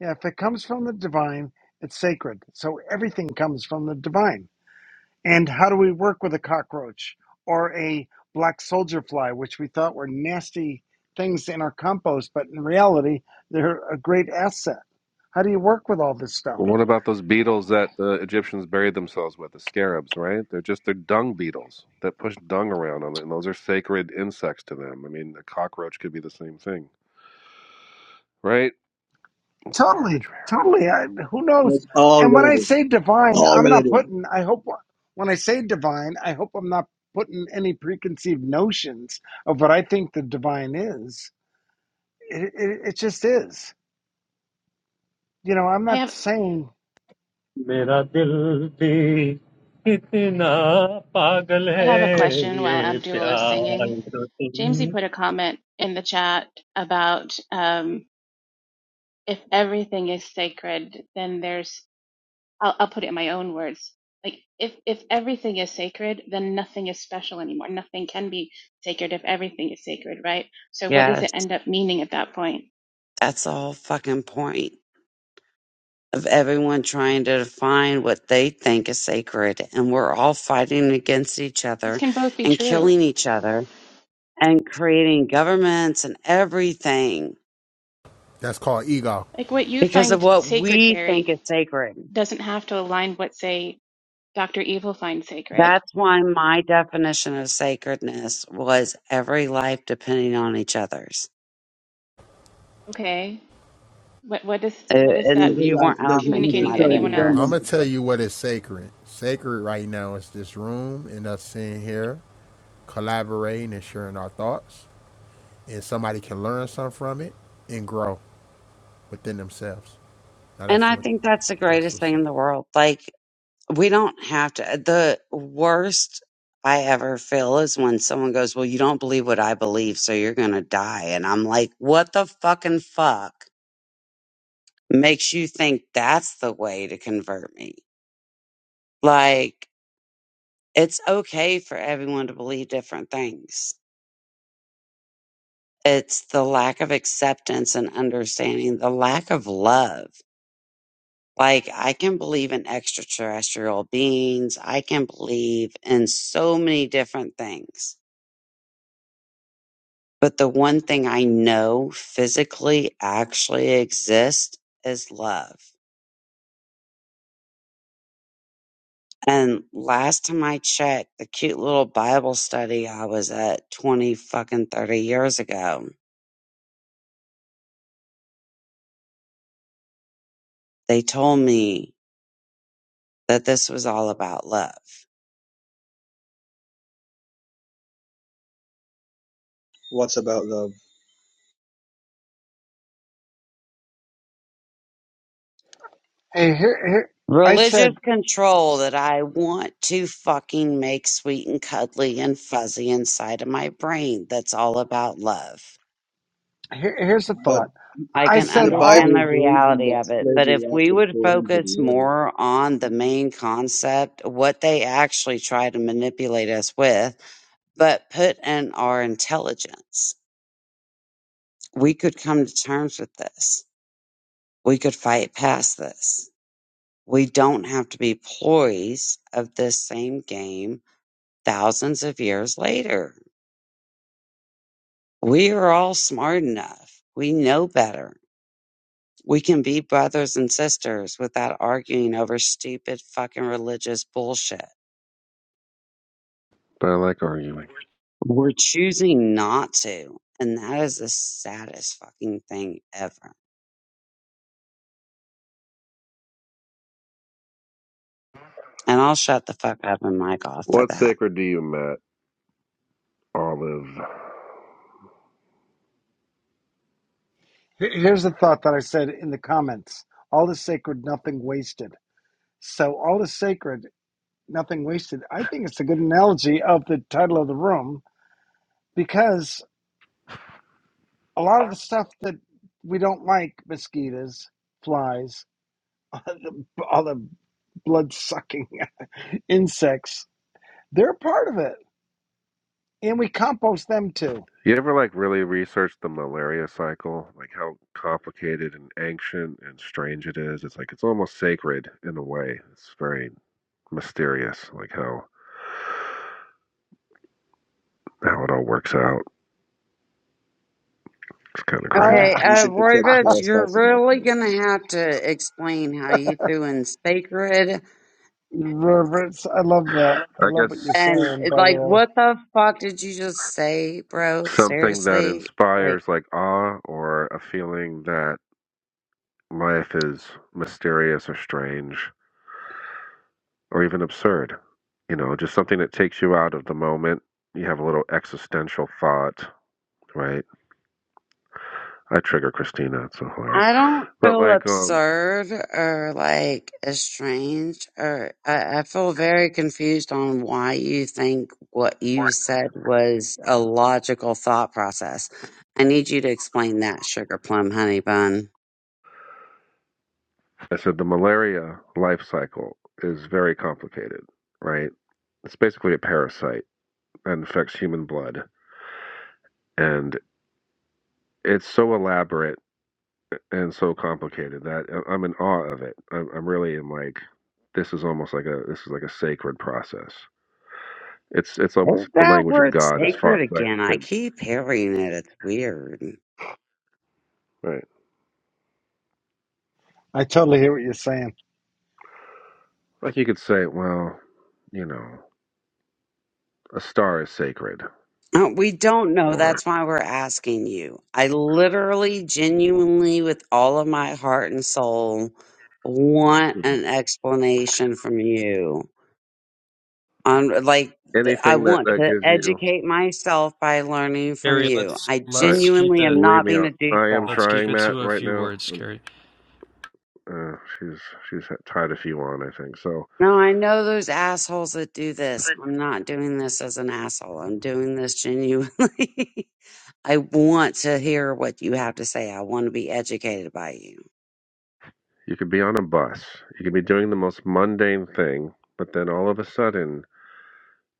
Yeah, if it comes from the divine, it's sacred. So everything comes from the divine. And how do we work with a cockroach or a black soldier fly, which we thought were nasty things in our compost, but in reality, they're a great asset. How do you work with all this stuff?
Well, what about those beetles that the Egyptians buried themselves with? The scarabs, right? They're just they're dung beetles that push dung around on it, and those are sacred insects to them. I mean, a cockroach could be the same thing, right? It's
Totally,
arbitrary.
totally. I, who knows?
It's all
And when I
relative.
say divine,
All
I'm not
relative.
putting. I hope when I say divine, I hope I'm not putting any preconceived notions of what I think the divine is. It, it, it just is. You know, I'm
I
not
have
saying.
मेरा दिल भी कितना पागल
I have a
है
question while
ये
Abdul is singing.
प्यार तो
Jamesy
तुम
put a comment in the chat about um, if everything is sacred, then there's I'll, I'll put it in my own words. Like if if everything is sacred, then nothing is special anymore. Nothing can be sacred if everything is sacred, right? So what does
Yes.
it end up meaning at that point?
That's the whole fucking point of everyone trying to define what they think is sacred. And we're all fighting against each
These
other
can both be
and
true.
killing each other and creating governments and everything
That's called ego.
Like what you
because
find
of what
sacred,
we
Carrie,
think is sacred.
doesn't have to align what say Dr. Evil finds sacred.
That's why my definition of sacredness was every life depending on each other's.
Okay. What what is
Uh,
what is that
and
Every
you
life
weren't i don't
doesn't
think you
communicating
might
to
have
necessarily
been
anyone
depend
here
I'm
on
else?
gonna
each
tell
other.
you what is sacred. Sacred right now is this room and us sitting here collaborating and sharing our thoughts. and somebody can learn something from it and grow within themselves. Now
and
that's
i
what
think that's the
that's
greatest
what's
thing
saying.
in the world like we don't have to uh, the worst i ever feel is when someone goes well you don't believe what i believe so you're gonna die and i'm like what the fucking fuck makes you think that's the way to convert me like it's okay for everyone to believe different things it's the lack of acceptance and understanding the lack of love Like, I can believe in extraterrestrial beings. I can believe in so many different things. But the one thing I know physically actually exists is love. And last time I checked, the cute little Bible study I was at 20 fucking 30 years ago, they told me that this was all about love.
What's about love?
Hey, here, here. I
religious
said.
control that I want to fucking make sweet and cuddly and fuzzy inside of my brain that's all about love.
Here, here's a
But
thought.
I
I
can
said
the
all.
Bible
understand the
is the reason
reality
that
of it, but
slavery
if we
lasted
would
400
focus
years.
more on the main concept, what they actually try to manipulate us with, but put in our intelligence, we could come to terms with this. We could fight past this. We don't have to be ploys of this same game thousands of years later. We are all smart enough. We know better. We can be brothers and sisters without arguing over stupid fucking religious bullshit.
But I like arguing.
We're choosing not to. And that is the saddest fucking thing ever. And I'll shut the fuck up and mic off for
What
that.
sacred do you, Matt Olive?
here- Here's a thought that I said in the comments. All is sacred, nothing wasted. So all is sacred, nothing wasted. I think it's a good analogy of the title of the room because a lot of the stuff that we don't like mosquitoes flies all the blood sucking insects they're part of it and we compost them too
You ever like really research the malaria cycle, like how complicated and ancient and strange it is? It's like it's almost sacred in a way. It's very mysterious, like how how it all works out. It's kind of
i
crazy.
Okay,
We
uh,
should
Roy
protect
Rich, you're
Palestine at all
really
costs.
gonna have to explain how you threw in sacred
Roberts, i love that i
I
love what you're
guess
And
saying
it-
by the
like,
way
what the fuck did you just say, bro?
something that
Seriously? Like,
inspires like awe or a feeling that life is mysterious or strange or even absurd. You know, just something that takes you out of the moment. You have a little existential thought, right? I trigger Christina. It's so hilarious.
I don't
But
feel
like um,
absurd or like estranged or I, I feel very confused on why you think what you said was a logical thought process. I need you to explain that, sugar plum honey bun.
I said, the malaria life cycle is very complicated, right? It's basically a parasite that infects human blood, and it's so elaborate and so complicated that I- I'm in awe of it. I'm, I'm really am like, this is almost like a this is like a sacred process. It's it's
Is
almost the
that
language of
word
God as far
sacred
as I
again? I
could.
keep hearing it. It's weird.
Right,
i totally hear what you're saying
like you could say, well, you know, a star is sacred,
Uh, we don't know.
or
That's why we're asking you. I literally, genuinely, with all of my heart and soul, want
Mhm.
an explanation from you. On like, th- I
anything that
want
that
to
gives you
educate myself by learning from
Carrie,
you.
let's
I
I
let's keep
genuinely
it
am
believe
not
me,
being
I,
a
I am
douchebag.
let's keep
trying
it
Matt
to a
right
few
now.
words,
Um
Carrie.
uh, she's she's tied a few on, I think. So
No, I know those assholes that do this. I'm not doing this as an asshole. I'm doing this genuinely. I want to hear what you have to say. I want to be educated by you.
you could be on a bus, you could be doing the most mundane thing, but then all of a sudden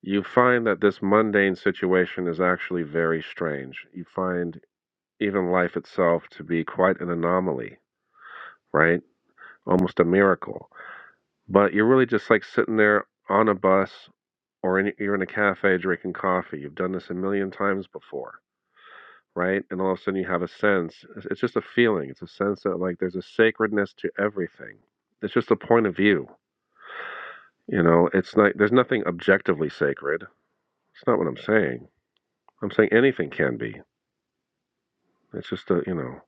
you find that this mundane situation is actually very strange. You find even life itself to be quite an anomaly, right? Almost a miracle. But you're really just like sitting there on a bus or in, you're in a cafe drinking coffee. You've done this a million times before right? And all of a sudden you have a sense. It's it's just a feeling. It's a sense that like there's a sacredness to everything. It's just a point of view. You know, it's like there's nothing objectively sacred. It's not what I'm saying. I'm saying anything can be. It's just a you know,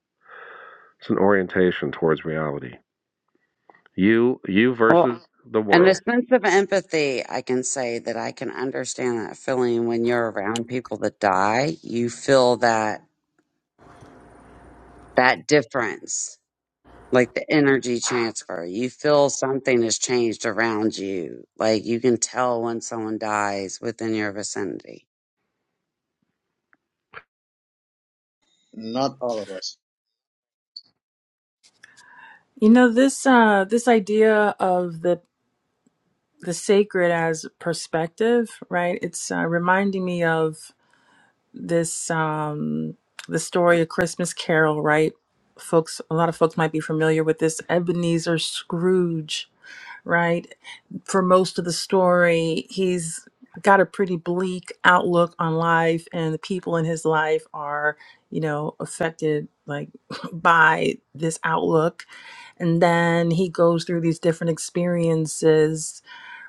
it's an orientation towards reality. You you versus the
And the
world.
sense of empathy, I can say that I can understand that feeling when you're around people that die. You feel that that difference, like the energy transfer. You feel something has changed around you. Like you can tell when someone dies within your vicinity.
Not all of us.
You know, this uh this idea of the the sacred as perspective, right? It's uh, reminding me of this um the story of Christmas Carol, right? Folks, a lot of folks might be familiar with this Ebenezer Scrooge right? For most of the story, he's got a pretty bleak outlook on life, and the people in his life are, you know, affected like by this outlook. And then he goes through these different experiences,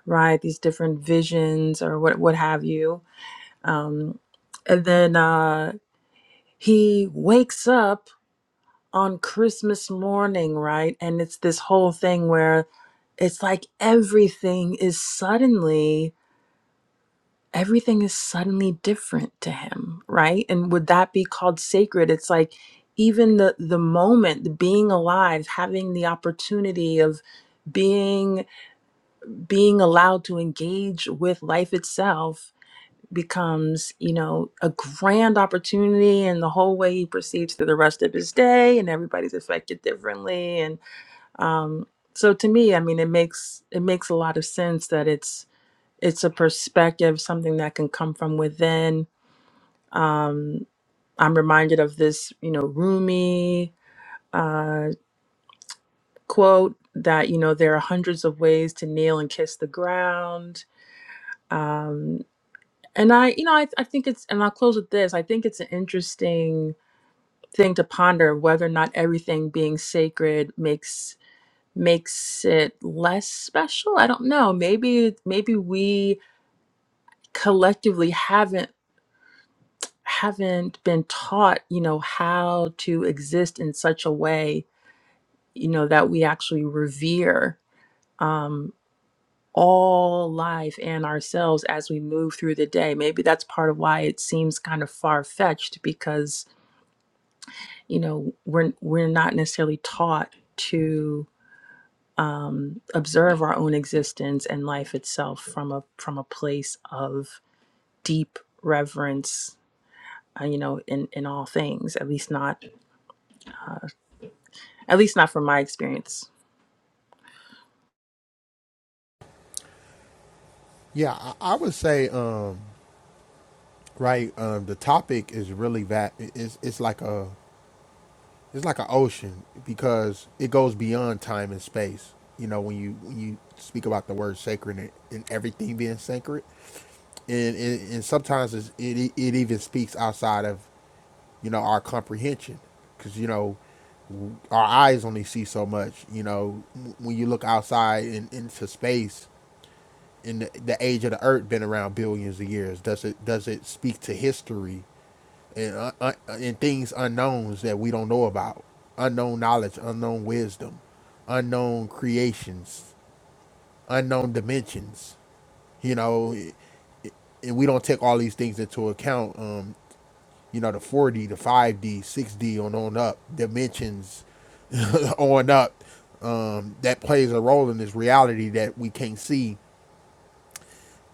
right? These different visions or what what have you. Um, and then uh, he wakes up on Christmas morning, right? And it's this whole thing where it's like everything is suddenly everything is suddenly different to him, right? And would that be called sacred? It's like even the the moment, the being alive, having the opportunity of being being allowed to engage with life itself becomes you know a grand opportunity and the whole way he proceeds through the rest of his day and everybody's affected differently and. Um, so to me, I mean, it makes it makes a lot of sense that it's it's a perspective, something that can come from within. Um, I'm reminded of this, you know, Rumi uh, quote that you know there are hundreds of ways to kneel and kiss the ground. Um, and I, you know, I, I think it's, and I'll close with this. I think it's an interesting thing to ponder whether or not everything being sacred makes makes it less special. I don't know. Maybe maybe we collectively haven't haven't been taught, you know, how to exist in such a way, you know, that we actually revere um, all life and ourselves as we move through the day. Maybe that's part of why it seems kind of far fetched because, you know, we're we're not necessarily taught to. um, observe our own existence and life itself from a from a place of deep reverence uh, you know in in all things at least not at least not from my experience
Yeah, I, I would say um, right. Um, the topic is really that it's it's like a it's like an ocean because it goes beyond time and space. You know, when you when you speak about the word sacred and, and everything being sacred, and and, and sometimes it's, it it even speaks outside of you know, our comprehension. Because, you know, our eyes only see so much. You know, when you look outside in, into space, in the, the age of the Earth, been around billions of years. Does it does it speak to history and uh, uh, and things unknowns that we don't know about? Unknown knowledge, unknown wisdom, unknown creations, unknown dimensions. You know, and we don't take all these things into account. Um, you know, the 4D, the 5D, 6D on on up, dimensions on up, um, that plays a role in this reality that we can't see.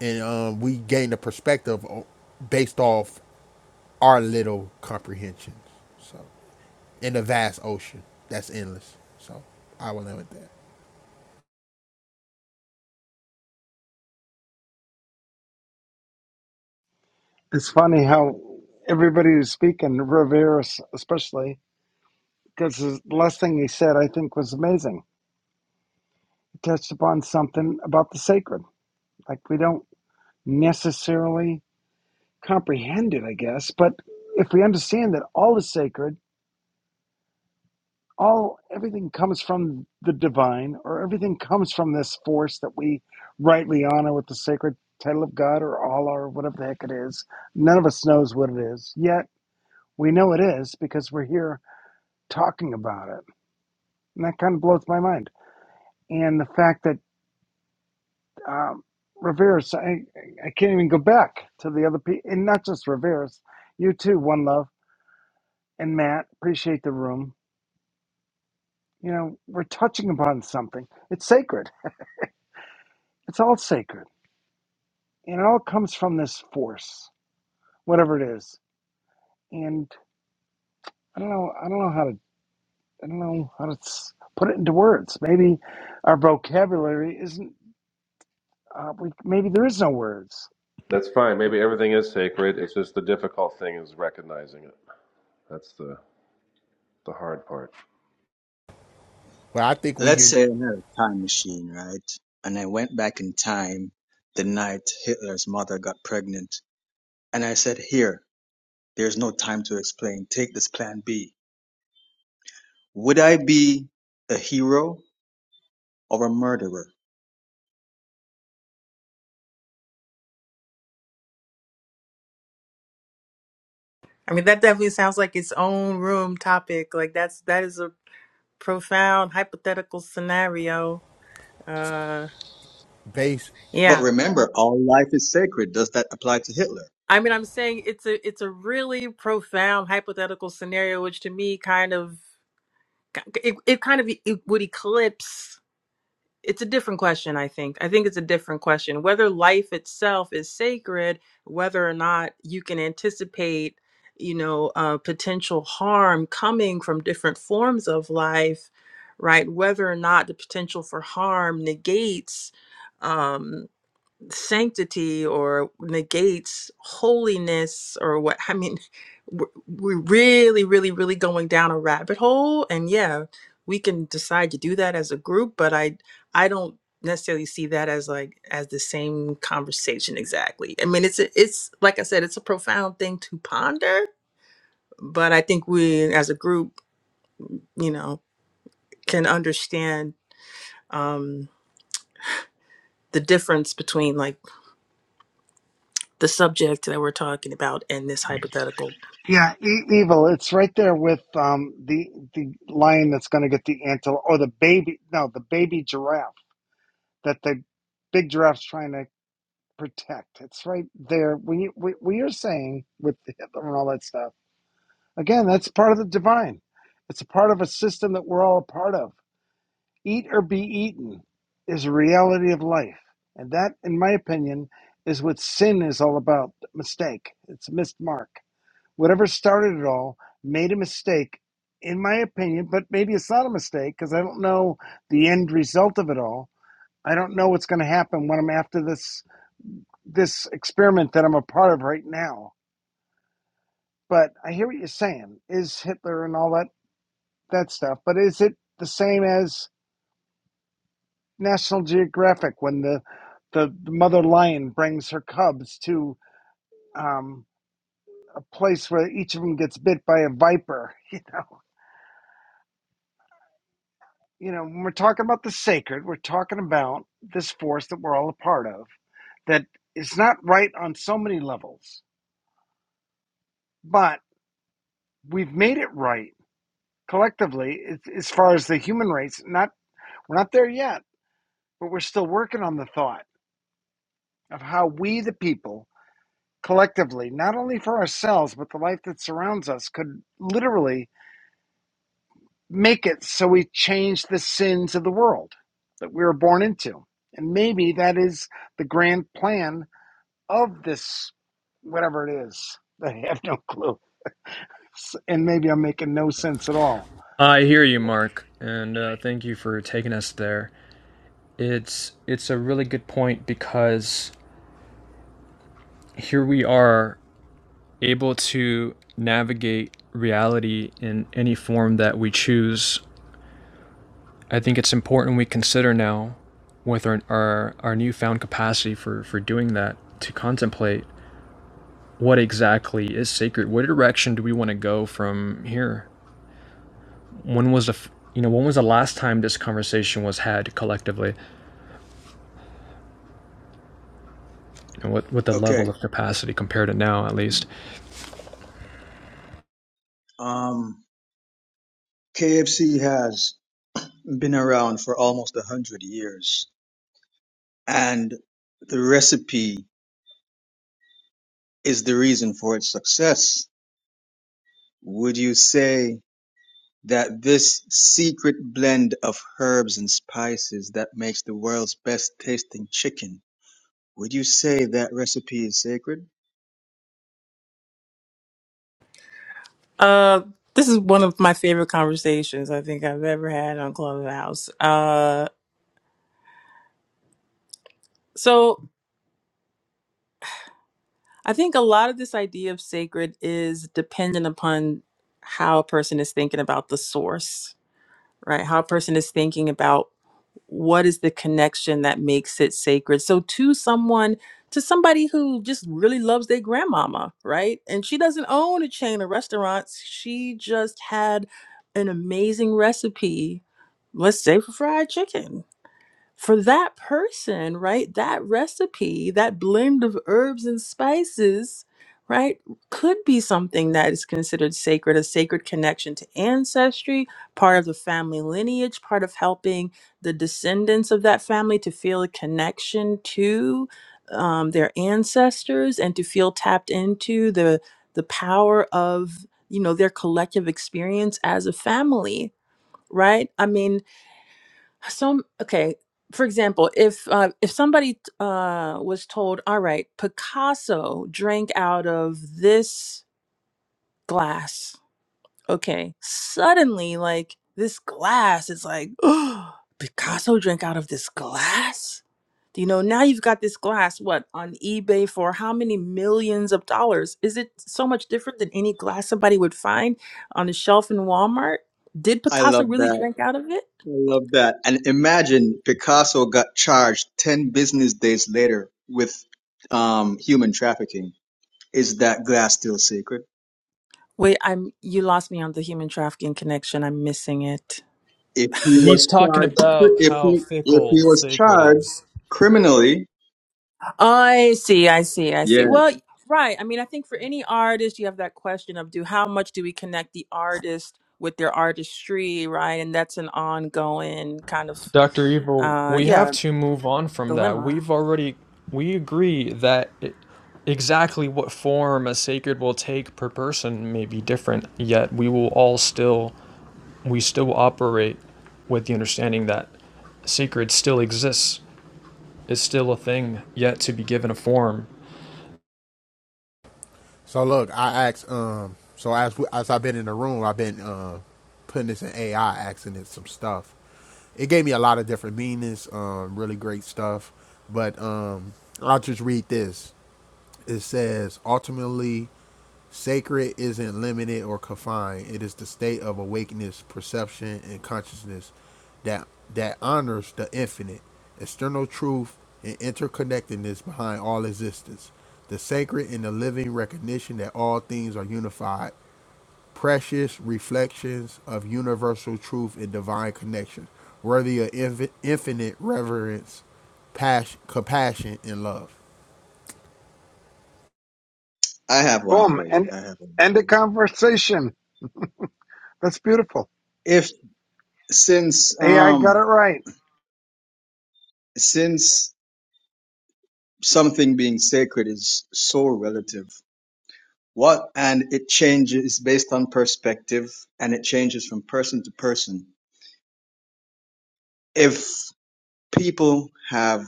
And um, we gain a perspective based off our little comprehensions. So, in the vast ocean that's endless. So, I will end with that.
it's funny how everybody who's speaking Roberts especially because the last thing he said i think was amazing he touched upon something about the sacred like we don't necessarily Comprehended, I guess. But if we understand that all is sacred, all everything comes from the divine, or everything comes from this force that we rightly honor with the sacred title of God or Allah or whatever the heck it is. None of us knows what it is. Yet we know it is because we're here talking about it. And that kind of blows my mind. And the fact that um, Rivera's, I, I can't even go back to the other people, and not just Rivera's, you too, One Love, and Matt, appreciate the room you know, we're touching upon something. It's sacred. It's all sacred. And it all comes from this force, whatever it is. And I don't know, I don't know how to, I don't know how to s- put it into words. Maybe our vocabulary isn't, uh, we, maybe there is no words.
That's fine. Maybe everything is sacred. It's just the difficult thing is recognizing it. That's the the hard part.
But I think when
Let's
you're
say I had a time machine, right? And I went back in time the night Hitler's mother got pregnant. And I said, Here, there's no time to explain. Take this plan B. Would I be a hero or a murderer?
I mean, that definitely sounds like its own room topic. Like that's that is a profound hypothetical scenario. Uh,
based
But
yeah.
remember, all life is sacred. Does that apply to Hitler?
I mean, I'm saying it's a it's a really profound hypothetical scenario, which to me kind of it, it kind of e, it would eclipse it's a different question i think i think it's a different question whether life itself is sacred whether or not you can anticipate you know uh, potential harm coming from different forms of life right whether or not the potential for harm negates um, sanctity or negates holiness or what i mean we're we're really really really going down a rabbit hole and yeah we can decide to do that as a group but i i don't necessarily see that as like as the same conversation exactly i mean it's a, it's like i said it's a profound thing to ponder but i think we as a group you know can understand um the difference between like the subject that we're talking about and this hypothetical
Yeah, e- evil. It's right there with um, the the lion that's going to get the antelope, or the baby. No, the baby giraffe that the big giraffe's trying to protect. It's right there. We we we are saying with Hitler and all that stuff Again, that's part of the divine. It's a part of a system that we're all a part of. Eat or be eaten is a reality of life. And that, in my opinion, is what sin is all about mistake. It's a missed mark. Whatever started it all made a mistake, in my opinion, but maybe it's not a mistake because I don't know the end result of it all. I don't know what's going to happen when I'm after this this experiment that I'm a part of right now. But I hear what you're saying. Is Hitler and all that that stuff. But is it the same as National Geographic when the the, the mother lion brings her cubs to um, a place where each of them gets bit by a viper? You know, you know. When we're talking about the sacred, we're talking about this force that we're all a part of that is not right on so many levels, but we've made it right collectively as far as the human race. Not we're not there yet, but we're still working on the thought of how we, the people, collectively, not only for ourselves, but the life that surrounds us, could literally make it so we change the sins of the world that we were born into. And maybe that is the grand plan of this, whatever it is. I have no clue. And maybe I'm making no sense at all.
I hear you, Mark, and uh, thank you for taking us there. It's it's a really good point because here we are able to navigate reality in any form that we choose I think it's important we consider now, with our our, our newfound capacity for, for doing that, to contemplate what exactly is sacred. What direction do we want to go from here? When was the you know when was the last time this conversation was had collectively? You know, what what the level
Okay.
of capacity compared to now at least?
Um, KFC has been around for almost a hundred years, and the recipe is the reason for its success. Would you say that this secret blend of herbs and spices that makes the world's best tasting chicken, would you say that recipe is sacred?
Uh, this is one of my favorite conversations I think I've ever had on Clubhouse. Uh, so I think a lot of this idea of sacred is dependent upon how a person is thinking about the source, right? How a person is thinking about what is the connection that makes it sacred so to someone to somebody who just really loves their grandmama right and she doesn't own a chain of restaurants she just had an amazing recipe let's say for fried chicken for that person, right, that recipe, that blend of herbs and spices, right, could be something that is considered sacred, a sacred connection to ancestry, part of the family lineage, part of helping the descendants of that family to feel a connection to um, their ancestors and to feel tapped into the the power of you know their collective experience as a family right i mean so okay, for example, if uh, if somebody uh, was told, "All right, Picasso drank out of this glass," okay, suddenly like this glass is like, "Oh, Picasso drank out of this glass." You know, now you've got this glass, what, on eBay for how many millions of dollars? Is it so much different than any glass somebody would find on a shelf in Walmart? Did
I
Picasso
love
really
that.
drink out of it?
I love that. And imagine Picasso got charged 10 business days later with um, human trafficking. Is that glass still sacred?
Wait, I'm you lost me on the human trafficking connection. I'm missing it.
If he was
He's talking
charged,
about
if
how
he, if
fickle
he was
sacred
charged
is.
criminally,
I see, I see, I see.
yes,
Well, right. I mean, I think for any artist, you have that question of do how much do we connect the artist with their artistry, right? And that's an ongoing kind of
Dr. Evil,
uh
we have
yeah,
to move on from that.
dilemma.
We've already we agree that it, exactly what form a sacred will take per person may be different, yet we will all still we still operate with the understanding that sacred still exists, is still a thing yet to be given a form.
So look, I asked. Um, so as we- as I've been in the room, I've been uh, putting this in AI, asking it some stuff. It gave me a lot of different meanings. Um, really great stuff. But um, I'll just read this. It says ultimately, Sacred isn't limited or confined. It is the state of awakeness, perception, and consciousness that that honors the infinite, external truth, and interconnectedness behind all existence. The sacred in the living recognition that all things are unified, precious reflections of universal truth and divine connection, worthy of infi- infinite reverence, passion, compassion, and love.
I have one
Boom.
for you.
And
I have one for
end a
you.
conversation. That's beautiful.
If since,
AI got it
um,
right.
since something being sacred is so relative, what, and it changes based on perspective and it changes from person to person. If people have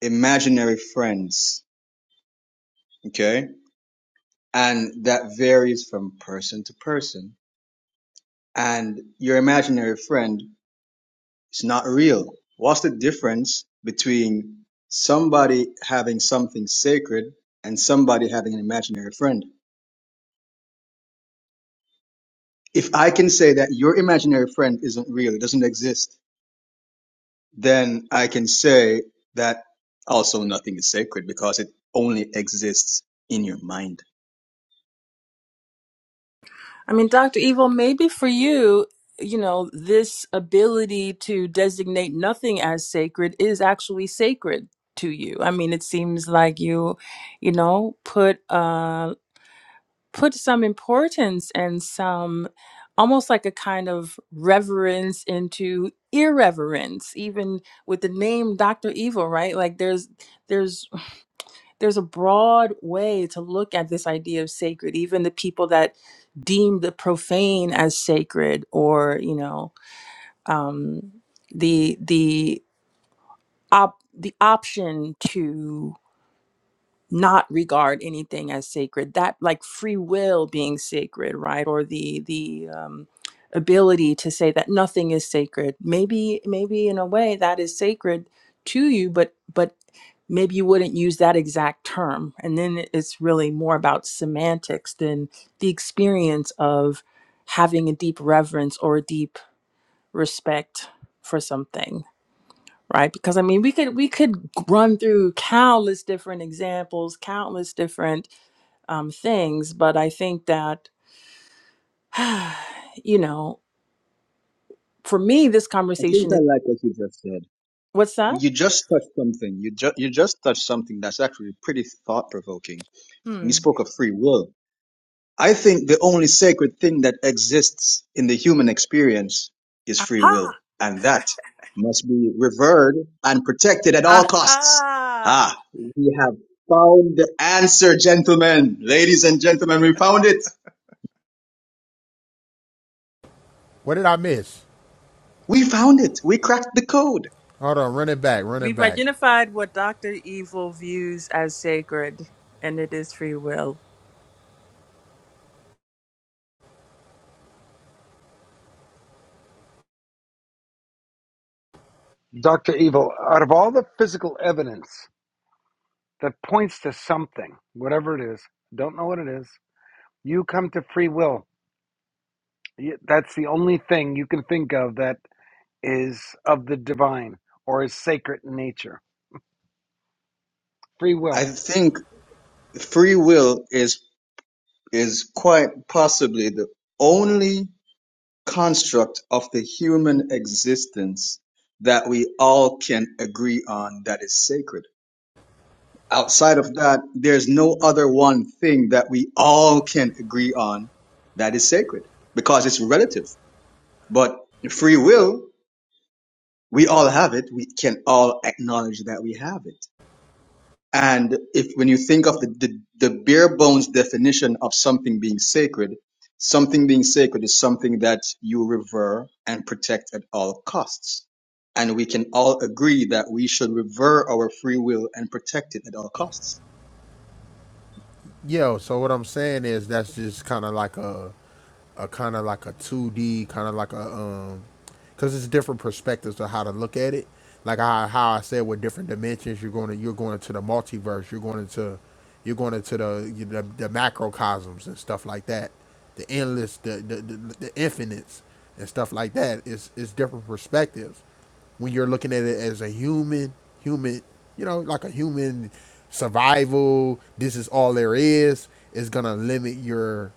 imaginary friends, okay? And that varies from person to person. And your imaginary friend is not real. What's the difference between somebody having something sacred and somebody having an imaginary friend? If I can say that your imaginary friend isn't real, it doesn't exist, then I can say that also nothing is sacred because it only exists in your mind.
I mean, Dr. Evil, maybe for you, you know, this ability to designate nothing as sacred is actually sacred to you. I mean, it seems like you, you know, put uh put some importance and some almost like a kind of reverence into irreverence even with the name Dr. Evil right like there's there's there's a broad way to look at this idea of sacred even the people that deem the profane as sacred or you know um the the op the option to not regard anything as sacred that like free will being sacred right or the the um ability to say that nothing is sacred maybe maybe in a way that is sacred to you but but maybe you wouldn't use that exact term and then it's really more about semantics than the experience of having a deep reverence or a deep respect for something right because i mean we could we could run through countless different examples countless different um, things but i think that you know for me this
I think
conversation
I
is
like what you just said.
what's that
You just touched something. You just you just touched something that's actually pretty thought provoking. And you
hmm
spoke of free will. I think the only sacred thing that exists in the human experience is free
aha
will, and that must be revered and protected at all costs.
aha
Ah, we have found the answer, gentlemen, ladies and gentlemen. We found it.
What did I miss?
We found it. We cracked the code.
Hold on, run it back, run it
we've
back.
identified what dr evil views as sacred and it is free will
Dr. Evil, out of all the physical evidence that points to something, whatever it is, don't know what it is, You come to free will. You- That's the only thing you can think of that is of the divine or is sacred in nature. Free will.
I think free will is is quite possibly the only construct of the human existence that we all can agree on that is sacred. Outside of that, there's no other one thing that we all can agree on that is sacred because it's relative. But free will, we all have it. We can all acknowledge that we have it. And if when you think of the, the, the bare bones definition of something being sacred, something being sacred is something that you revere and protect at all costs. And we can all agree that we should revere our free will and protect it at all costs.
Yo, so what I'm saying is that's just kind of like a, a kind of like a 2D, kind of like a, um, cause it's different perspectives of how to look at it. Like how, how I said with different dimensions, you're going to, you're going into the multiverse, you're going into, you're going into the, you the, the macrocosms and stuff like that. The endless, the, the, the, the infinites and stuff like that. It's, it's different perspectives when you're looking at it as a human, human, you know, like a human survival, this is all there is, is gonna limit your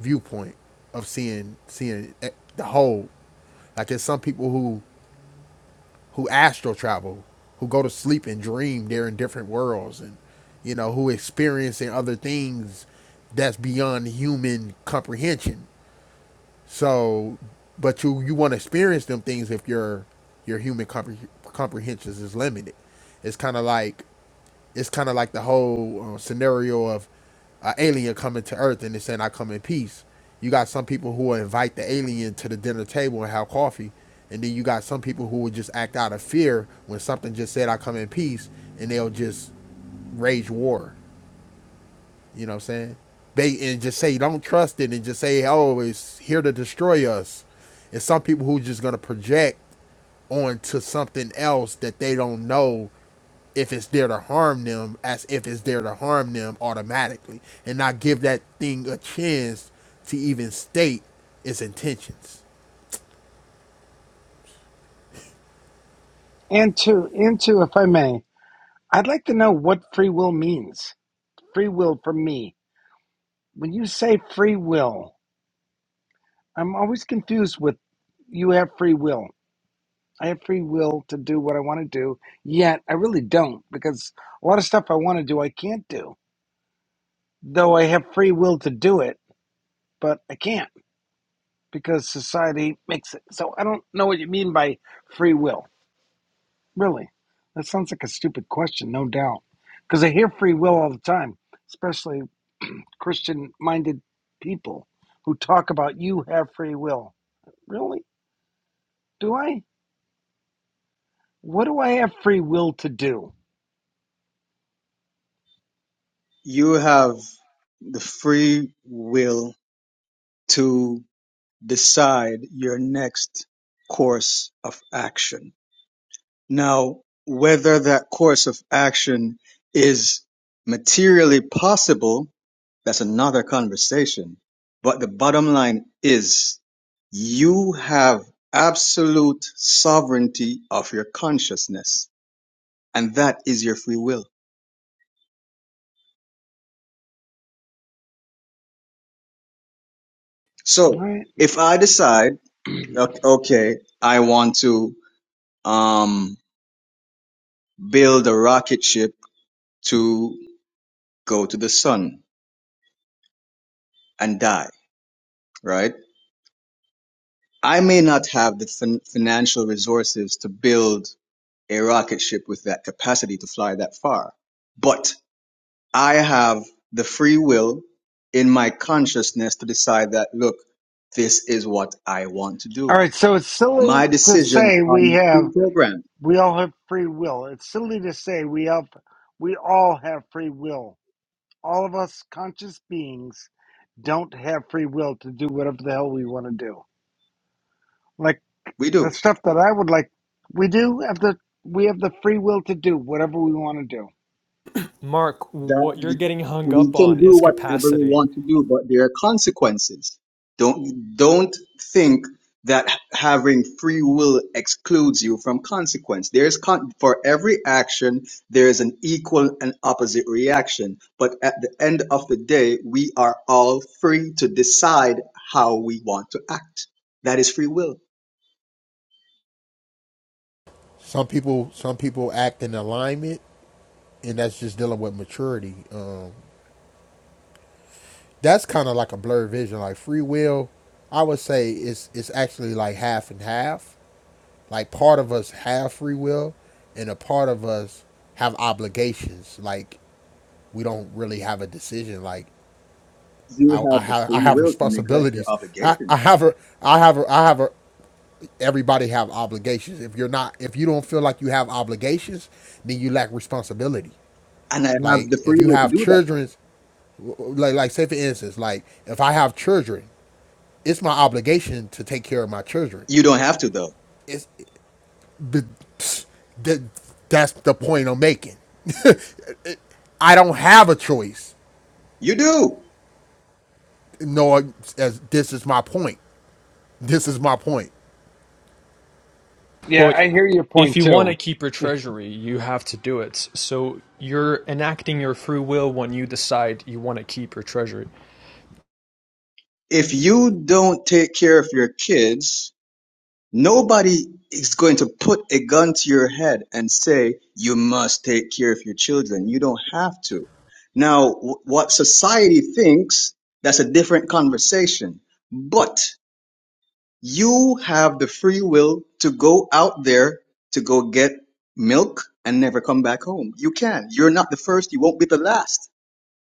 viewpoint of seeing seeing e- the whole. Like there's some people who who astral travel, who go to sleep and dream they're in different worlds, and you know who experiencing other things that's beyond human comprehension. So, but you you want to experience them things if your your human compre- comprehensions is limited. It's kind of like it's kind of like the whole uh, scenario of an alien coming to Earth and they saying I come in peace. You got some people who will invite the alien to the dinner table and have coffee, and then you got some people who will just act out of fear when something just said I come in peace, and they'll just rage war you know what I'm saying? Bait and just say don't trust it and just say, oh, it's here to destroy us. And some people who just gonna project onto something else that they don't know if it's there to harm them, as if it's there to harm them automatically, and not give that thing a chance to even state its intentions.
And two, and two, if I may, I'd like to know what free will means. Free will for me. When you say free will, I'm always confused with you have free will. I have free will to do what I want to do, yet I really don't because a lot of stuff I want to do I can't do. Though I have free will to do it, but I can't. because society makes it. So I don't know what you mean by free will. Really, that sounds like a stupid question, no doubt. Because I hear free will all the time, especially Christian-minded people who talk about you have free will. Really? Do I? What do I have free will to do?
you have the free will to decide your next course of action. Now, whether that course of action is materially possible, that's another conversation. But the bottom line is you have absolute sovereignty of your consciousness, and that is your free will.
All
So
right.
if I decide, o- okay, I want to um, build a rocket ship to go to the sun and die, right? I may not have the fin- financial resources to build a rocket ship with that capacity to fly that far, but I have the free will in my consciousness to decide that, look, this is what I want to
All
do.
right. So it's
My
silly to
decisions
say
are
we
not
have.
pre-programmed.
We all have free will. It's silly to say we have. We all have free will. All of us conscious beings don't have free will to do whatever the hell we want to do. Like
We
the
do.
stuff that I would like, we do have the we have the free will to do whatever we want to do.
Mark,
that
what you're
the,
getting hung
we
up on
can do
is
whatever we
capacity.
want to do, but there are consequences. Don't don't think that having free will excludes you from consequence. There is con- for every action there is an equal and opposite reaction, but at the end of the day, we are all free to decide how we want to act. That is free will.
Some people, some people act in alignment, and that's just dealing with maturity. Um, that's kind of like a blurred vision. Like free will, I would say it's it's actually like half and half. Like part of us have free will, and a part of us have obligations. Like we don't really have a decision. Like
You
I, I
have the
have I
free
have
will to neglect your
responsibilities. I,
obligation,
I have a I have a I have a everybody have obligations. If you're not if you don't feel like you have obligations, then you lack responsibility.
and I have
Like
the free
if you
will to
have
do that.
children's like like say for instance, like if I have children it's my obligation to take care of my children.
You don't have to though.
It's the pfft, that's the point I'm making. I don't have a choice.
You do.
No, as this is my point. This is my point.
Yeah,
Well,
I hear your
if
point
you
too.
want to keep your treasury, you have to do it. So you're enacting your free will when you decide you want to keep your treasury.
if you don't take care of your kids, nobody is going to put a gun to your head and say, you must take care of your children. You don't have to. Now, wh- what society thinks, that's a different conversation. But you have the free will to go out there to go get milk and never come back home. You can. You're not the first. You won't be the last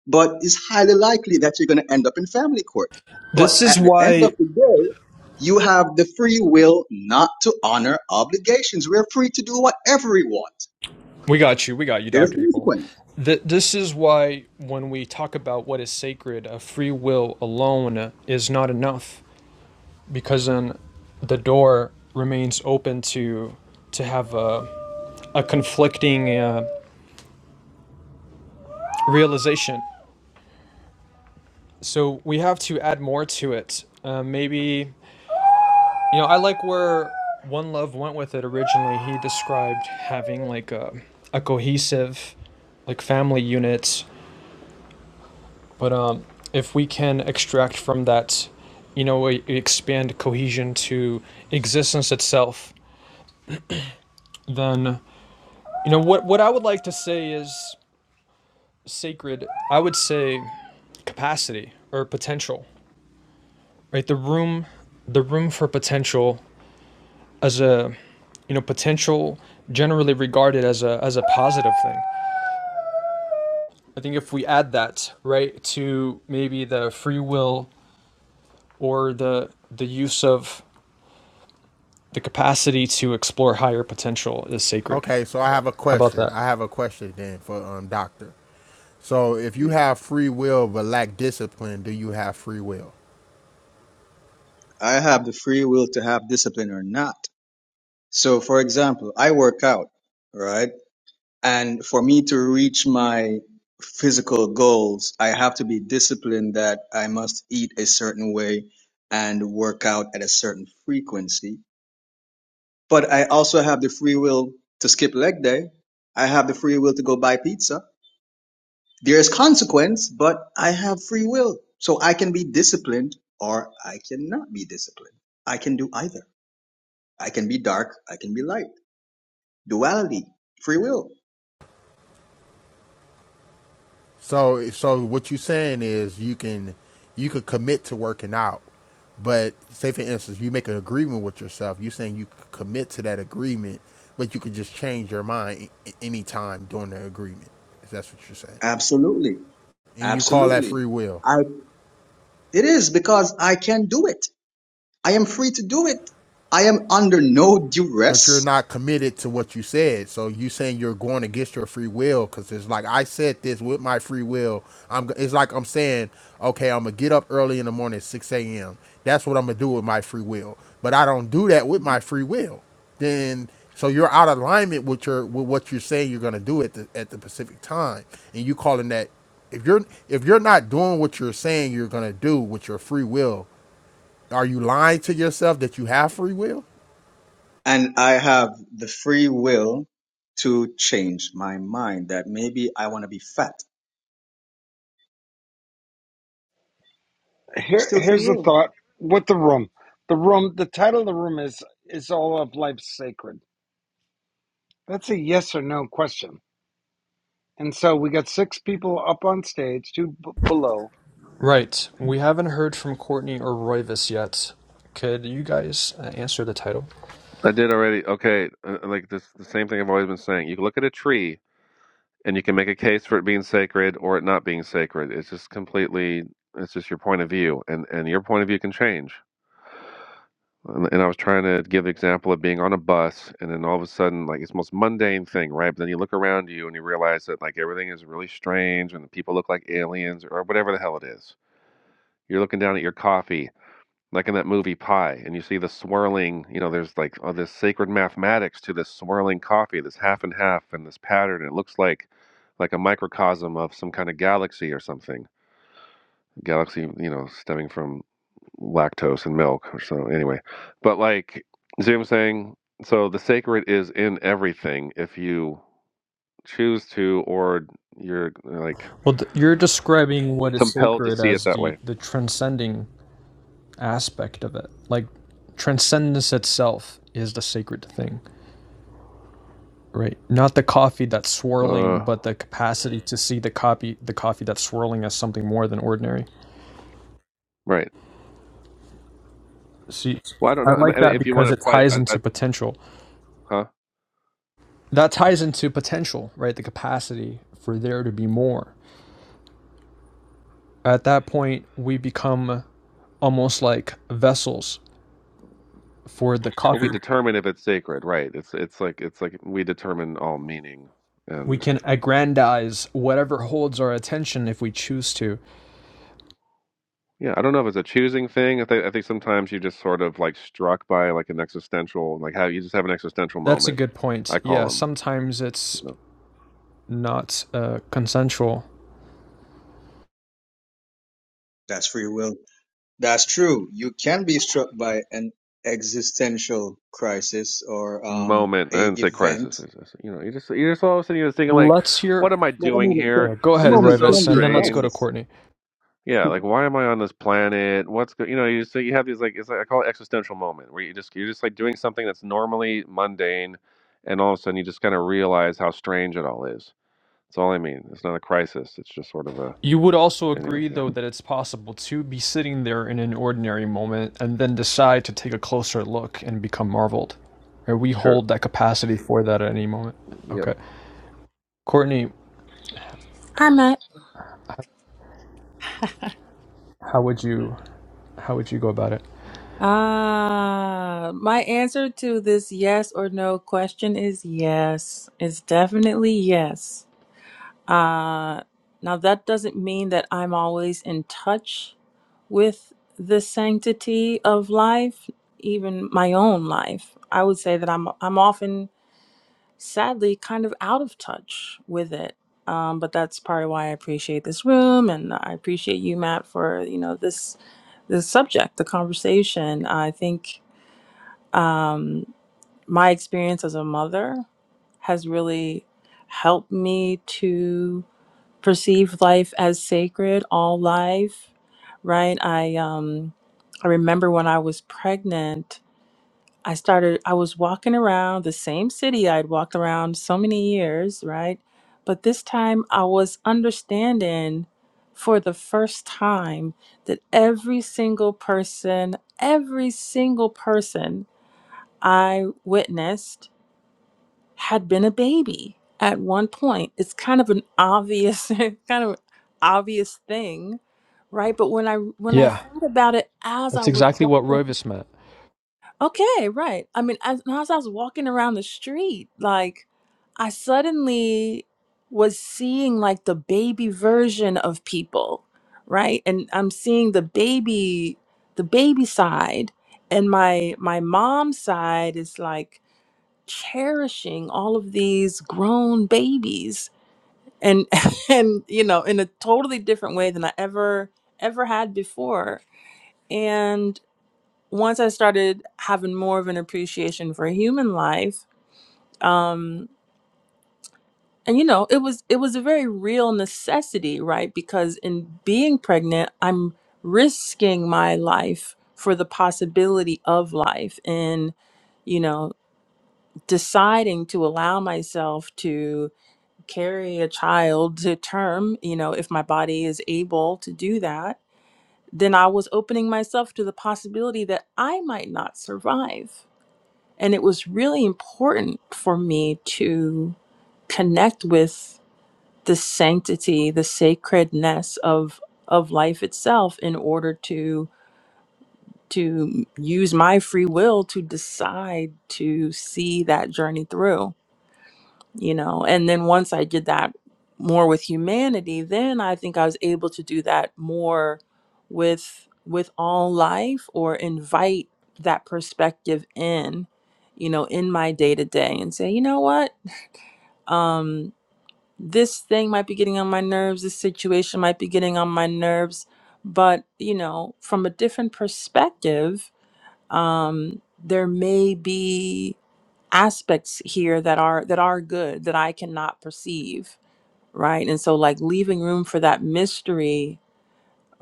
but it's highly likely that you're going to end up in family court.
This
But
is
at the end
why
of the day, you have the free will not to honor obligations. We're free to do whatever we want.
we got you. We got you,
There's
Dr. Evil.
consequence.
Th- this is why when we talk about what is sacred, a free will alone is not enough because then the door remains open to to have a, a conflicting uh, realization. So we have to add more to it. Uh, maybe You know, I like where One Love went with it originally. He described having like a, a cohesive, like family unit. But um, if we can extract from that, you know, e- expand cohesion to existence itself, then, you know, what, what I would like to say is sacred, I would say capacity or potential, right? The room, the room for potential as a, you know potential generally regarded as a as a positive thing I think if we add that right to maybe the free will or the the use of the capacity to explore higher potential is sacred.
Okay, so I have a
How about
question.
that?
I have a question then for um doctor. So if you have free will but lack discipline, do you have free will?
I have the free will to have discipline or not. So, for example, I work out, right? And for me to reach my physical goals, I have to be disciplined that I must eat a certain way and work out at a certain frequency But I also have the free will to skip leg day. I have the free will to go buy pizza. There is consequence, but I have free will. So I can be disciplined or I cannot be disciplined. I can do either. I can be dark. I can be light. Duality. Free will.
So so what you're saying is you can you could commit to working out, but say for instance you make an agreement with yourself. You're saying you could commit to that agreement, but you could just change your mind any time during the agreement. If that's what you're saying,
Absolutely.
and you call that
Absolutely.
free will.
I, it is because I can do it. I am free to do it. I am under no
but you're
duress.
not committed to what you said. So you saying you're going against your free will because it's like I said this with my free will. I'm. It's like I'm saying, okay, I'm gonna get up early in the morning, at six a.m. That's what I'm gonna do with my free will. But I don't do that with my free will. Then so you're out of alignment with your with what you're saying you're gonna do at the at the specific time, and you calling that if you're if you're not doing what you're saying you're gonna do with your free will, are you lying to yourself that you have free will?
and I have the free will to change my mind that maybe I want to be fat.
Here,
Still free
here's the
will.
thought with the room. The room. The title of the room is is all of life sacred. That's a yes or no question. And so we got six people up on stage, two b- below.
Right. We haven't heard from Courtney or Royvis yet. Could you guys uh, answer the title?
I did already. Okay, uh, like this, the same thing I've always been saying. You can look at a tree and you can make a case for it being sacred or it not being sacred. It's just completely it's just your point of view and and your point of view can change. And, and I was trying to give the example of being on a bus and then all of a sudden like it's the most mundane thing, right? But then you look around you and you realize that like everything is really strange and the people look like aliens or whatever the hell it is. You're looking down at your coffee like in that movie Pi, and you see the swirling, you know, there's like all this sacred mathematics to this swirling coffee, this half and half and this pattern. It looks like like a microcosm of some kind of galaxy or something. Galaxy, you know, stemming from lactose and milk or so anyway. But like see what I'm saying? So the sacred is in everything if you choose to or you're like
Well, th- you're describing what is
compelled to
sacred
see it
as
that
the
way.
the transcending aspect of it. Like transcendence itself is the sacred thing. Right. Not the coffee that's
Uh
swirling, but the capacity to see the copy the coffee that's swirling as something more than ordinary.
right.
See
Well, I don't
I
know. I mean,
like that
if you want to
because it
apply,
ties
I, I,
into potential.
huh?
That ties into potential, right? The capacity for there to be more. At that point, we become almost like vessels for the
Well, we
coffee.
determine if it's sacred, right? It's it's like it's like we determine all meaning,
We
and
can aggrandize whatever holds our attention if we choose to.
yeah, I don't know if it's a choosing thing. I think I think sometimes you just sort of like struck by like an existential, like how you just have an existential
That's a
moment.
good point.
I
Yeah,
call them,
sometimes
you
it's
know.
not uh, consensual.
That's free will. That's true. You can be struck by an existential crisis or um,
moment. I
a
didn't say
event.
crisis. I said, you know, you just you just all of a sudden you're just thinking like,
Let's
what
hear
am I
But a
doing
moment, can,
here?
Yeah, go
a
ahead,
This is
moment
so
can
Royvis,
be
and
a
then let's go
strange.
to
crisis.
Courtney.
Yeah, like why am I on this planet? What's go you know, you just you have these like it's like I call it existential moment where you just you're just like doing something that's normally mundane, and all of a sudden you just kind of realize how strange it all is. That's all I mean. It's not a crisis. It's just sort of a
You would also
anyway.
agree,
Yeah,
though, that it's possible to be sitting there in an ordinary moment and then decide to take a closer look and become marveled. Or we
sure.
hold that capacity for that at any moment.
Yeah,
Okay, Courtney,
hi matt
how would you how would you go about it?
Ah, my answer to this yes or no question is yes. It's definitely yes Uh, now, that doesn't mean that I'm always in touch with the sanctity of life, even my own life. I would say that I'm I'm often, sadly, kind of out of touch with it. Um, but that's part of why I appreciate this room, and I appreciate you, Matt, for you know this this subject, the conversation. I think um, my experience as a mother has really helped me to perceive life as sacred, all life, right? I um I remember when I was pregnant, I started I was walking around the same city I'd walked around so many years, right? But this time I was understanding for the first time that every single person, every single person I witnessed had been a baby at one point. It's kind of an obvious kind of obvious thing, right? But when I when I
Yeah,
thought about it as
that's
I was
exactly what
walking,
Royvis meant.
okay, right. I mean, as, as I was walking around the street, like I suddenly was seeing like the baby version of people, right? And I'm seeing the baby the baby side and my my mom's side is like cherishing all of these grown babies and and you know in a totally different way than I ever ever had before and once I started having more of an appreciation for human life um and you know it was it was a very real necessity right because in being pregnant I'm risking my life for the possibility of life and you know deciding to allow myself to carry a child to term, you know, if my body is able to do that, then I was opening myself to the possibility that I might not survive. And it was really important for me to connect with the sanctity, the sacredness of of life itself in order to to use my free will to decide to see that journey through you know and then once i did that more with humanity then i think i was able to do that more with with all life or invite that perspective in you know in my day to day and say you know what um this thing might be getting on my nerves this situation might be getting on my nerves but you know from a different perspective um there may be aspects here that are that are good that I cannot perceive, right? And so like leaving room for that mystery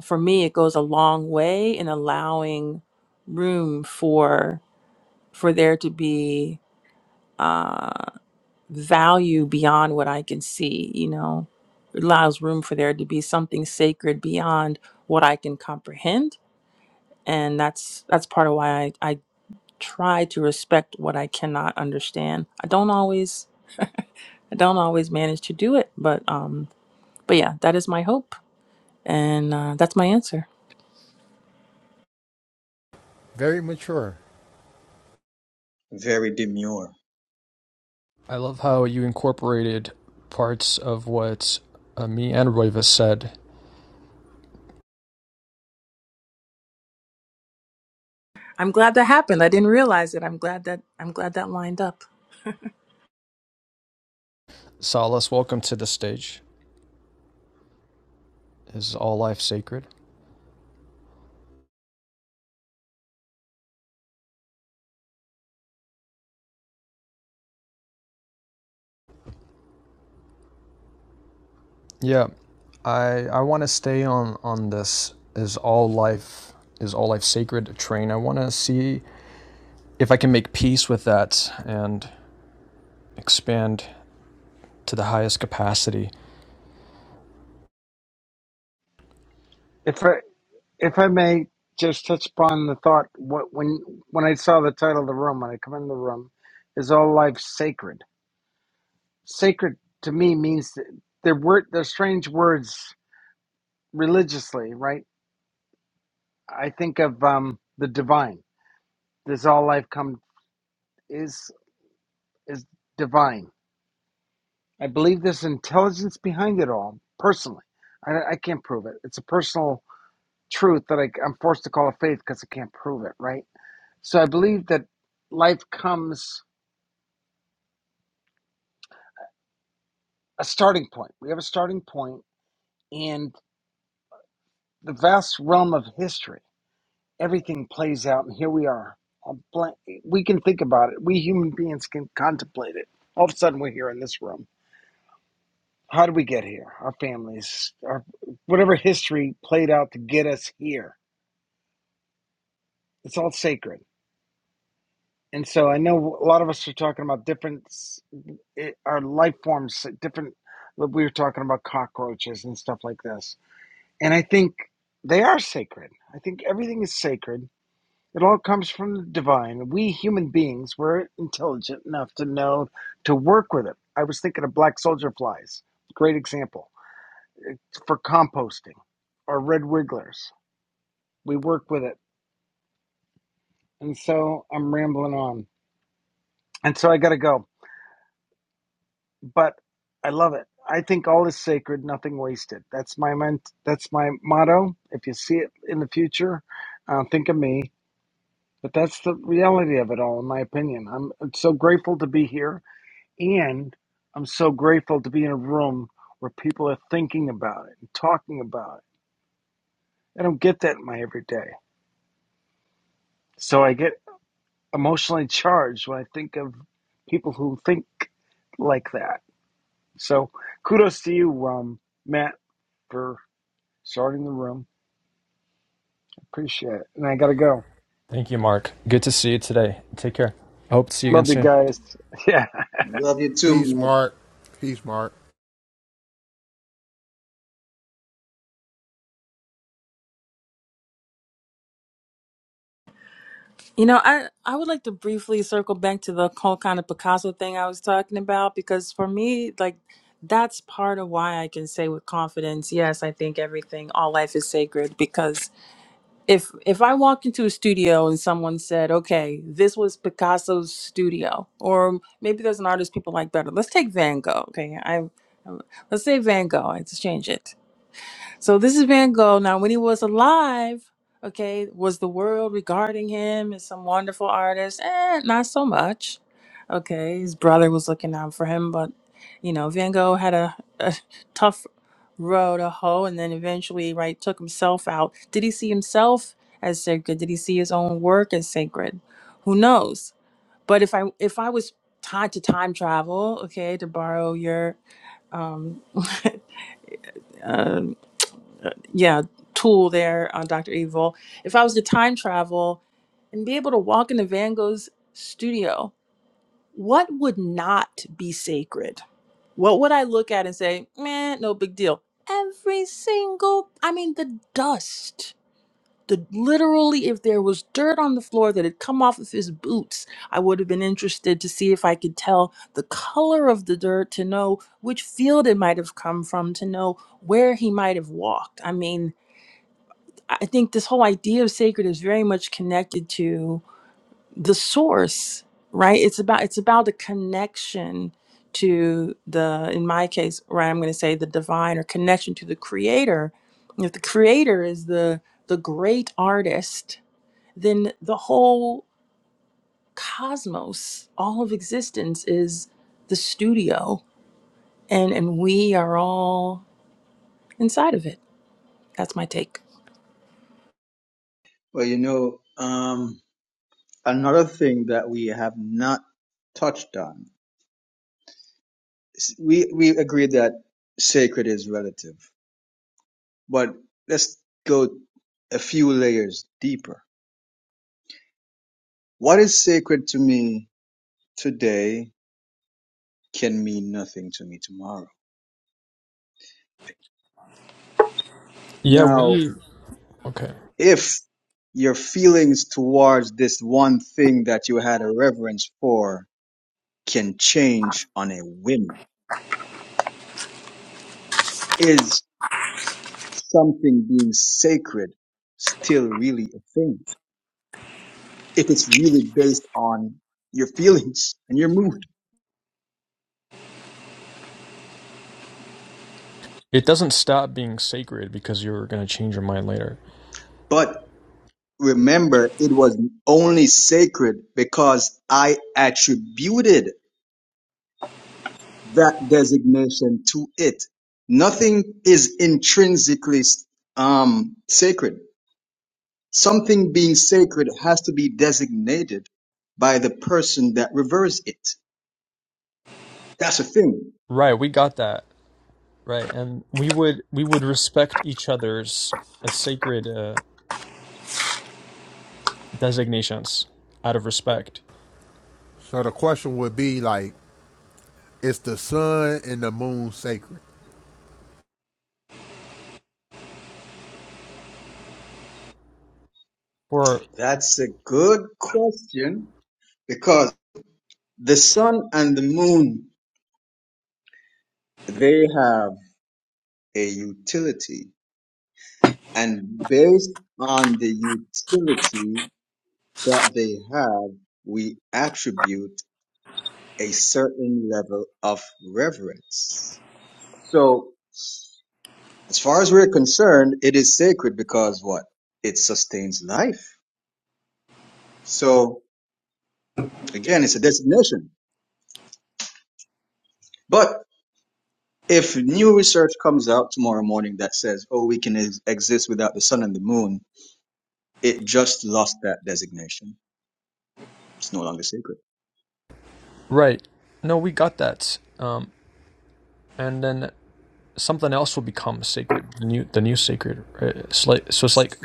for me it goes a long way in allowing room for for there to be uh value beyond what I can see, you know. It allows room for there to be something sacred beyond what I can comprehend. And that's that's part of why I, I try to respect what I cannot understand. I don't always I don't always manage to do it, but um, but yeah, that is my hope, and uh, that's my answer.
Very mature.
Very demure.
I love how you incorporated parts of what uh, me and Royvis said.
I'm glad that happened. I didn't realize it. I'm glad that I'm glad that lined up.
Salas, welcome to the stage. Is all life sacred? Yeah, I I want to stay on on this. Is all life is all life sacred train? I want to see if I can make peace with that and expand to the highest capacity.
If I. if I may just touch upon the thought what when when I saw the title of the room when I come in the room is all life sacred sacred to me means that they're word they're strange words religiously right I think of um the divine does all life come is is divine I believe there's intelligence behind it all personally I, I can't prove it it's a personal truth that I, I'm forced to call a faith because I can't prove it right so I believe that life comes a starting point. We have a starting point, and the vast realm of history, everything plays out, and here we are. A blank, we can think about it. We human beings can contemplate it. All of a sudden, we're here in this room. How did we get here? Our families, our whatever history played out to get us here. It's all sacred. And so I know a lot of us are talking about different, it, our life forms, different. We were talking about cockroaches and stuff like this And I think they are sacred. I think everything is sacred. It all comes from the divine. We human beings were intelligent enough to know to work with it. I was thinking of black soldier flies, great example for composting, or red wigglers. We work with it. And so I'm rambling on. And so I got to go. But I love it. I think all is sacred, nothing wasted. That's my ment- that's my motto. If you see it in the future, uh, think of me But that's the reality of it all, in my opinion. I'm so grateful to be here, and I'm so grateful to be in a room where people are thinking about it and talking about it. I don't get that in my everyday. So I get emotionally charged when I think of people who think like that. So kudos to you, um, Matt, for starting the room. Appreciate it. And I got to go.
Thank you, Mark. Good to see you today. Take care. I hope to see you again
Love you
soon.
guys. Yeah.
Love you too,
Peace,
man.
Mark. Peace, Mark.
You know, I I would like to briefly circle back to the whole kind of Picasso thing I was talking about because for me, like that's part of why I can say with confidence, yes, I think everything, all life is sacred because if if I walked into a studio and someone said, "Okay, this was Picasso's studio," or maybe there's an artist people like better. Let's take Van Gogh. Okay, I let's say Van Gogh. I just change it. So this is Van Gogh. Now, when he was alive, okay, was the world regarding him as some wonderful artist? Eh, not so much. Okay, his brother was looking out for him, but you know, Van Gogh had a, a tough road to hoe, and then eventually, right, took himself out. Did he see himself as sacred? Did he see his own work as sacred? Who knows? But if I if I was tied to time travel, okay, to borrow your um, uh, yeah tool there on Dr. Evil. If I was to time travel and be able to walk into Van Gogh's studio, what would not be sacred? What would I look at and say, man, no big deal? Every single, I mean, the dust. The literally, if there was dirt on the floor that had come off of his boots, I would have been interested to see if I could tell the color of the dirt, to know which field it might have come from, to know where he might have walked. I mean, I think this whole idea of sacred is very much connected to the source, right? It's about it's about the connection to the in my case, right, I'm going to say the divine or connection to the creator. And if the creator is the the great artist, then the whole cosmos, all of existence is the studio and and we are all inside of it. That's my take.
Well, you know, um, another thing that we have not touched on. is- We we agreed that sacred is relative. but let's go a few layers deeper. What is sacred to me today can mean nothing to me tomorrow.
Yeah,
Now,
we okay.
if your feelings towards this one thing that you had a reverence for can change on a whim, is something being sacred still really a thing? If it's really based on your feelings and your mood.
It doesn't stop being sacred because you're gonna change your mind later.
But Remember, it was only sacred because I attributed that designation to it. Nothing is intrinsically um, sacred. Something being sacred has to be designated by the person that reveres it. That's a thing.
Right, we got that. Right, and we would we would respect each other's uh, sacred uh, designations out of respect
So the question would be like, is the sun and the moon sacred?
for
That's a good question because the sun and the moon, they have a utility. And based on the utility that they have, we attribute a certain level of reverence. So, as far as we're concerned, it is sacred because what? It sustains life. So, again, it's a designation. But if new research comes out tomorrow morning that says, oh, we can ex- exist without the sun and the moon, it just lost that designation. It's no longer sacred.
Right. No, we got that. Um, and then something else will become sacred. The new, the new sacred. Right? It's like, so it's like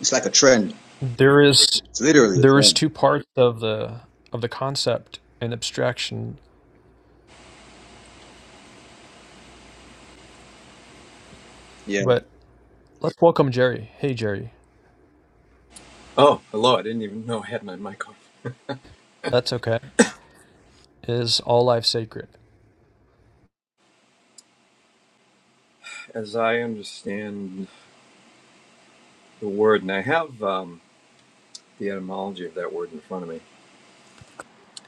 It's like a trend.
there is
It's literally a
there is
trend.
two parts of the of the concept and abstraction.
Yeah.
But let's welcome Jerry. Hey, Jerry.
Oh, hello. I didn't even know I had my mic off.
That's okay. Is all life sacred?
As I understand the word, and I have um, the etymology of that word in front of me,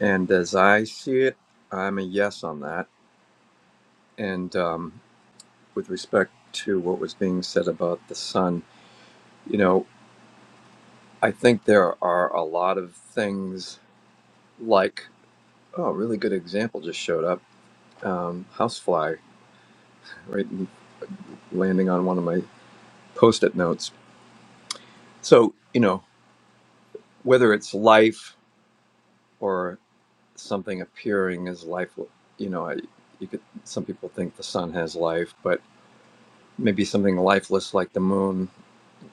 and as I see it, I'm a yes on that. And um, with respect to what was being said about the sun, you know, I think there are a lot of things like, oh, a really good example just showed up um, housefly, right? and Landing on one of my post it notes. So, you know, whether it's life, something appearing as life. You know, I, you could. Some people think the sun has life, but maybe something lifeless like the moon.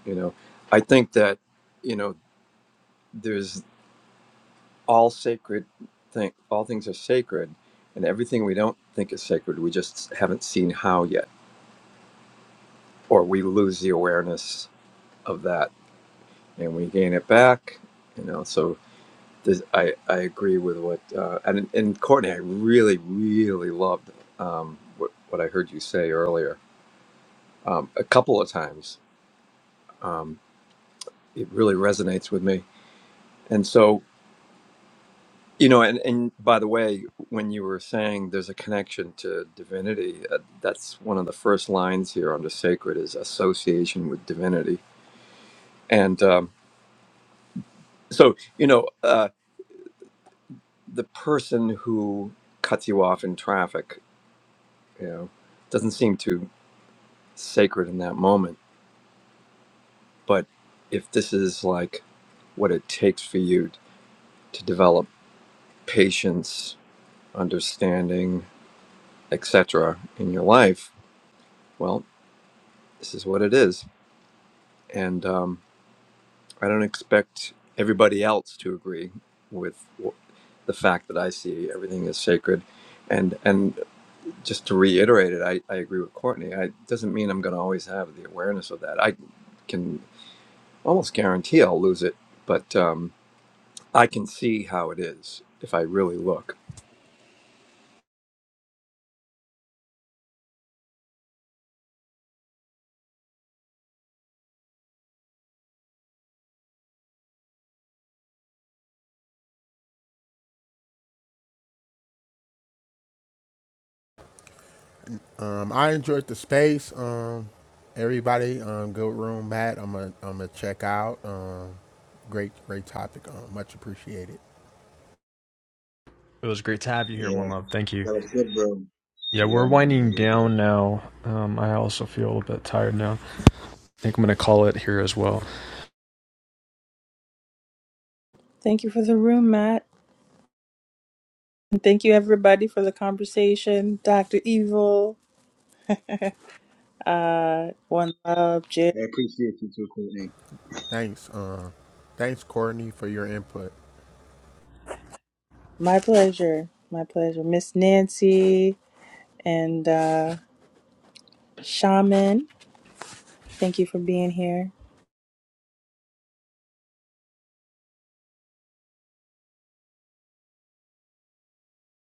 You know, I think that you know there's all sacred thing. All things are sacred, and everything we don't think is sacred, we just haven't seen how yet, or we lose the awareness of that, and we gain it back. You know, so. There's, I, I agree with what uh, and and Courtney I really really loved um, what what I heard you say earlier um, a couple of times. Um, it really resonates with me. And so, you know, and, and by the way, when you were saying there's a connection to divinity, uh, that's one of the first lines here under sacred is association with divinity. And um, so, you know, uh, the person who cuts you off in traffic, you know, doesn't seem too sacred in that moment. But if this is like what it takes for you to develop patience understanding, etc. in your life, well, this is what it is. And um, I don't expect everybody else to agree with the fact that I see everything is sacred. And and just to reiterate it, I, I agree with Courtney. I, it doesn't mean I'm going to always have the awareness of that. I can almost guarantee I'll lose it, but um, I can see how it is if I really look.
Um, I enjoyed the space. Um, everybody, um, good room, Matt. I'm gonna, I'm gonna check out. Um, great, great topic. Um, much appreciated.
It was great to have you here, One
Yeah.
Love. Thank you.
That was good, bro.
Yeah, we're
Yeah, man.
winding
Really good.
down now. Um, I also feel a bit tired now. I think I'm gonna call it here as well.
Thank you for the room, Matt. And Thank you, everybody, for the conversation. Dr. Evil, uh, One Love, Jim.
I appreciate you too, Courtney.
Thanks. Um, thanks, Courtney, for your input.
My pleasure. My pleasure. Miss Nancy and uh, Shaman, thank you for being here.